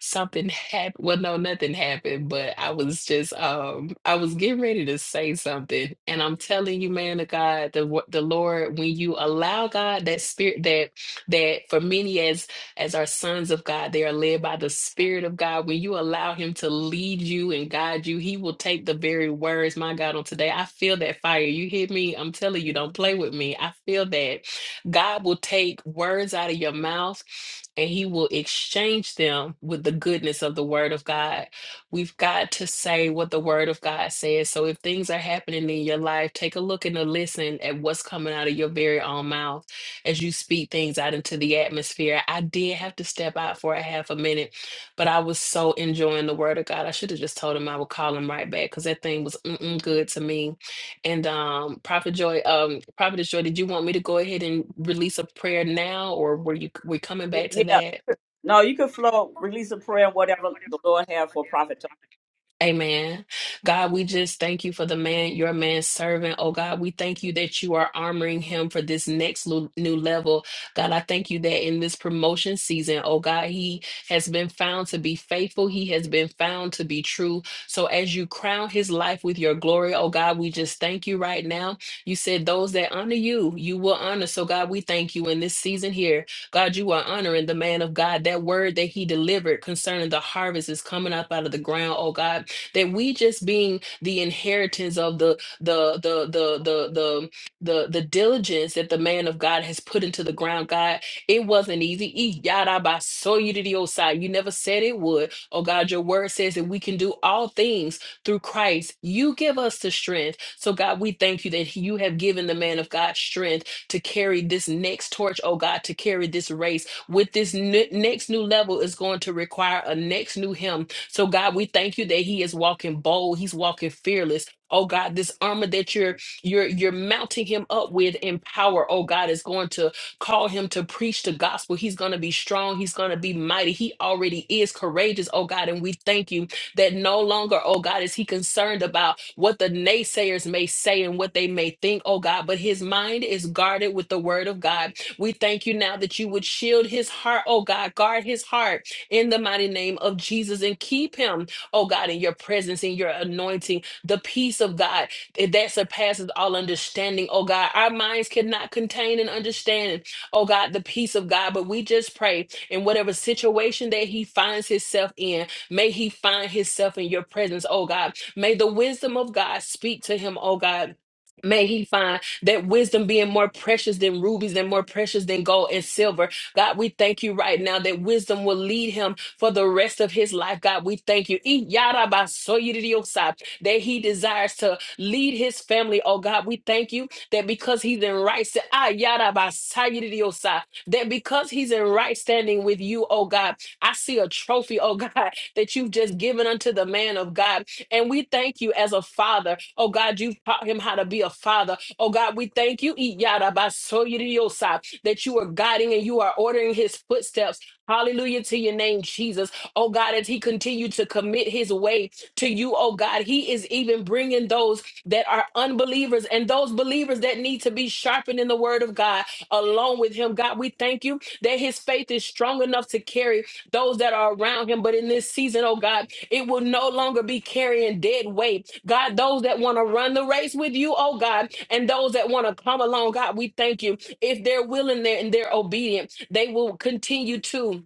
S7: something happened. Well, no, nothing happened, but I was just um I was getting ready to say something. And I'm telling you, man of God, the wo- the Lord, when you allow God that spirit that that for many as as our sons of God, they are led by the Spirit of God. When you allow Him to lead you and guide you, He will take the very words, my God, on today. I feel that fire. You hear me? I'm telling you, don't play with me. I feel that God will take words out of your mouth and he will exchange them with the goodness of the word of God. We've got to say what the word of God says. So if things are happening in your life, take a look and a listen at what's coming out of your very own mouth as you speak things out into the atmosphere. I did have to step out for a half a minute, but I was so enjoying the word of God. I should have just told him I would call him right back because that thing was mm-mm good to me. And um, Prophet Joy, um, Prophet Joy, did you want me to go ahead and release a prayer now, or were you we coming back to
S1: Yeah.
S7: that?
S1: No, you can flow, release a prayer, and whatever the Lord have for prophet.
S7: Amen. God, we just thank you for the man, your man servant. Oh God, we thank you that you are armoring him for this next lu- new level. God, I thank you that in this promotion season, oh God, he has been found to be faithful. He has been found to be true. So as you crown his life with your glory, oh God, we just thank you right now. You said those that honor you, you will honor. So God, we thank you in this season here. God, you are honoring the man of God. That word that he delivered concerning the harvest is coming up out of the ground, oh God that we just being the inheritance of the the the the the the the, the diligence that the man of God has put into the ground, God, it wasn't easy. E yada by so you to the old side. You never said it would. Oh God, your word says that we can do all things through Christ. You give us the strength. So God, we thank you that you have given the man of God strength to carry this next torch, oh God, to carry this race with this ne- next new level is going to require a next new him so, God, we thank you that he is walking bold, he's walking fearless. Oh God, this armor that you're you're you're mounting him up with in power, oh God, is going to call him to preach the gospel. He's going to be strong, he's going to be mighty. He already is courageous, oh God, and we thank you that no longer, oh God, is he concerned about what the naysayers may say and what they may think, oh God, but his mind is guarded with the word of God. We thank you now that you would shield his heart, oh God, guard his heart in the mighty name of Jesus and keep him, oh God, in your presence, in your anointing, the peace of God that surpasses all understanding, oh God. Our minds cannot contain and understand, oh God, the peace of God, but we just pray in whatever situation that he finds himself in, may he find himself in your presence, oh God. May the wisdom of God speak to him, oh God. May he find that wisdom being more precious than rubies and more precious than gold and silver. God, we thank you right now that wisdom will lead him for the rest of his life. God, we thank you. E yada ba so yi di di That he desires to lead his family. Oh God, we thank you that because he's in right sta- ah, yada ba sa yi di di that because he's in right standing with you, oh God, I see a trophy, oh God, that you've just given unto the man of God. And we thank you as a father. Oh God, you've taught him how to be a father. Oh God, we thank you. E yada ba so yi di di that you are guiding and you are ordering his footsteps. Hallelujah to your name, Jesus. Oh God, as he continued to commit his way to you, oh God, he is even bringing those that are unbelievers and those believers that need to be sharpened in the word of God along with him. God, we thank you that his faith is strong enough to carry those that are around him. But in this season, oh God, it will no longer be carrying dead weight. God, those that want to run the race with you, oh God, and those that want to come along, God, we thank you if they're willing there and they're obedient, they will continue to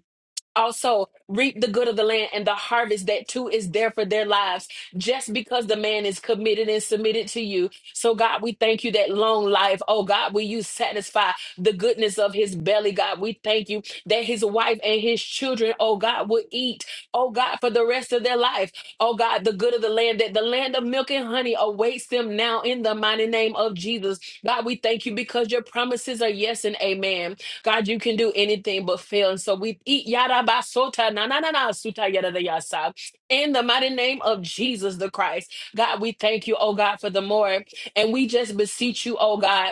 S7: also reap the good of the land and the harvest that too is there for their lives just because the man is committed and submitted to you so god we thank you that long life oh god will you satisfy the goodness of his belly god we thank you that his wife and his children oh god will eat oh god for the rest of their life oh god the good of the land that the land of milk and honey awaits them now in the mighty name of jesus god we thank you because your promises are yes and amen God, you can do anything but fail. And so we eat yada basota na na na na suta yada da yasa. In the mighty name of Jesus the Christ, God, we thank you, oh God, for the more. And we just beseech you, oh God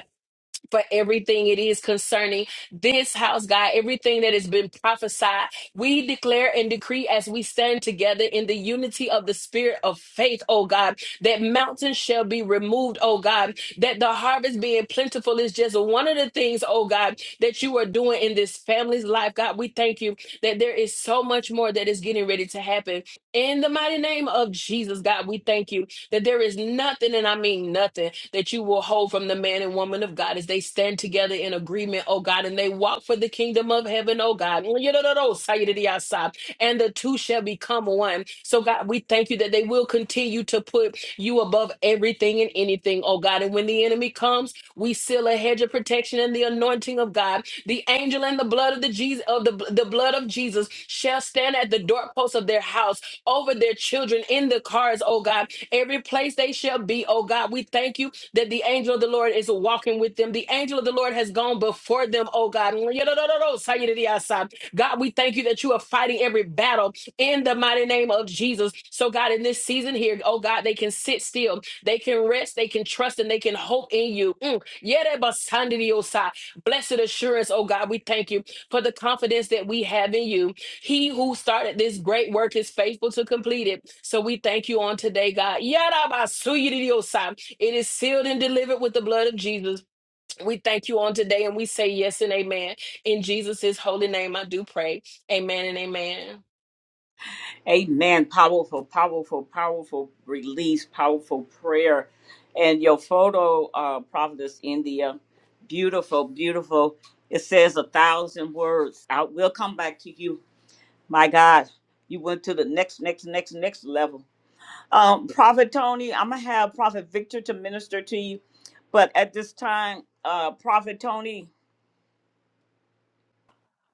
S7: for everything it is concerning this house, God, everything that has been prophesied. We declare and decree as we stand together in the unity of the spirit of faith, oh God, that mountains shall be removed, oh God, that the harvest being plentiful is just one of the things, oh God, that you are doing in this family's life. God, we thank you that there is so much more that is getting ready to happen. In the mighty name of Jesus, God, we thank you that there is nothing, and I mean nothing, that you will hold from the man and woman of God as they stand together in agreement, oh God, and they walk for the kingdom of heaven, oh God. And the two shall become one. So, God, we thank you that they will continue to put you above everything and anything, oh God. And when the enemy comes, we seal a hedge of protection and the anointing of God. The angel and the blood of the Jesus of the, the blood of Jesus shall stand at the doorposts of their house over their children in the cars, oh God every place they shall be, oh God. We thank you that the angel of the Lord is walking with them. The angel of the Lord has gone before them, oh God. God, we thank you that you are fighting every battle in the mighty name of Jesus. So, God, in this season here, oh God, they can sit still, they can rest, they can trust, and they can hope in you. Mm. Yerebasandidiosa. Blessed assurance, oh God, we thank you for the confidence that we have in you. He who started this great work is faithful to complete it. So we thank you on today, God. Yarabasuyiridiosai. It is sealed and delivered with the blood of Jesus. We thank you on today and we say yes and amen. In Jesus' holy name, I do pray. Amen and amen.
S1: Tony. Amen. Powerful, powerful, powerful release, powerful prayer. And your photo, uh, Prophetess India, beautiful, beautiful. It says a thousand words. I will come back to you My God, you went to the next, next, next, next level. Um, Prophet Tony, I'm gonna have Prophet Victor to minister to you, but at this time, uh, Prophet Tony,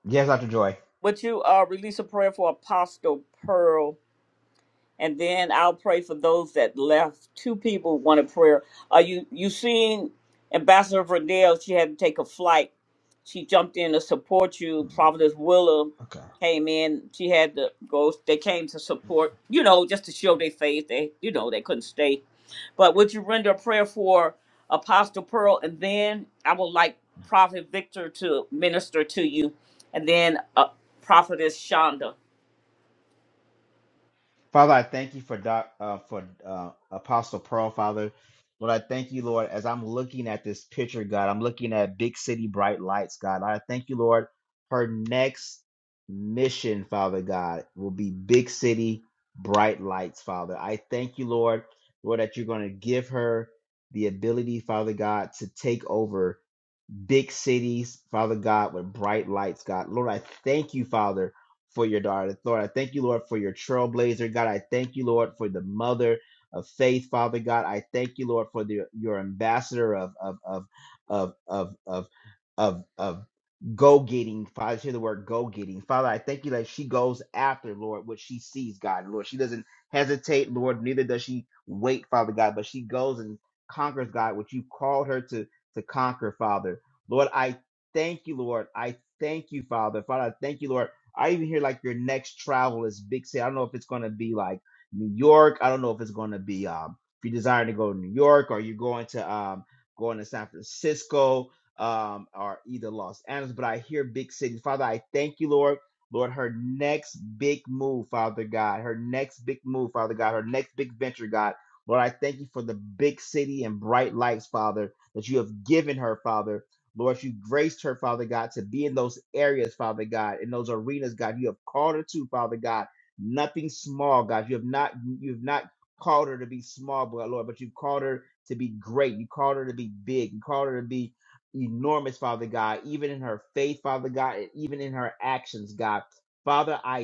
S5: Yes, Dr. Joy.
S1: would you uh release a prayer for Apostle Pearl? and then I'll pray for those that left. Two people wanted prayer. Are you you seen Ambassador Verdell? She had to take a flight. She jumped in to support you. Providence Willa
S5: Okay.
S1: came in. She had to go. They came to support. You know, just to show their faith. They you know they couldn't stay. But would you render a prayer for Apostle Pearl, and then I would like Prophet Victor to minister to you, and then uh, Prophetess Shonda.
S5: Father, I thank you for doc, uh, for uh, Apostle Pearl, Father. Lord, I thank you, Lord, as I'm looking at this picture, God. I'm looking at big city bright lights, God. I thank you, Lord. Her next mission, Father God, will be big city bright lights, Father. I thank you, Lord, Lord, that you're going to give her the ability, Father God, to take over big cities, Father God, with bright lights, God. Lord, I thank you, Father, for your daughter. Lord, I thank you, Lord, for your trailblazer. God, I thank you, Lord, for the mother of faith, Father God. I thank you, Lord, for the, your ambassador of of of of of of of, of go getting. Father, I hear the word go getting. Father, I thank you that she goes after, Lord, what she sees, God. Lord, she doesn't hesitate, Lord, neither does she wait, Father God, but she goes and conquers, God, what you called her to to conquer, Father. Lord, I thank you, Lord. I thank you, Father. Father, I thank you, Lord. I even hear like your next travel is big city. I don't know if it's going to be like New York. I don't know if it's going to be um if you desire to go to New York or you're going to um going to San Francisco um or either Los Angeles, but I hear big cities. Father, I thank you, Lord. Lord, her next big move, Father God, her next big move, Father God, her next big venture, God. Lord, I thank you for the big city and bright lights, Father, that you have given her, Father. Lord, you graced her, Father God, to be in those areas, Father God, in those arenas, God. You have called her to, Father God. Nothing small, God. You have not, you have not called her to be small, but Lord, but you called her to be great. You called her to be big. You called her to be enormous, Father God, even in her faith, Father God, and even in her actions, God. Father, I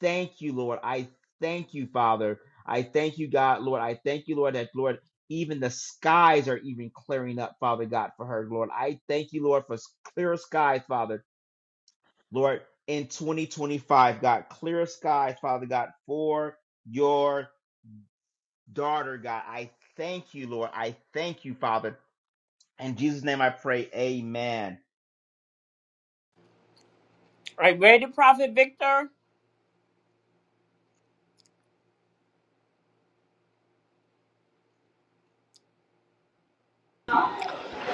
S5: thank you, Lord. I thank you, Father. I thank you, God, Lord. I thank you, Lord, that, Lord, even the skies are even clearing up, Father God, for her, Lord. I thank you, Lord, for clearer skies, Father, Lord, in 2025, God, clearer skies, Father God, for your daughter, God. I thank you, Lord. I thank you, Father. In Jesus' name I pray, amen.
S1: Are you ready, Prophet Victor?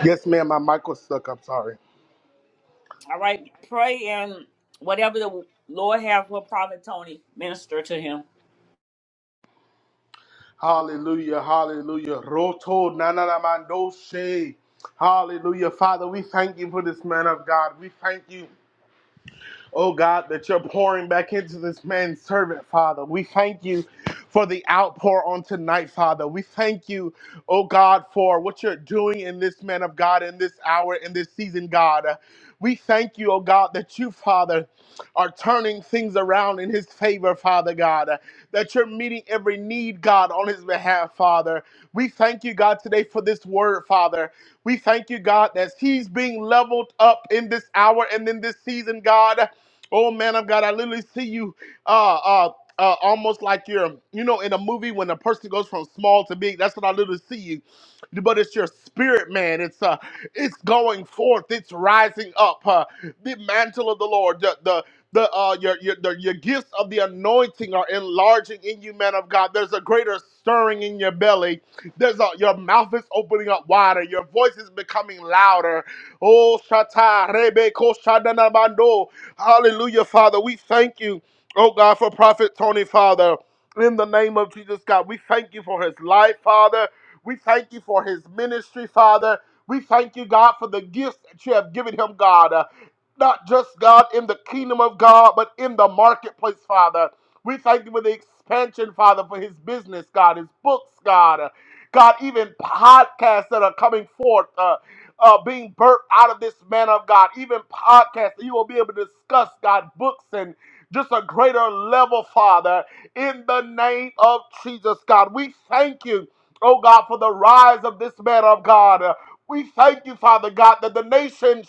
S2: Yes, ma'am. My mic was stuck. I'm sorry.
S1: All right, pray and whatever the Lord have for Prophet Tony, minister to him.
S2: Hallelujah, hallelujah. Roto nananamandoshe. Hallelujah. Father, we thank you for this man of God. We thank you oh God, that you're pouring back into this man's servant, Father. We thank you for the outpour on tonight, Father. We thank you, oh God, for what you're doing in this man of God, in this hour, in this season, God. Uh, We thank you, oh God, that you, Father, are turning things around in his favor, Father God, uh, that you're meeting every need, God, on his behalf, Father. We thank you, God, today for this word, Father. We thank you, God, that he's being leveled up in this hour and in this season, God. Oh man of God, I literally see you uh uh uh, almost like you're, you know, in a movie when a person goes from small to big. That's what I literally see you. But it's your spirit, man. It's uh, it's going forth. It's rising up. Uh, the mantle of the Lord, the the the uh, your your the, your gifts of the anointing are enlarging in you, man of God. There's a greater stirring in your belly. There's a your mouth is opening up wider. Your voice is becoming louder. Oh, shata rebe ko shadana bando. Hallelujah, Father. We thank you, oh God, for Prophet Tony, Father. In the name of Jesus, God, we thank you for his life, Father. We thank you for his ministry, Father. We thank you, God, for the gifts that you have given him, God. Uh, not just God in the kingdom of God, but in the marketplace, Father. We thank you for the expansion, Father, for his business, God, his books, God. Uh, God, even podcasts that are coming forth. uh, uh, being birthed out of this man of God, even podcasts that you will be able to discuss, God, books and just a greater level, Father, in the name of Jesus, God. We thank you, oh God, for the rise of this man of God. Uh, We thank you, Father God, that the nations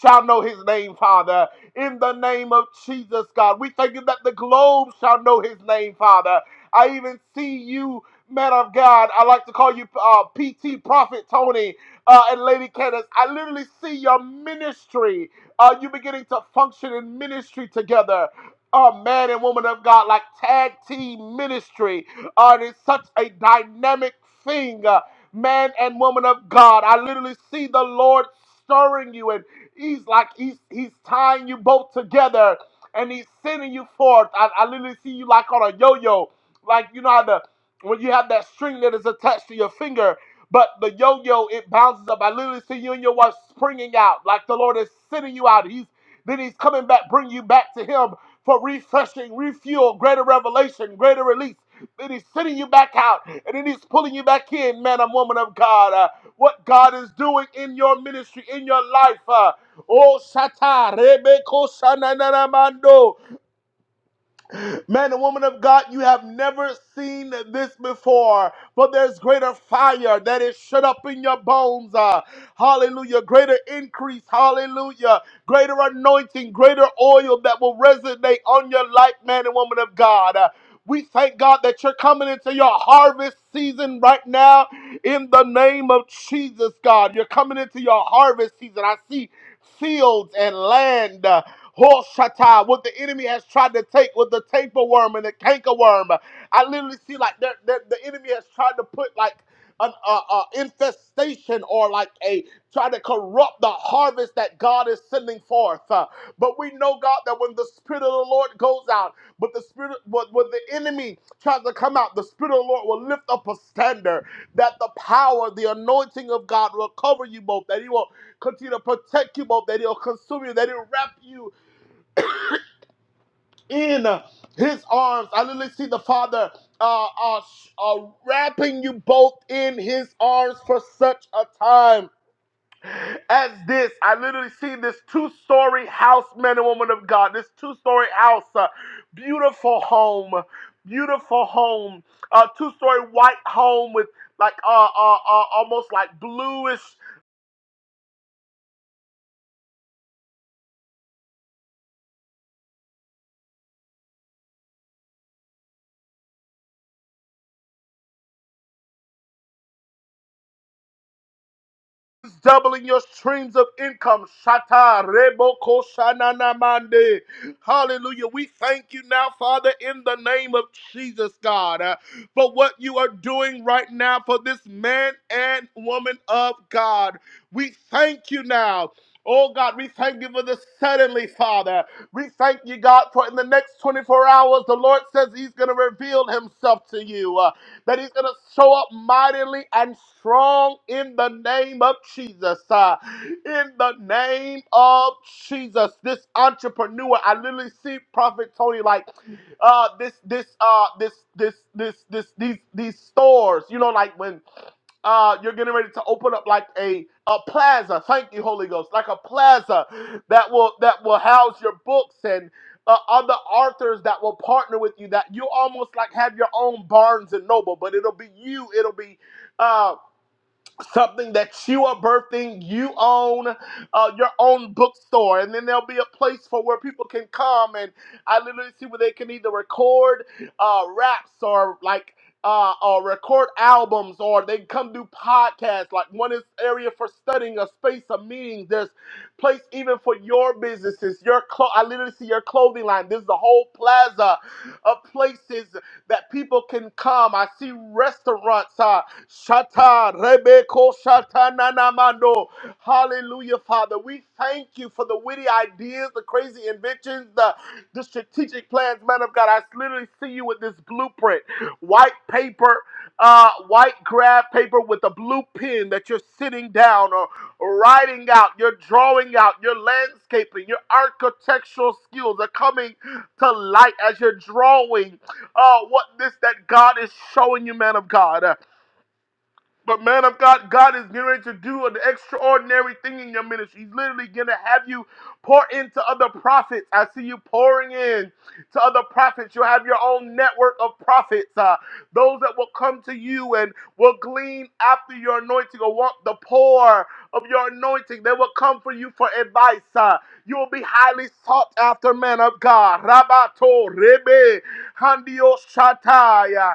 S2: shall know his name, Father, in the name of Jesus, God. We thank you that the globe shall know his name, Father. I even see you, man of God. I like to call you uh, PT Prophet Tony uh, and Lady Candace. I literally see your ministry. Uh, you beginning to function in ministry together. Uh, man and woman of God, like tag team ministry. Uh, it is such a dynamic thing. Uh, man and woman of God, I literally see the Lord stirring you, and He's like He's He's tying you both together, and He's sending you forth. I, I literally see you like on a yo-yo, like you know how the when you have that string that is attached to your finger but the yo-yo, it bounces up. I literally see you and your wife springing out, like the Lord is sending you out. He's then He's coming back, bring you back to Him for refreshing, refuel, greater revelation, greater release. Then He's sending you back out, and then He's pulling you back in, man and woman of God. Uh, what God is doing in your ministry, in your life. Uh, oh, Satan, Rebeko Man and woman of God, you have never seen this before, but there's greater fire that is shut up in your bones. uh, hallelujah. Greater increase. Hallelujah. Greater anointing, greater oil that will resonate on your life, man and woman of God. Uh, we thank God that you're coming into your harvest season right now in the name of Jesus, God. You're coming into your harvest season. I see fields and land. uh, Hoshata, what the enemy has tried to take with the tapeworm and the cankerworm. I literally see like they're, they're- the enemy has tried to put like an uh, uh, infestation or like a try to corrupt the harvest that God is sending forth. Uh, but we know God that when the spirit of the Lord goes out, but the spirit when, when the enemy tries to come out, the spirit of the Lord will lift up a standard that the power, the anointing of God will cover you both, that He will continue to protect you both, that He'll consume you, that He'll wrap you in his arms. I literally see the Father uh, uh, uh, wrapping you both in his arms for such a time as this. I literally see this two story house, men and women of God, this two story house, uh, beautiful home. Beautiful home, uh, two-story white home with like uh, uh, uh almost like bluish is doubling your streams of income. Shata rebo koshanana mande. Hallelujah. We thank you now, Father, in the name of Jesus, God, uh, for what you are doing right now for this man and woman of God. We thank you now. Oh God, we thank you for this suddenly, Father. We thank you, God, for in the next 24 hours, the Lord says He's going to reveal Himself to you. Uh, that he's going to show up mightily and strong in the name of Jesus. Uh, in the name of Jesus, this entrepreneur, I literally see Prophet Tony like uh, this, this, uh, this, this, this, this, these, these stores. You know, like when uh, you're getting ready to open up like a a plaza. Thank you, Holy Ghost, like a plaza that will that will house your books and uh, other authors that will partner with you that you almost like have your own Barnes and Noble, but it'll be you. It'll be uh, something that you are birthing you own uh, your own bookstore and then there'll be a place for where people can come and i literally see where they can either record uh, raps or like uh, or record albums or they can come do podcasts like one is area for studying a space of meetings there's place even for your businesses your clo- i literally see your clothing line this is a whole plaza of places that people can come i see restaurants Uh, Shata Rebeko Shata Nanamando. Hallelujah, Father. We thank you for the witty ideas, the crazy inventions, the, the strategic plans, man of God. I literally see you with this blueprint, white paper, uh, white graph paper with a blue pen that you're sitting down or writing out, you're drawing out, your landscaping, your architectural skills are coming to light as you're drawing uh, what this that God is showing you, man of God. Uh, but man of God, God is getting ready to do an extraordinary thing in your ministry. He's literally gonna have you pour into other prophets. I see you pouring in to other prophets. You'll have your own network of prophets, uh, those that will come to you and will glean after your anointing or want the pour of your anointing. They will come for you for advice. uh. you will be highly sought after, man of God. Rabato rebe handio shataya.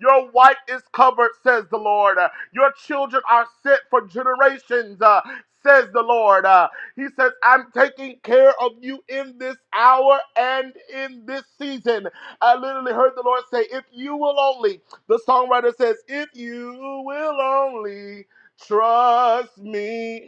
S2: Your wife is covered, says the Lord. Uh, Your children are set for generations, uh, says the Lord. Uh, He says, I'm taking care of you in this hour and in this season. I literally heard the Lord say, If you will only, the songwriter says, If you will only trust me.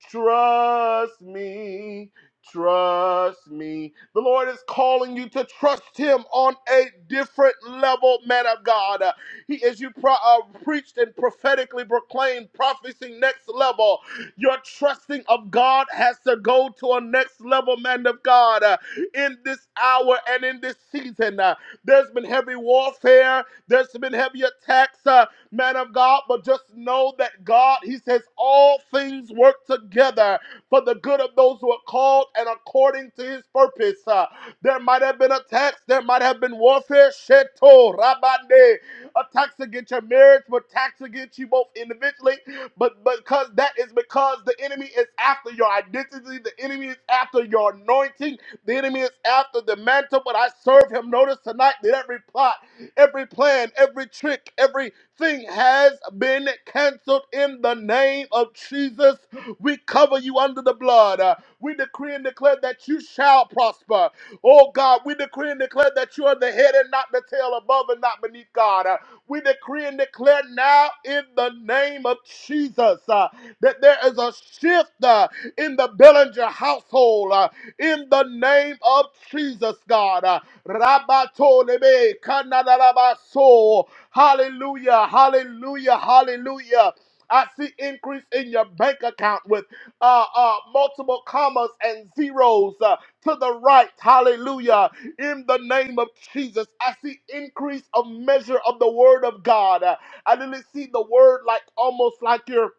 S2: Trust me. Trust me. The Lord is calling you to trust Him on a different level, man of God. Uh, He, as you pro- uh, preached and prophetically proclaimed, prophecy next level. Your trusting of God has to go to a next level, man of God. Uh, in this hour and in this season, uh, there's been heavy warfare. There's been heavy attacks. Uh, man of God, but just know that God, He says, all things work together for the good of those who are called and according to His purpose. Uh, there might have been attacks, there might have been warfare, sheto, rabande, attacks against your marriage, but attacks against you both individually. But because that is because the enemy is after your identity, the enemy is after your anointing, the enemy is after the mantle. But I serve him. Notice tonight that every plot, every plan, every trick, every Everything has been canceled in the name of Jesus. We cover you under the blood. Uh, We decree and declare that you shall prosper. Oh God, we decree and declare that you are the head and not the tail, above and not beneath God. Uh, We decree and declare now in the name of Jesus uh, that there is a shift uh, in the Bellinger household uh, in the name of Jesus, God. Uh, Rabatolebe kanadarabaso. Hallelujah, hallelujah, hallelujah. I see increase in your bank account with uh, uh, multiple commas and zeros uh, to the right. Hallelujah. In the name of Jesus, I see increase of measure of the word of God. Uh, I didn't see the word like almost like you're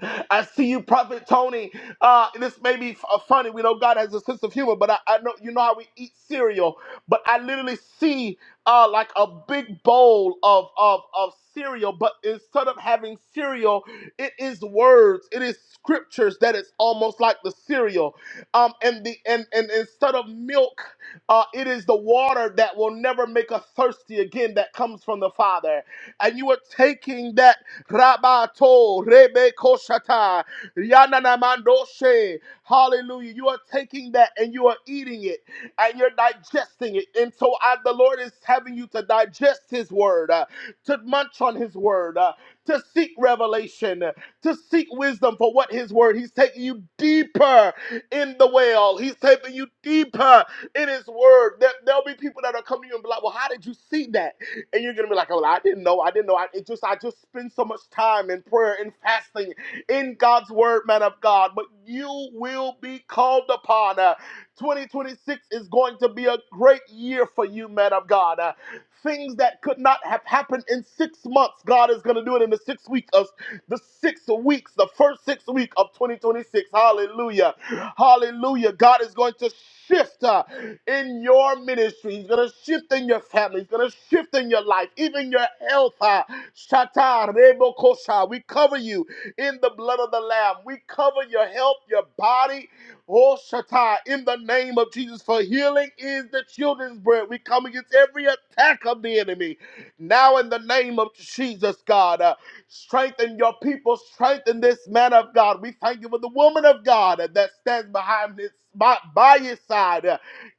S2: I see you, Prophet Tony. Uh, and this may be f- uh, funny. We know God has a sense of humor, but I, I know you know how we eat cereal. But I literally see uh, like a big bowl of, of of cereal, but instead of having cereal, it is words, it is scriptures that is almost like the cereal. Um, and the and and instead of milk, uh, it is the water that will never make us thirsty again that comes from the Father. And you are taking that. Rabato Rebe Koshata Yananamandoshe. Hallelujah. You are taking that and you are eating it and you're digesting it. And so I, the Lord is having you to digest his word, uh, to munch on his word, uh, to seek revelation, uh, to seek wisdom for what his word. He's taking you deeper in the well. He's taking you deeper in his word. There, there'll be people that are coming to you and be like, well, how did you see that? and you're gonna be like, "Oh, I didn't know. I didn't know. I it just I just spend so much time in prayer and fasting in God's word, man of God." But you will be called upon. Uh, 2026 is going to be a great year for you, man of God. Uh, things that could not have happened in six months, God is going to do it in the six weeks. of the six weeks, the first six week of 2026. Hallelujah. Hallelujah. God is going to shift uh, in your ministry. He's going to shift in your family. He's going to shift in your life, even your health. Uh, Shatar, Rebo Kosha. We cover you in the blood of the Lamb. We cover your health, your body. Oh, Shatai, in the name of Jesus, for healing is the children's bread. We come against every attack of the enemy. Now, in the name of Jesus, God. uh, Strengthen your people. Strengthen this man of God. We thank you for the woman of God that stands behind his, by, by his side.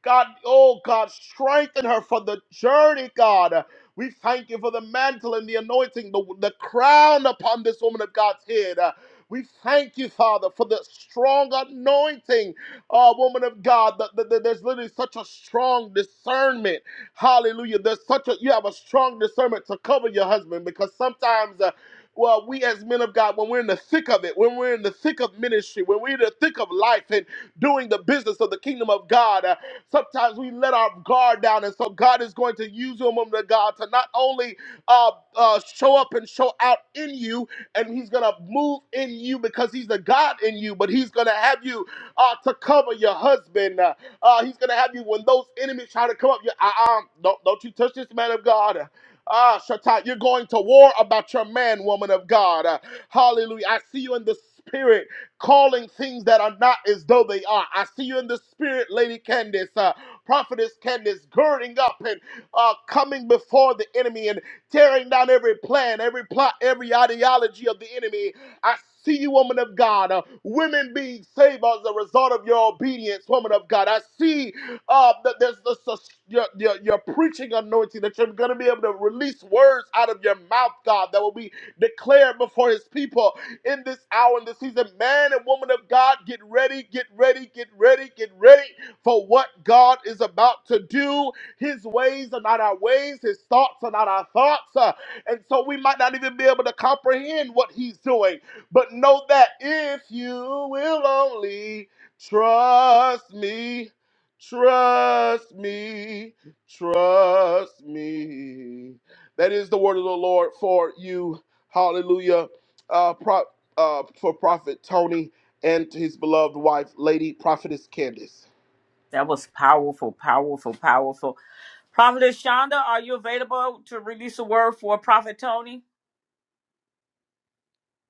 S2: God, oh God, strengthen her for the journey, God. We thank you for the mantle and the anointing, the, the crown upon this woman of God's head. Uh, We thank you, Father, for the strong anointing, uh, woman of God. That, that- that there's literally such a strong discernment. Hallelujah. There's such a you have a strong discernment to cover your husband because sometimes uh, well, we as men of God, when we're in the thick of it, when we're in the thick of ministry, when we're in the thick of life and doing the business of the kingdom of God, uh, sometimes we let our guard down. And so God is going to use you, woman of God, to not only uh, uh, show up and show out in you, and He's going to move in you because He's the God in you, but He's going to have you uh, to cover your husband. Uh, uh, he's going to have you when those enemies try to come up. You, uh, uh, don't, don't you touch this man of God. Ah, Shatat, you're going to war about your man, woman of God. Uh, hallelujah. I see you in the spirit calling things that are not as though they are. I see you in the spirit, Lady Candace, uh, Prophetess Candace, girding up and uh, coming before the enemy and tearing down every plan, every plot, every ideology of the enemy. I see you, woman of God. Uh, women being saved as a result of your obedience, woman of God. I see uh, that there's the, sus- your, your, your preaching anointing that you're going to be able to release words out of your mouth, God, that will be declared before His people in this hour, in this season. Man and woman of God, get ready, get ready, get ready, get ready for what God is about to do. His ways are not our ways, His thoughts are not our thoughts. Uh, and so we might not even be able to comprehend what He's doing. But know that if you will only trust me, Trust me, trust me. That is the word of the Lord for you. Hallelujah. Uh, pro- uh, for Prophet Tony and his beloved wife, Lady Prophetess Candace.
S1: That was powerful, powerful, powerful. Prophetess Shonda, are you available to release a word for Prophet Tony?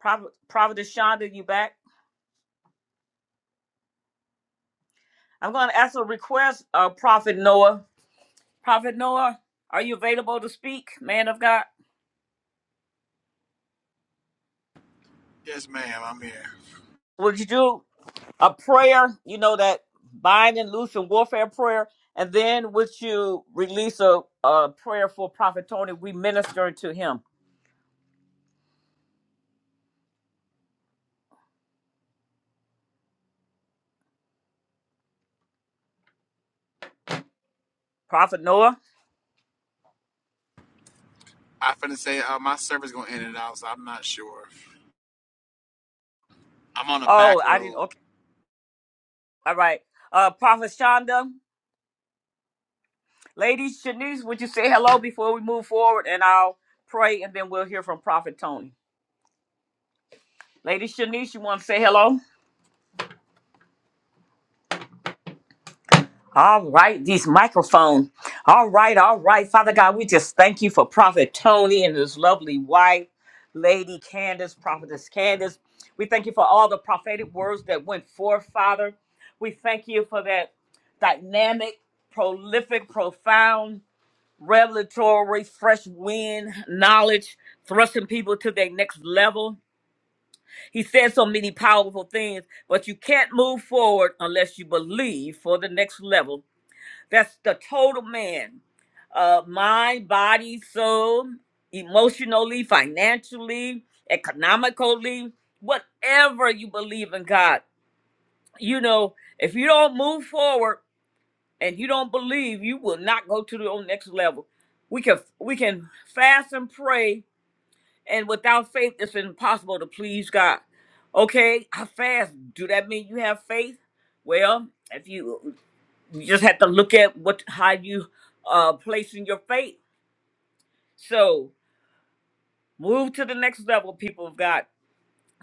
S1: Prophet, Prophet Shonda, you back? I'm going to ask a request, uh, Prophet Noah. Prophet Noah, are you available to speak, man of God?
S8: Yes, ma'am. I'm here.
S1: Would you do? a prayer, you know, that bind and loose and warfare prayer. And then would you release a, a prayer for Prophet Tony? We ministering to him. Prophet Noah?
S8: I finna say uh, my service gonna end it out, so I'm not sure. I'm on a
S1: Oh,
S8: back
S1: I didn't.
S8: road.
S1: Okay. All right. Uh, Prophet Shonda, ladies, Shanice, would you say hello before we move forward? And I'll pray and then we'll hear from Prophet Tony. Lady Shanice, you want to say hello? All right, these microphones. All right, all right. Father God, we just thank you for Prophet Tony and his lovely wife, Lady Candace, Prophetess Candace. We thank you for all the prophetic words that went forth, Father. We thank you for that dynamic, prolific, profound, revelatory, fresh wind, knowledge, thrusting people to their next level. He said so many powerful things, but you can't move forward unless you believe for the next level. That's the total man. Uh, mind, body, soul, emotionally, financially, economically, whatever you believe in God. You know, if you don't move forward and you don't believe, you will not go to the next level. We can we can fast and pray, and without faith, it's impossible to please God. Okay, I fast. Do that mean you have faith? Well, if you you just have to look at what how you uh placing your faith so move to the next level people of god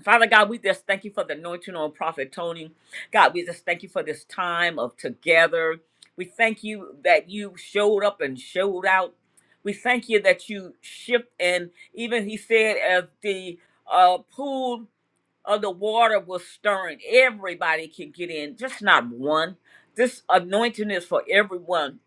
S1: father god we just thank you for the anointing on prophet tony god we just thank you for this time of together we thank you that you showed up and showed out we thank you that you shift and even he said as the uh pool of the water was stirring everybody can get in just not one this anointing is for everyone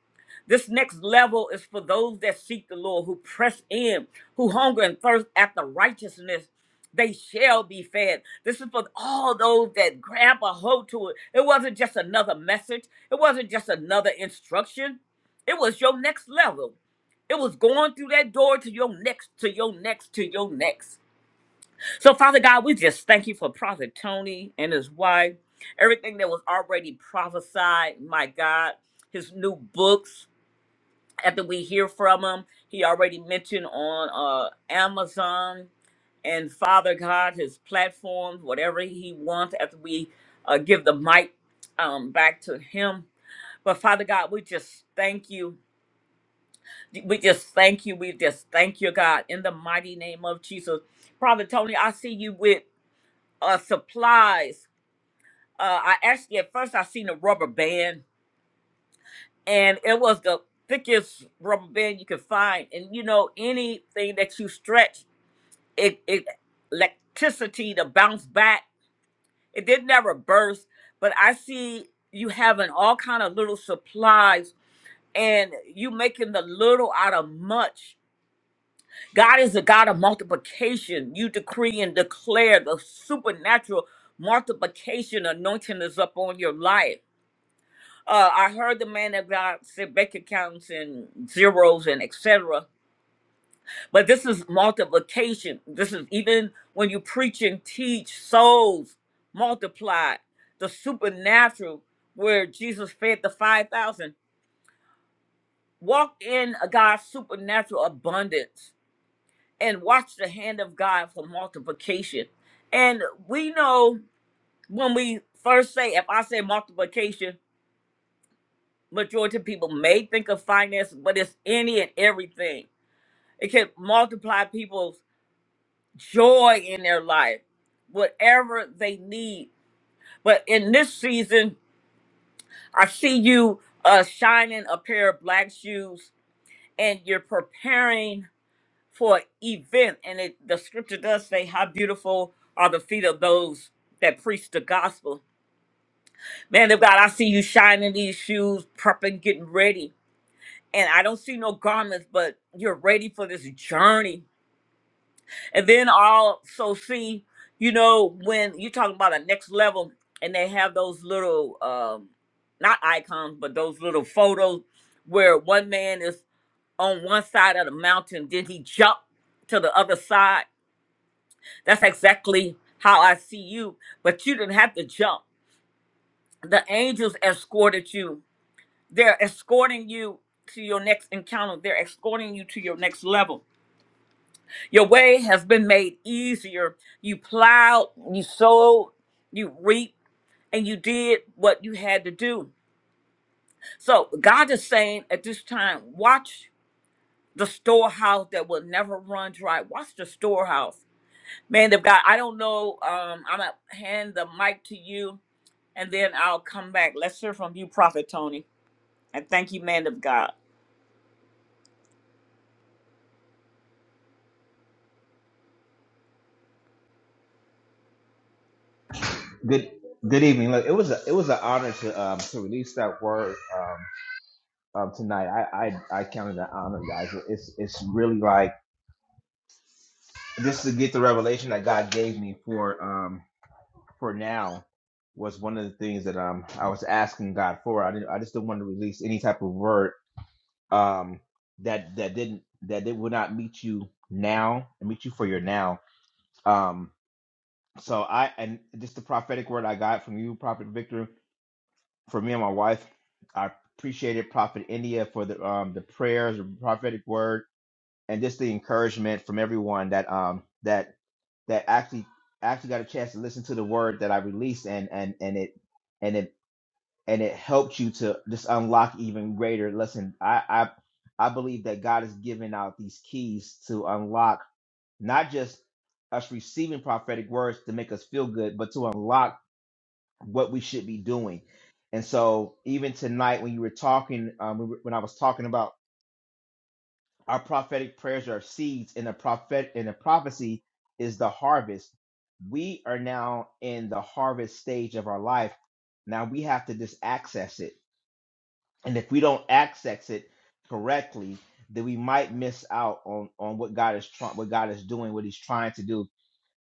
S1: This next level is for those that seek the Lord, who press in, who hunger and thirst after righteousness. They shall be fed. This is for all those that grab a hold to it. It wasn't just another message, it wasn't just another instruction. It was your next level. It was going through that door to your next, to your next, to your next. So, Father God, we just thank you for Prophet Tony and his wife, everything that was already prophesied, my God, his new books after we hear from him he already mentioned on uh amazon and father god his platforms whatever he wants after we uh, give the mic um back to him but father god we just thank you we just thank you we just thank you god in the mighty name of jesus prophet tony i see you with uh supplies uh i actually at first i seen a rubber band and it was the thickest rubber band you could find. And you know, anything that you stretch, it, it electricity to bounce back. It did never burst, but I see you having all kind of little supplies, and you making the little out of much. God is the God of multiplication. You decree and declare the supernatural multiplication anointing is upon your life uh, I heard the man of God said bank accounts and zeros and etc. But this is multiplication. This is even when you preach and teach souls multiply the supernatural where Jesus fed the five thousand. Walk in a God's supernatural abundance and watch the hand of God for multiplication. And we know when we first say, if I say multiplication. majority of people may think of finance, but it's any and everything. It can multiply people's joy in their life, whatever they need. But in this season, I see you uh, shining a pair of black shoes and you're preparing for an event. And it, the scripture does say, How beautiful are the feet of those that preach the gospel. Man of God, I see you shining these shoes, prepping, getting ready and I don't see no garments, but you're ready for this journey. And then also see, you know, when you're talking about a next level and they have those little, um, not icons, but those little photos where one man is on one side of the mountain, then he jump to the other side. That's exactly how I see you, but you didn't have to jump. The angels escorted you. They're escorting you to your next encounter. They're escorting you to your next level Your way has been made easier. You plowed, you sowed, you reaped, and you did what you had to do. So God is saying at this time, watch the storehouse that will never run dry. Watch the storehouse. Man of God, I don't know. Um, I'm gonna hand the mic to you and then I'll come back. Let's hear from you, Prophet Tony. And thank you, man of God.
S5: Good good evening. Look, it was a it was an honor to um to release that word. um um, tonight. I, I I counted that honor, guys. It's it's really like just to get the revelation that God gave me for um for now was one of the things that um I was asking God for. I didn't I just didn't want to release any type of word um that that didn't that it would not meet you now and meet you for your now. Um so I and just the prophetic word I got from you, Prophet Victor, for me and my wife. I appreciated Prophet India for the um the prayers, the prophetic word and just the encouragement from everyone that um that that actually actually got a chance to listen to the word that I released and and and it and it and it helped you to just unlock even greater. Listen, I I I believe that God is giving out these keys to unlock not just us receiving prophetic words to make us feel good, but to unlock what we should be doing. And so even tonight when you were talking, um, when I was talking about Our prophetic prayers are seeds, and the prophet and the prophecy is the harvest. We are now in the harvest stage of our life. Now we have to just access it. And if we don't access it correctly, then we might miss out on, on what God is trying what God is doing, what He's trying to do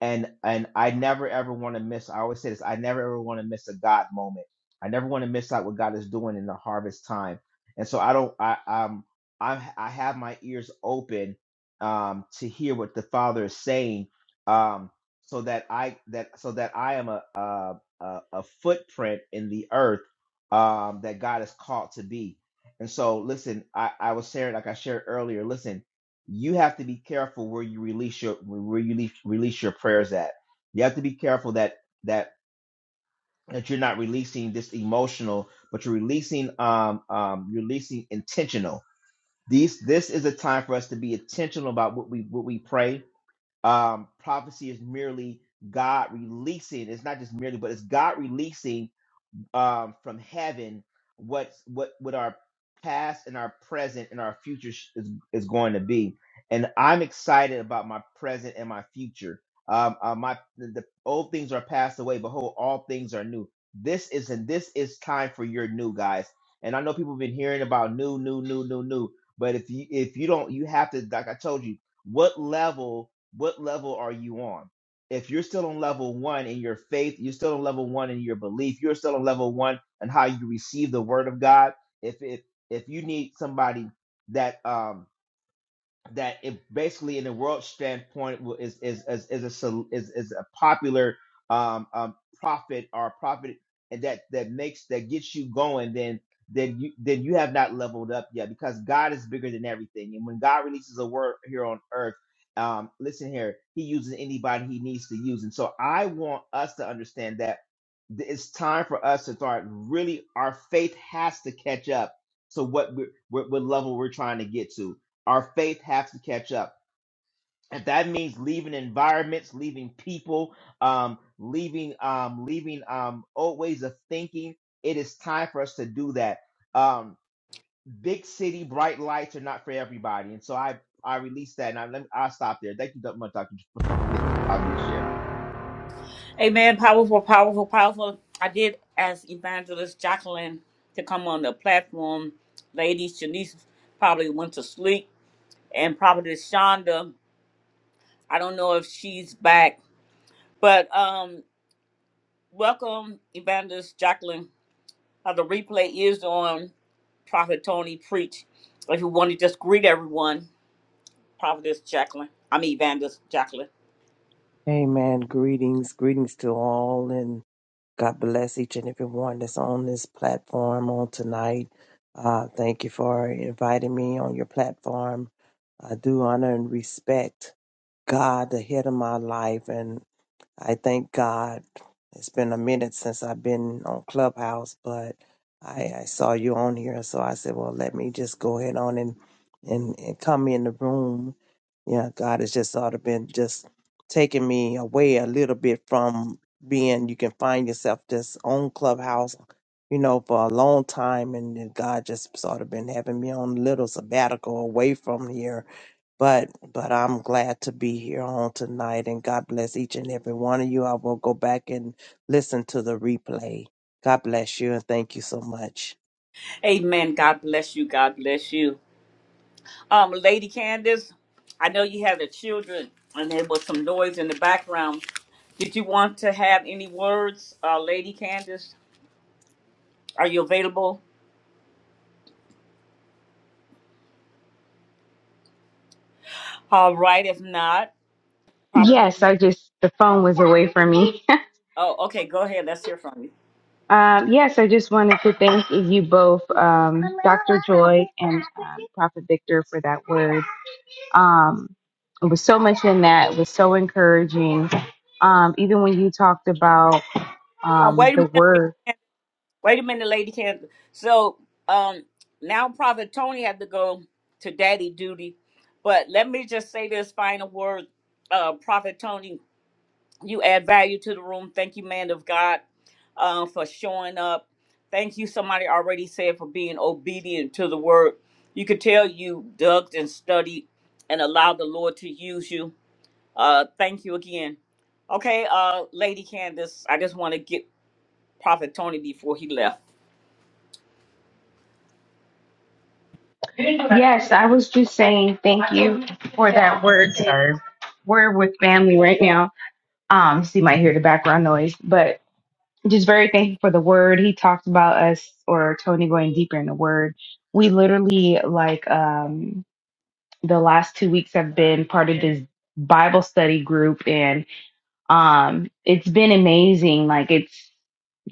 S5: and and I never ever want to miss. I always say this. I never ever want to miss a God moment. I never want to miss out what God is doing in the harvest time. And so I don't. I um I I have my ears open um to hear what the Father is saying um so that I that so that I am a a a, a footprint in the earth um that God is called to be. And so listen, I I was sharing like I shared earlier. Listen you have to be careful where you release your where you release, release your prayers at. You have to be careful that that that you're not releasing this emotional, but you're releasing um um you're releasing intentional. These this is a time for us to be intentional about what we what we pray. Um, prophecy is merely God releasing. It's not just merely, but it's God releasing um, from heaven what what what our past and our present and our future sh- is, is going to be and i'm excited about my present and my future um uh, my the, the old things are passed away behold all things are new this is and this is time for your new guys and i know people have been hearing about new new new new new but if you if you don't you have to like i told you what level what level are you on if you're still on level one in your faith, you're still on level one in your belief, you're still on level one in how you receive the word of God. If if if you need somebody that um that it basically in the world standpoint will- is is is, is a sol- is, is a popular um, um profit or profit and that that makes that gets you going then then you then you have not leveled up yet because God is bigger than everything and when God releases a word here on earth um listen here he uses anybody he needs to use and so I want us to understand that th- it's time for us to start really our faith has to catch up to what we're, what, what level we're trying to get to our faith has to catch up. If that means leaving environments, leaving people, um, leaving um, leaving um, old ways of thinking, it is time for us to do that. Um, big city bright lights are not for everybody, and so I I released that, and I let me, I'll stop there. Thank you so much, Doctor, for allowing me to share.
S1: Amen. Powerful, powerful, powerful. I did ask Evangelist Jacqueline to come on the platform. Ladies, Janice probably went to sleep, and probably Shonda. I don't know if she's back, but um, welcome, Evangelist Jacqueline. Uh, the replay is on Prophet Tony Preach. If you want to just greet everyone, Prophetess Jacqueline. I mean, Evangelist Jacqueline.
S9: Amen. Greetings. Greetings to all, and God bless each and every one that's on this platform on tonight. Uh, thank you for inviting me on your platform. I do honor and respect God, the head of my life, I thank God. It's been a minute since I've been on Clubhouse, but I, I saw you on here, so I said, "Well, let me just go ahead on and and, and come in the room." Yeah, God has just sort of been just taking me away a little bit from being. You can find yourself just on Clubhouse, you know, for a long time, and then God just sort of been having me on a little sabbatical away from here but but I'm glad to be here on tonight and God bless each and every one of you. I will go back and listen to the replay. God bless you and thank you so much.
S1: Amen. God bless you. God bless you. Um, Lady Candace, I know you have the children, and there was some noise in the background. Did you want to have any words, uh, Lady Candace? Are you available? All right. If not, Prophet.
S3: Yes, I just, the phone was away from me.
S1: Oh, okay. Go ahead. Let's hear from you.
S3: Um, yes, I just wanted to thank you both, um, Dr. Joy and um, Prophet Victor, for that word. Um, it was so much in that. It was so encouraging. Um, even when you talked about
S1: Uh,
S3: um,
S1: wait a
S3: the
S1: minute. lady-
S3: word.
S1: Wait a minute, Lady Candace. So um, now Prophet Tony had to go to daddy duty, but let me just say this final word, uh, Prophet Tony. You add value to the room. Thank you, man of God, uh, for showing up. Thank you, somebody already said, for being obedient to the word. You could tell you dug and studied and allowed the Lord to use you. Uh, thank you again. Okay, uh, Lady Candace, I just want to get Prophet Tony before he left.
S3: Yes, I was just saying thank you for that word. Sorry, we're with family right now. Um, so you might hear the background noise, but just very thankful for the word. He talked about us or Tony going deeper in the word. We literally like. Um, the last two weeks have been part of this Bible study group and um it's been amazing like it's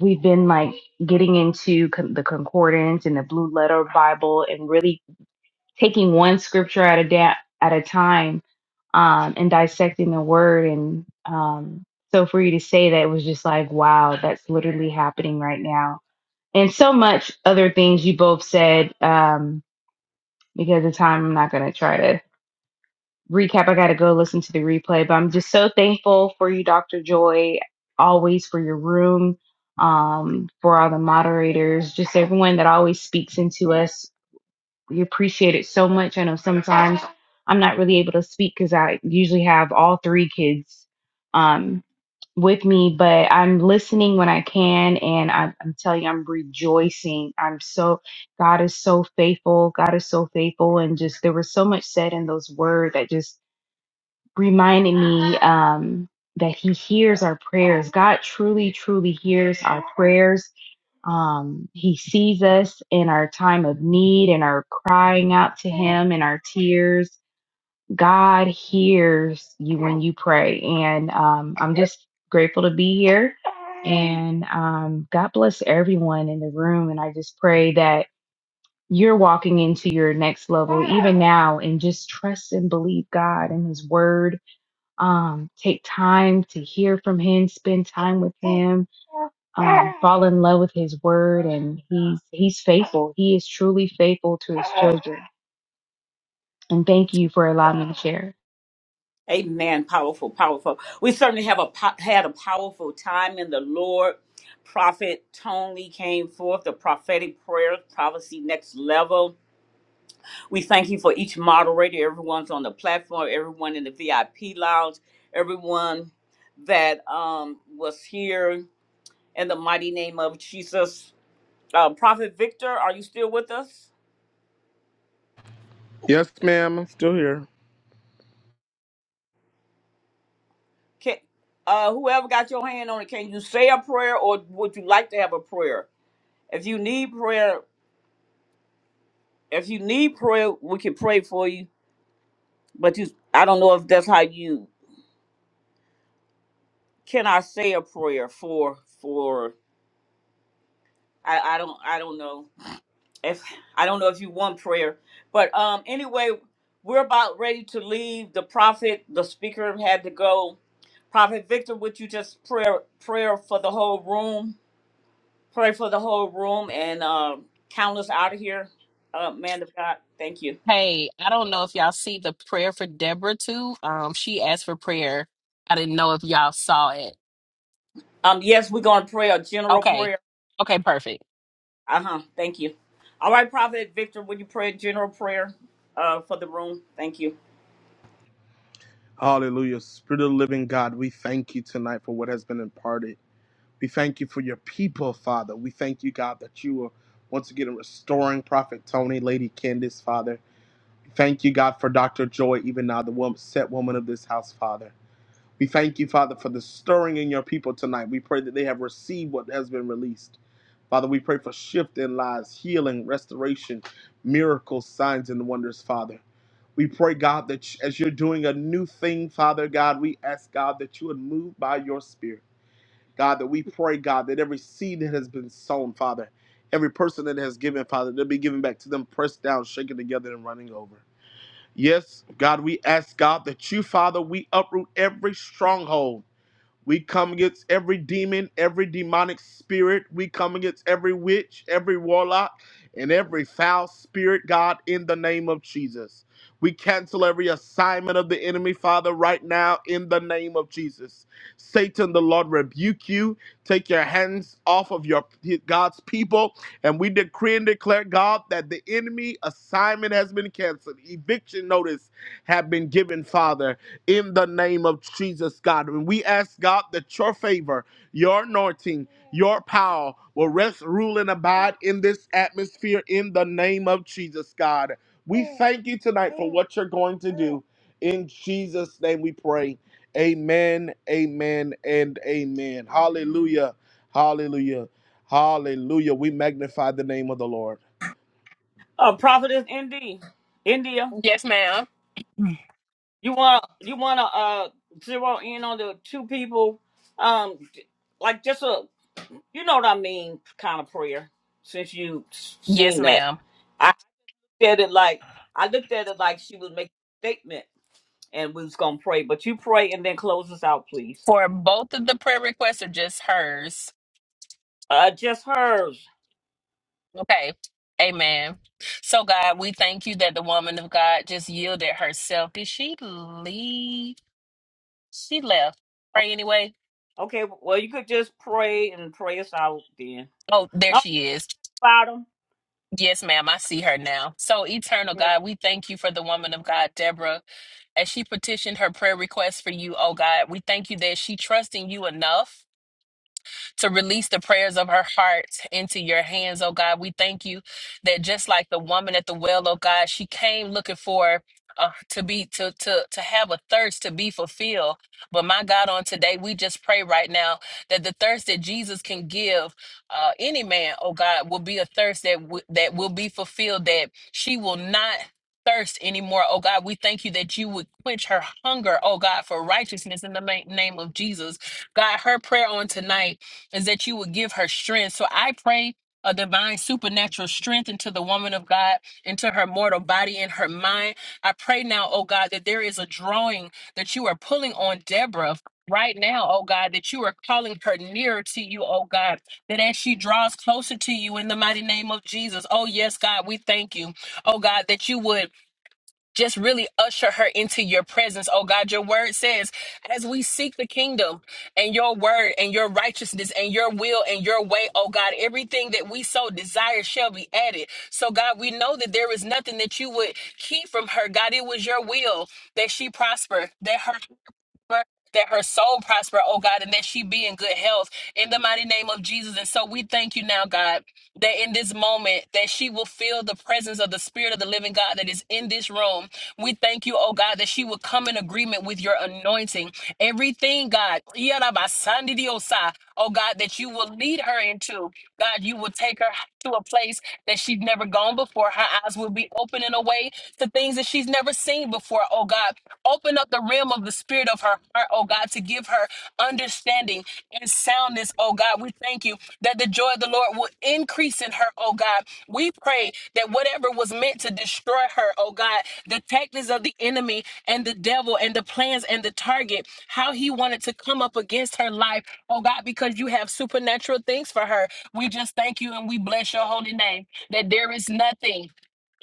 S3: we've been like getting into con- the concordance and the blue letter bible and really taking one scripture at a da- at a time um and dissecting the word and um so for you to say that it was just like wow that's literally happening right now and so much other things you both said um because of time I'm not going to try to recap. I got to go listen to the replay, but I'm just so thankful for you, Dr. Joy, always for your room, um, for all the moderators, just everyone that always speaks into us. We appreciate it so much. I know sometimes I'm not really able to speak because I usually have all three kids um, with me, but I'm listening when I can, and I, I'm telling you, I'm rejoicing. I'm so God is so faithful. God is so faithful, and just there was so much said in those words that just reminding me um, that He hears our prayers. God truly, truly hears our prayers. Um, he sees us in our time of need and our crying out to Him and our tears. God hears you when you pray. And um, I'm just grateful to be here. And um, God bless everyone in the room. And I just pray that you're walking into your next level even now and just trust and believe God and His Word um, take time to hear from him, spend time with him, um, fall in love with his word, and he's he's faithful. He is truly faithful to his children. And thank you for allowing me to share.
S1: Amen. Powerful, powerful. We certainly have a po- had a powerful time in the Lord. Prophet Tony came forth, the prophetic prayer, prophecy next level We thank you for each moderator, everyone's on the platform, everyone in the VIP lounge, everyone that um, was here in the mighty name of Jesus. Uh, Prophet Victor, are you still with us?
S2: Yes, ma'am. I'm still here.
S1: Can, uh, whoever got your hand on it, can you say a prayer or would you like to have a prayer? If you need prayer, if you need prayer, we can pray for you. But you, I don't know if that's how you. Can I say a prayer for for? I, I don't I don't know if I don't know if you want prayer, but um, anyway, we're about ready to leave. The prophet, the speaker had to go. Prophet Victor, would you just prayer prayer for the whole room? Pray for the whole room and uh, count us out of here, uh, man of God. Thank you.
S7: Hey, I don't know if y'all see the prayer for Deborah too. Um, she asked for prayer. I didn't know if y'all saw it.
S1: Um, yes, we're gonna pray a general
S7: Okay.
S1: prayer.
S7: Okay, perfect.
S1: Uh huh. Thank you. All right, Prophet Victor, would you pray a general prayer uh, for the room? Thank you.
S2: Hallelujah. Spirit of the living God, we thank you tonight for what has been imparted. We thank you for your people, Father. We thank you, God, that you are once again restoring Prophet Tony, Lady Candace, Father. Thank you, God, for Dr. Joy, even now, the woman, set woman of this house, Father. We thank you, Father, for the stirring in your people tonight. We pray that they have received what has been released. Father, we pray for shift in lives, healing, restoration, miracles, signs, and wonders, Father. We pray, God, that as you're doing a new thing, Father God, we ask, God, that you would move by your Spirit. God, that we pray, God, that every seed that has been sown, Father, every person that has given, Father, they'll be given back to them, pressed down, shaken together, and running over. Yes, God, we ask God that you, Father, we uproot every stronghold. We come against every demon, every demonic spirit. We come against every witch, every warlock, and every foul spirit, God, in the name of Jesus. We cancel every assignment of the enemy, Father, right now in the name of Jesus. Satan, the Lord rebuke you. Take your hands off of your God's people and we decree and declare, God, that the enemy assignment has been canceled. Eviction notice have been given, Father, in the name of Jesus, God. And we ask, God, that your favor, your anointing, your power will rest, rule, and abide in this atmosphere in the name of Jesus, God. We thank you tonight for what you're going to do. In Jesus' name we pray. Amen, amen, and amen. Hallelujah. Hallelujah. Hallelujah. We magnify the name of the Lord.
S1: Uh, Prophetess Indy, India.
S7: Yes, ma'am.
S1: You want you want to uh zero in on the two people, um, like just a you know what I mean kind of prayer. Since you s-
S7: Yes,
S1: seen that,
S7: ma'am.
S1: I looked at it like I looked at it like she was making a statement, and we was gonna pray. But you pray and then close us out, please.
S7: For both of the prayer requests or just hers?
S1: Uh, just hers.
S7: Okay. Amen. So, God, we thank you that the woman of God just yielded herself. Did she leave? She left.
S1: O-
S7: Pray anyway.
S1: Okay. Well, you could just pray and pray us out then.
S7: Oh, there
S1: Not
S7: she is.
S1: about them.
S7: Yes, ma'am. I see her now. So, eternal
S1: Yeah.
S7: God, we thank you for the woman of God, Deborah, as she petitioned her prayer request for you, oh God. We thank you that she trusting you enough. to release the prayers of her heart into your hands, oh God. We thank you that just like the woman at the well, oh God, she came looking for. Uh, to be to to to have a thirst to be fulfilled but my god on today we just pray right now that the thirst that jesus can give uh any man oh god will be a thirst that w- that will be fulfilled that she will not thirst anymore. Oh God, we thank you that you would quench her hunger, oh God, for righteousness in the ma- name of Jesus. God, her prayer on tonight is that you would give her strength. So I pray a divine supernatural strength into the woman of God, into her mortal body and her mind. I pray now, oh God, that there is a drawing that you are pulling on Deborah right now, oh God, that you are calling her nearer to you, oh God, that as she draws closer to you in the mighty name of Jesus, oh yes, God, we thank you, oh God, that you would just really usher her into your presence. Oh God, your word says, as we seek the kingdom and your word and your righteousness and your will and your way, oh God, everything that we so desire shall be added. So God, we know that there is nothing that you would keep from her. God, it was your will that she prosper, that her that her soul prosper, oh God, and that she be in good health in the mighty name of Jesus. And so we thank you now, God, that in this moment that she will feel the presence of the Spirit of the living God that is in this room. We thank you, oh God, that she will come in agreement with your anointing. Everything, God, yarabasandidiosa, oh God, that you will lead her into. God, you will take her to a place that she's never gone before. Her eyes will be open in a way to things that she's never seen before. Oh God, open up the realm of the spirit of her heart, oh God, to give her understanding and soundness, oh God. We thank you that the joy of the Lord will increase in her, oh God. We pray that whatever was meant to destroy her, oh God, the tactics of the enemy and the devil and the plans and the target, how he wanted to come up against her life, oh God, because you have supernatural things for her. We just thank you and we bless your holy name that there is nothing,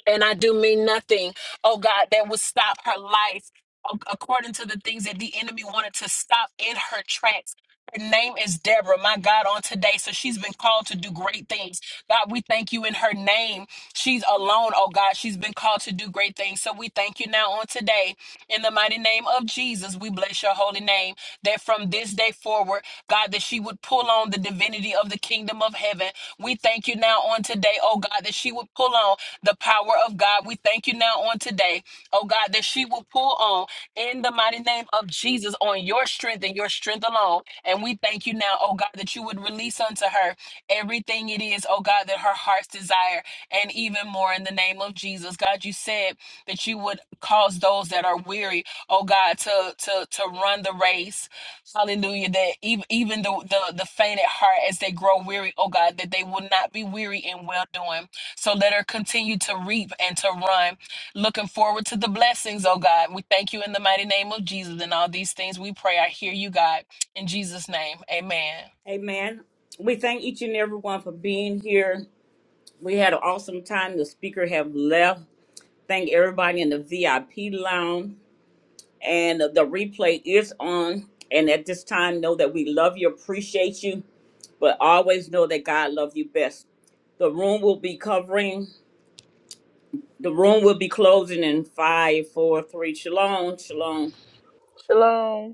S7: and I do mean nothing, oh God, that would stop her life ac- according to the things that the enemy wanted to stop in her tracks. Her name is Deborah, my God, on today. So she's been called to do great things. God, we thank you in her name. She's alone, oh God. She's been called to do great things. So we thank you now on today in the mighty name of Jesus, we bless your holy name. That from this day forward, God, that she would pull on the divinity of the kingdom of heaven. We thank you now on today, oh God, that she would pull on the power of God. We thank you now on today, oh God, that she will pull on in the mighty name of Jesus on your strength and your strength alone. And we thank you now, oh God, that you would release unto her everything it is, oh God, that her heart's desire and even more in the name of Jesus. God, you said that you would cause those that are weary, oh God, to to to run the race. Hallelujah. That even even the the, the faint at heart as they grow weary, oh God, that they will not be weary in well doing. So let her continue to reap and to run. Looking forward to the blessings, oh God. We thank you in the mighty name of Jesus. And all these things we pray. I hear you, God. In Jesus' name. Amen.
S1: Amen. We thank each and everyone for being here. We had an awesome time. The speaker have left Thank everybody in the VIP lounge. And the replay is on. And at this time, know that we love you, appreciate you, but always know that God loves you best. The room will be covering, the room will be closing in five, four, three. Shalom, shalom.
S6: Shalom.